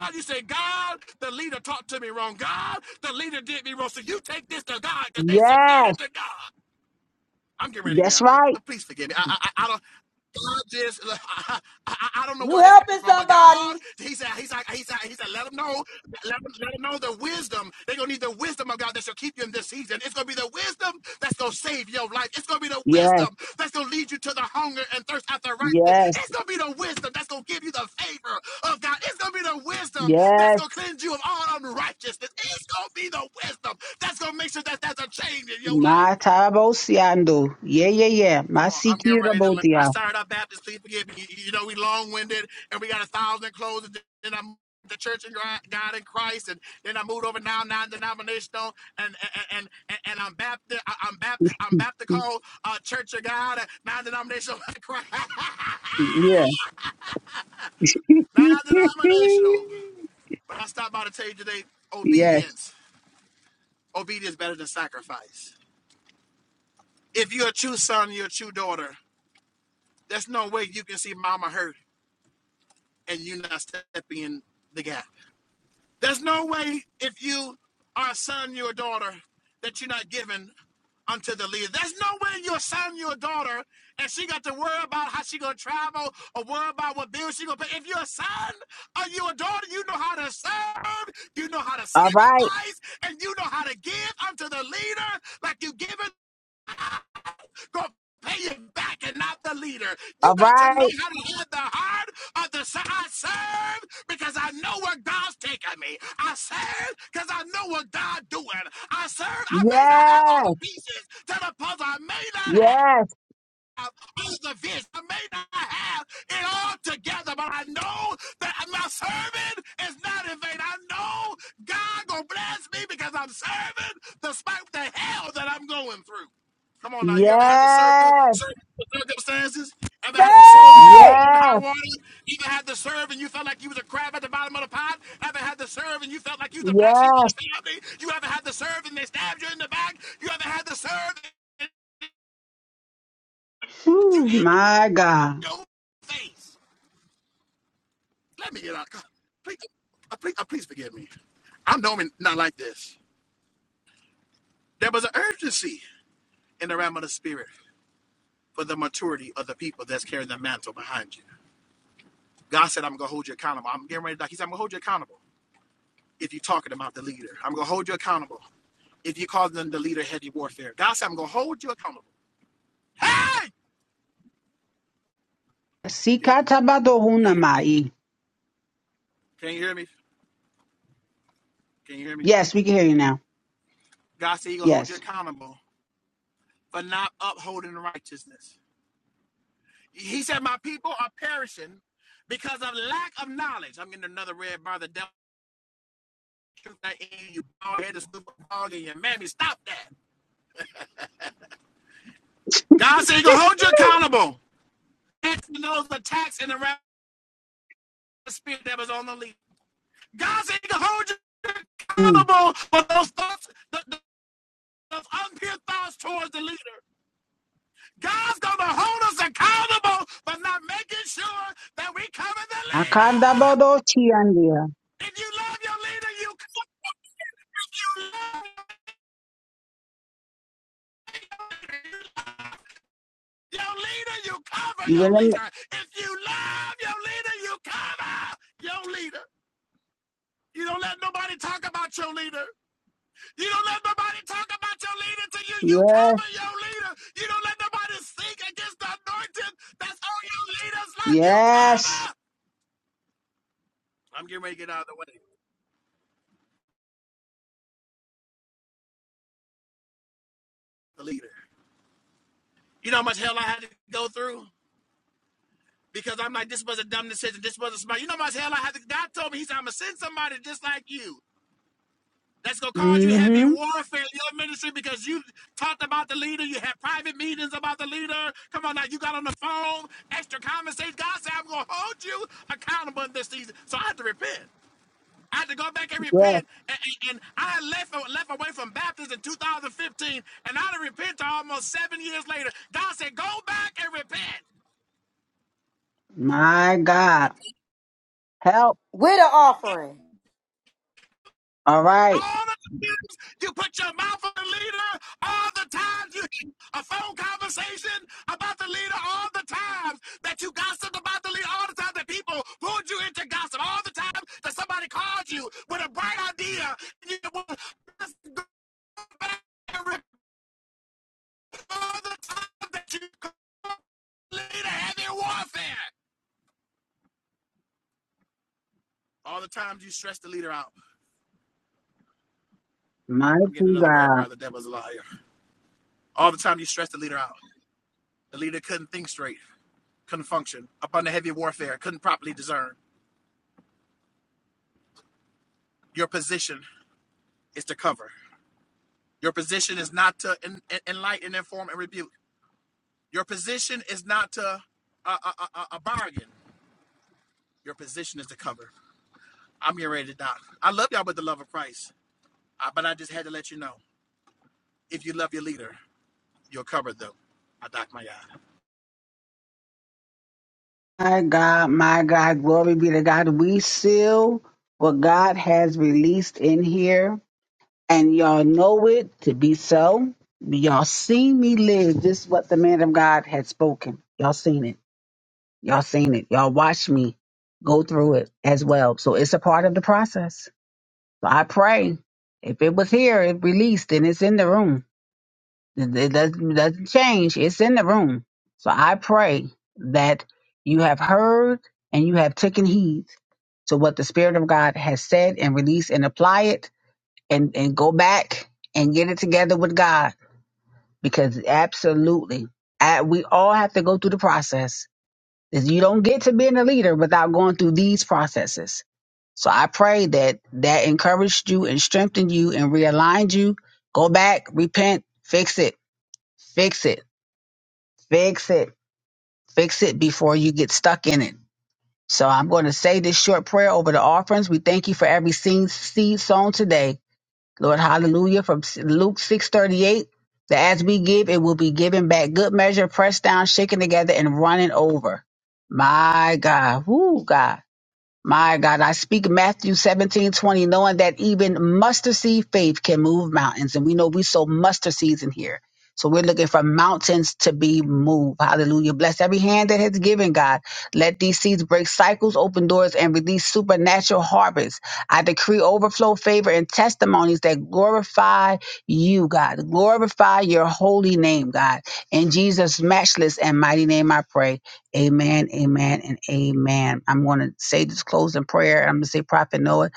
God, you say, God, the leader talked to me wrong. God, the leader did me wrong. So you take this to God because they
Yes.
submitted to God. I'm getting ready to get
That's
out of the
right.
way. Please forgive me. I, I, I don't. God just, I, I, I I don't know
You
where this came
helping
from, but God,
somebody.
He said, He said, He said, He said, let them know, let them, let them know the wisdom. They're gonna need the wisdom of God that shall keep you in this season. It's gonna be the wisdom that's gonna save your life. It's gonna be the
Yes.
wisdom that's gonna lead you to the hunger and thirst after righteousness.
Yes.
It's gonna be the wisdom that's gonna give you the favor of God. It's gonna be the wisdom that's
Yes.
gonna cleanse you of all unrighteousness. It's gonna be the wisdom that's gonna make sure that there's a change in your life.
My tarabosiando. Yeah, yeah, yeah. My
Come on, I'm getting ready to. learn. I
sikirabotia.
started our Baptist. Please forgive me. You know, we long winded and we got a thousand clothes. And then I moved to Church and God in Christ, and then I moved over now non denominational, and and and and I'm Baptist. I- am Baptist. I'm Baptist called uh, Church of God, non denominational Christ,
Yeah.
non denominational. But I stopped by to tell you today,
yes.
obedience. Obedience is better than sacrifice. If you're a true son, you're a true daughter. There's no way you can see mama hurt and you not stepping in the gap. There's no way if you are a son, your daughter, that you're not giving unto the leader. There's no way your son, your daughter, and she got to worry about how she gonna travel or worry about what bills she gonna pay. If you're a son or you're a daughter, you know how to serve, you know how to
All right.
sacrifice, and you know how to give unto the leader like you give gonna pay it back and not the leader. You
All
got to know
right.
how to have the heart of the son. I serve because I know where God's taking me. I serve because I know what God's doing. I serve. I may not have all the
Yes.
pieces to the puzzle. I may not have
Yes.
have This is the vision. I may not have it all together, but I know that my serving is not in vain. I know God gonna bless me because I'm serving despite the hell that I'm going through. Come on now, you ever had to serve through
Yes.
certain circumstances? Ever had to serve through
Hey.
hell and high
Yes.
water? Ever had to serve and you felt like you was a crab at the bottom of the pot? Ever had to serve and you felt like you was the black sheep of
Yes.
the family? You ever had to serve and they stabbed you in the back? You ever had to serve? and you
Whew,
in?
my God.
your face. Let me get out. God, Please, uh, please, uh, please forgive me. I'm normally not like this. There was an urgency in the realm of the spirit for the maturity of the people that's carrying the mantle behind you. God said, I'm going to hold you accountable. I'm getting ready to die. He said, I'm going to hold you accountable if you're talking about the leader. I'm going to hold you accountable if you're calling them the leader heavy warfare. God said, I'm going to hold you accountable. Hey! Can you,
Sikatabadohunamai.
can you hear me? Can you hear me? Can you hear me?
Yes, we can hear you now.
God said, He's going to hold you
Yes.
accountable for not upholding righteousness. He said, My people are perishing because of lack of knowledge. I'm getting another red bar. The devil, truth that in you, bald headed super dog in your mammy. Stop that. God said, He's going to hold you accountable. It's those attacks and the wrath of the spirit that was on the lead. God said, He's going to hold you
Mm.
accountable for those thoughts, th- th- those unpure thoughts towards the leader. God's going to hold us accountable for not making sure that we cover the
Akanda
leader.
bodo chiandia.
If you love your leader, you you love. Your leader, you cover
You
your
will am-
leader. If you love your leader, you cover your leader. You don't let nobody talk about your leader. You don't let nobody talk about your leader to you. You
yes,
cover your leader. You don't let nobody speak against the anointing that's on your leader's life. You
yes.
cover. I'm getting ready to get out of the way. The leader. You know how much hell I had to go through? Because I'm like, this was a dumb decision. This was a smart. You know how much hell I had to. God told me, He said, I'm going to send somebody just like you. That's gonna cause you heavy
Mm-hmm.
warfare in your ministry because you talked about the leader, you had private meetings about the leader. Come on now, you got on the phone, extra conversation. God said, I'm gonna hold you accountable in this season. So I had to repent. I had to go back and
Yes.
repent. And, and, and I left left away from Baptist in 2015, and I had to repent to almost seven years later. God said, Go back and repent.
My God. Help.
With an offering.
All
All
right.
of the times you put your mouth on the leader, all the times you had a phone conversation about the leader, all the times that you gossiped about the leader, all the times that people pulled you into gossip, all the times that somebody called you with a bright idea, and you would just go back and report all the times that you called the leader heavy warfare. All the times you stress the leader out. I'm getting
Mighty
another red
God.
bar. The devil's a liar. All the time you stress the leader out. The leader couldn't think straight. couldn't function upon the heavy warfare, couldn't properly discern. Your position is to cover. Your position is not to en- en- enlighten, inform, and rebuke. Your position is not to uh, uh, uh, uh, a bargain. Your position is to cover. I'm getting ready to die. I love y'all with the love of Christ, uh, but I just had to let you know if you love your leader, you'll cover them. I dock my eye.
My God, my God, glory be to God. We seal what God has released in here, and y'all know it to be so. Y'all seen me live. This is what the man of God had spoken. Y'all seen it. Y'all seen it. Y'all watched me go through it as well. So it's a part of the process So I pray if it was here, it released and it's in the room. It it doesn't, doesn't change. It's in the room. So I pray that you have heard and you have taken heed to what the Spirit of God has said and released and apply it and, and go back and get it together with God because absolutely uh, we all have to go through the process. 'Cause You don't get to being a leader without going through these processes so I pray that that encouraged you and strengthened you and realigned you. Go back, repent, fix it, fix it, fix it, fix it before you get stuck in it. So I'm going to say this short prayer over the offerings. We thank you for every seed, seed sown today. Lord, hallelujah. From Luke 638, that as we give, it will be given back. Good measure, pressed down, shaken together, and running over. My God. Woo, God. My God, I speak Matthew 17:20, knowing that even mustard seed faith can move mountains. And we know we sow mustard seeds in here. So we're looking for mountains to be moved. Hallelujah. Bless every hand that has given, God. Let these seeds break cycles, open doors, and release supernatural harvests. I decree overflow, favor, and testimonies that glorify you, God. Glorify your holy name, God. In Jesus' matchless and mighty name, I pray. Amen, amen, and amen. I'm going to say this closing prayer. I'm going to say, Prophet Noah,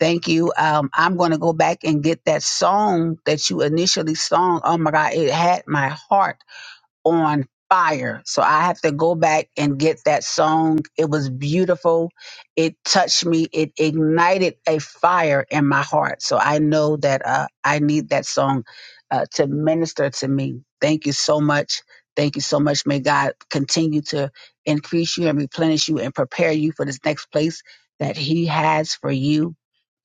thank you. Um, I'm going to go back and get that song that you initially sung. Oh my God, it had my heart on fire. So I have to go back and get that song. It was beautiful. It touched me. It ignited a fire in my heart. So I know that uh, I need that song uh, to minister to me. Thank you so much. Thank you so much. May God continue to increase you and replenish you and prepare you for this next place that He has for you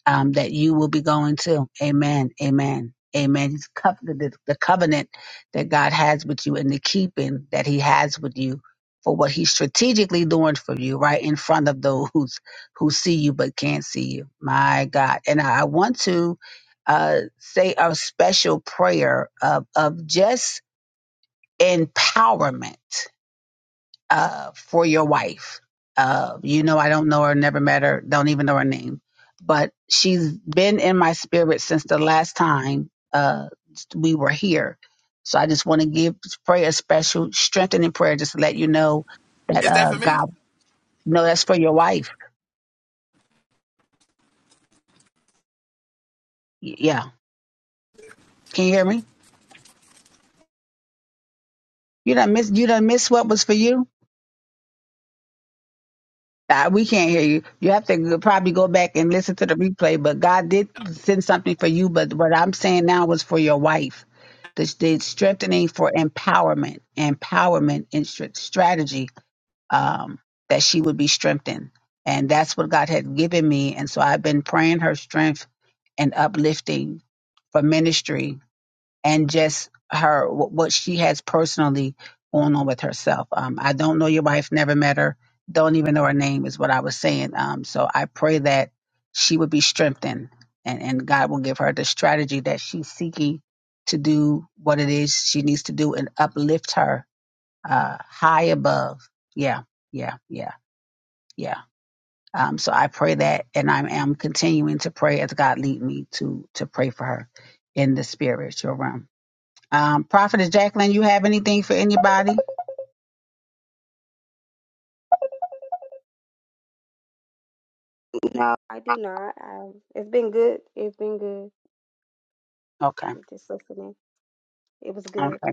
um, that you will be going to. Amen. Amen. Amen. He's cov- the, the covenant that God has with you and the keeping that he has with you for what he's strategically doing for you right in front of those who see you but can't see you. My God. And I I want to uh, say a special prayer of, of just empowerment uh, for your wife. Uh, you know, I don't know her, never met her, don't even know her name, but she's been in my spirit since the last time uh, we were here. So I just want to give prayer special strengthening prayer, just to let you know that
Is that
uh,
for me?
God, no, that's for your wife. Y- Yeah, can you hear me? You done miss, you done miss what was for you. Uh, we can't hear you. You have to probably go back and listen to the replay. But God did send something for you. But what I'm saying now was for your wife. The, the strengthening for empowerment, empowerment and str- strategy um, that she would be strengthened. And that's what God had given me. And so I've been praying her strength and uplifting for ministry and just her wh- what she has personally going on with herself. Um, I don't know your wife, never met her, don't even know her name is what I was saying. Um, so I pray that she would be strengthened and, and God will give her the strategy that she's seeking to do what it is she needs to do and uplift her uh, high above. Yeah, yeah, yeah, yeah. Um, so I pray that, and I am continuing to pray as God lead me to to pray for her in the spiritual realm. Um, Prophetess Jacqueline, you have anything for anybody?
No, I do not. I, it's been good. It's been good.
Okay.
I'm just listening. It was good.
Okay.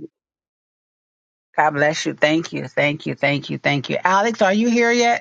God bless you. Thank you. Thank you. Thank you. Thank you. Alex, are you here yet?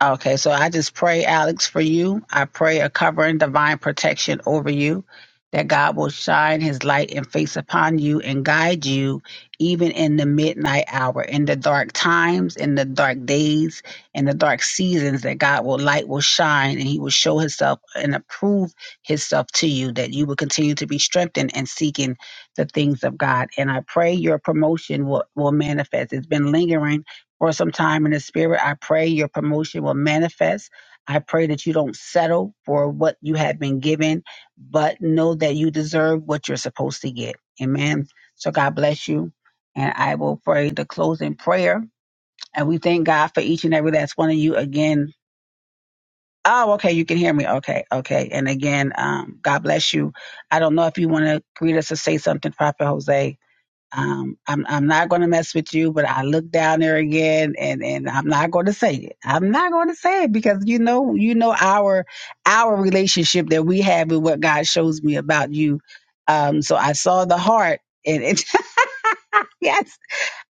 Okay, so I just pray, Alex, for you. I pray a covering divine protection over you, that God will shine his light and face upon you and guide you even in the midnight hour, in the dark times, in the dark days, in the dark seasons, that God will light will shine and he will show himself and approve himself to you, that you will continue to be strengthened and seeking the things of God. And I pray your promotion will, will manifest. It's been lingering or sometime in the spirit. I pray your promotion will manifest. I pray that you don't settle for what you have been given, but know that you deserve what you're supposed to get. Amen. So God bless you. And I will pray the closing prayer. And we thank God for each and every last one of you again. Oh, okay. You can hear me. Okay. Okay. And again, um, God bless you. I don't know if you want to greet us or say something, Prophet Jose. Um, I'm I'm not going to mess with you, but I look down there again, and and I'm not going to say it. I'm not going to say it because you know you know our our relationship that we have with what God shows me about you. Um, so I saw the heart, and it, yes,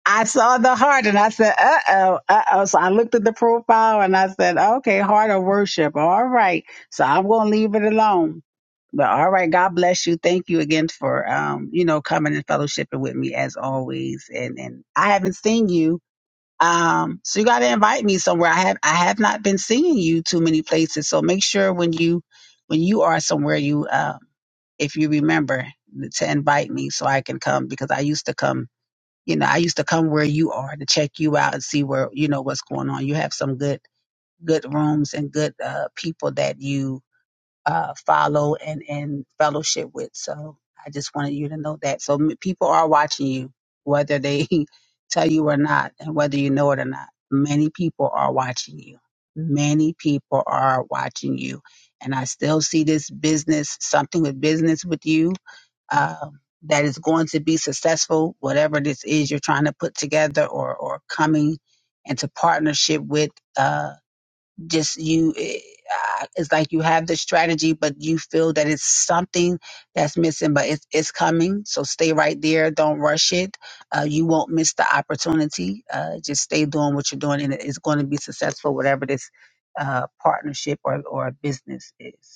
I saw the heart and I said, uh oh, uh oh. So I looked at the profile and I said, okay, heart of worship. All right. So I'm going to leave it alone. But all right, God bless you. Thank you again for, um, you know, coming and fellowshipping with me as always. And, and I haven't seen you. Um, so you got to invite me somewhere. I have, I have not been seeing you too many places. So make sure when you, when you are somewhere, you, uh, if you remember to invite me so I can come because I used to come you know, I used to come where you are to check you out and see where, you know, what's going on. You have some good, good rooms and good uh, people that you uh, follow and, and fellowship with. So I just wanted you to know that. So m- people are watching you, whether they tell you or not, and whether you know it or not. Many people are watching you. Many people are watching you. And I still see this business, something with business with you um, that is going to be successful, whatever this is you're trying to put together or, or coming into partnership with. Uh, just you, eh, uh, it's like you have the strategy, but you feel that it's something that's missing, but it's, it's coming. So stay right there. Don't rush it. Uh, you won't miss the opportunity. Uh, just stay doing what you're doing, and it- it's going to be successful, whatever this uh, partnership or, or business is.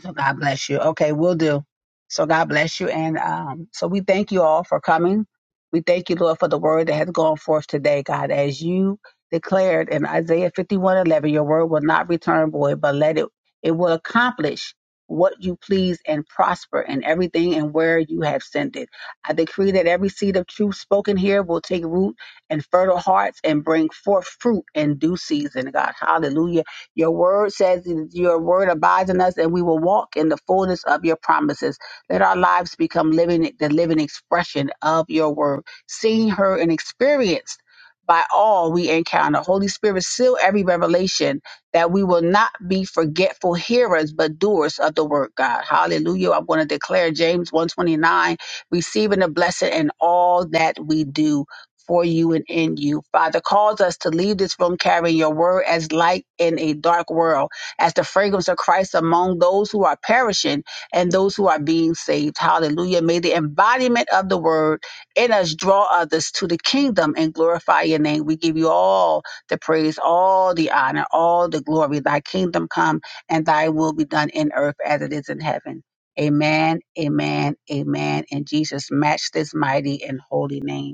So God bless you. Okay, we'll do. So God bless you. And um, so we thank you all for coming. We thank you, Lord, for the word that has gone forth today, God, as you declared in Isaiah fifty-one eleven, your word will not return void, but let it, it will accomplish what you please and prosper in everything and where you have sent it. I decree that every seed of truth spoken here will take root and fertile hearts and bring forth fruit in due season, God. Hallelujah your word says your word abides in us and we will walk in the fullness of your promises. Let our lives become living the living expression of your word, seen, heard, and experienced by all we encounter. Holy Spirit, seal every revelation that we will not be forgetful hearers, but doers of the word, God. Hallelujah. I'm going to declare James 129, receiving a blessing in all that we do for you and in you. Father, cause us to leave this room carrying your word as light in a dark world, as the fragrance of Christ among those who are perishing and those who are being saved. Hallelujah. May the embodiment of the word in us draw others to the kingdom and glorify your name. We give you all the praise, all the honor, all the glory. Thy kingdom come and thy will be done in earth as it is in heaven. Amen, amen, amen. In Jesus, match this mighty and holy name.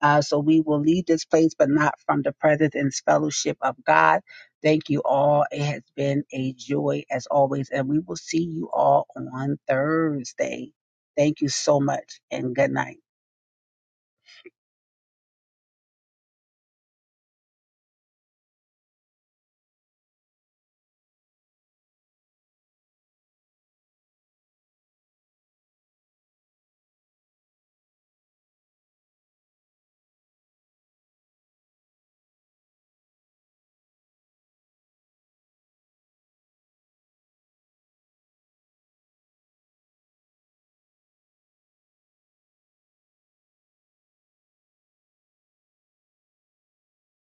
Uh, so we will leave this place, but not from the presence and fellowship of God. Thank you all. It has been a joy as always, and we will see you all on Thursday. Thank you so much, and good night.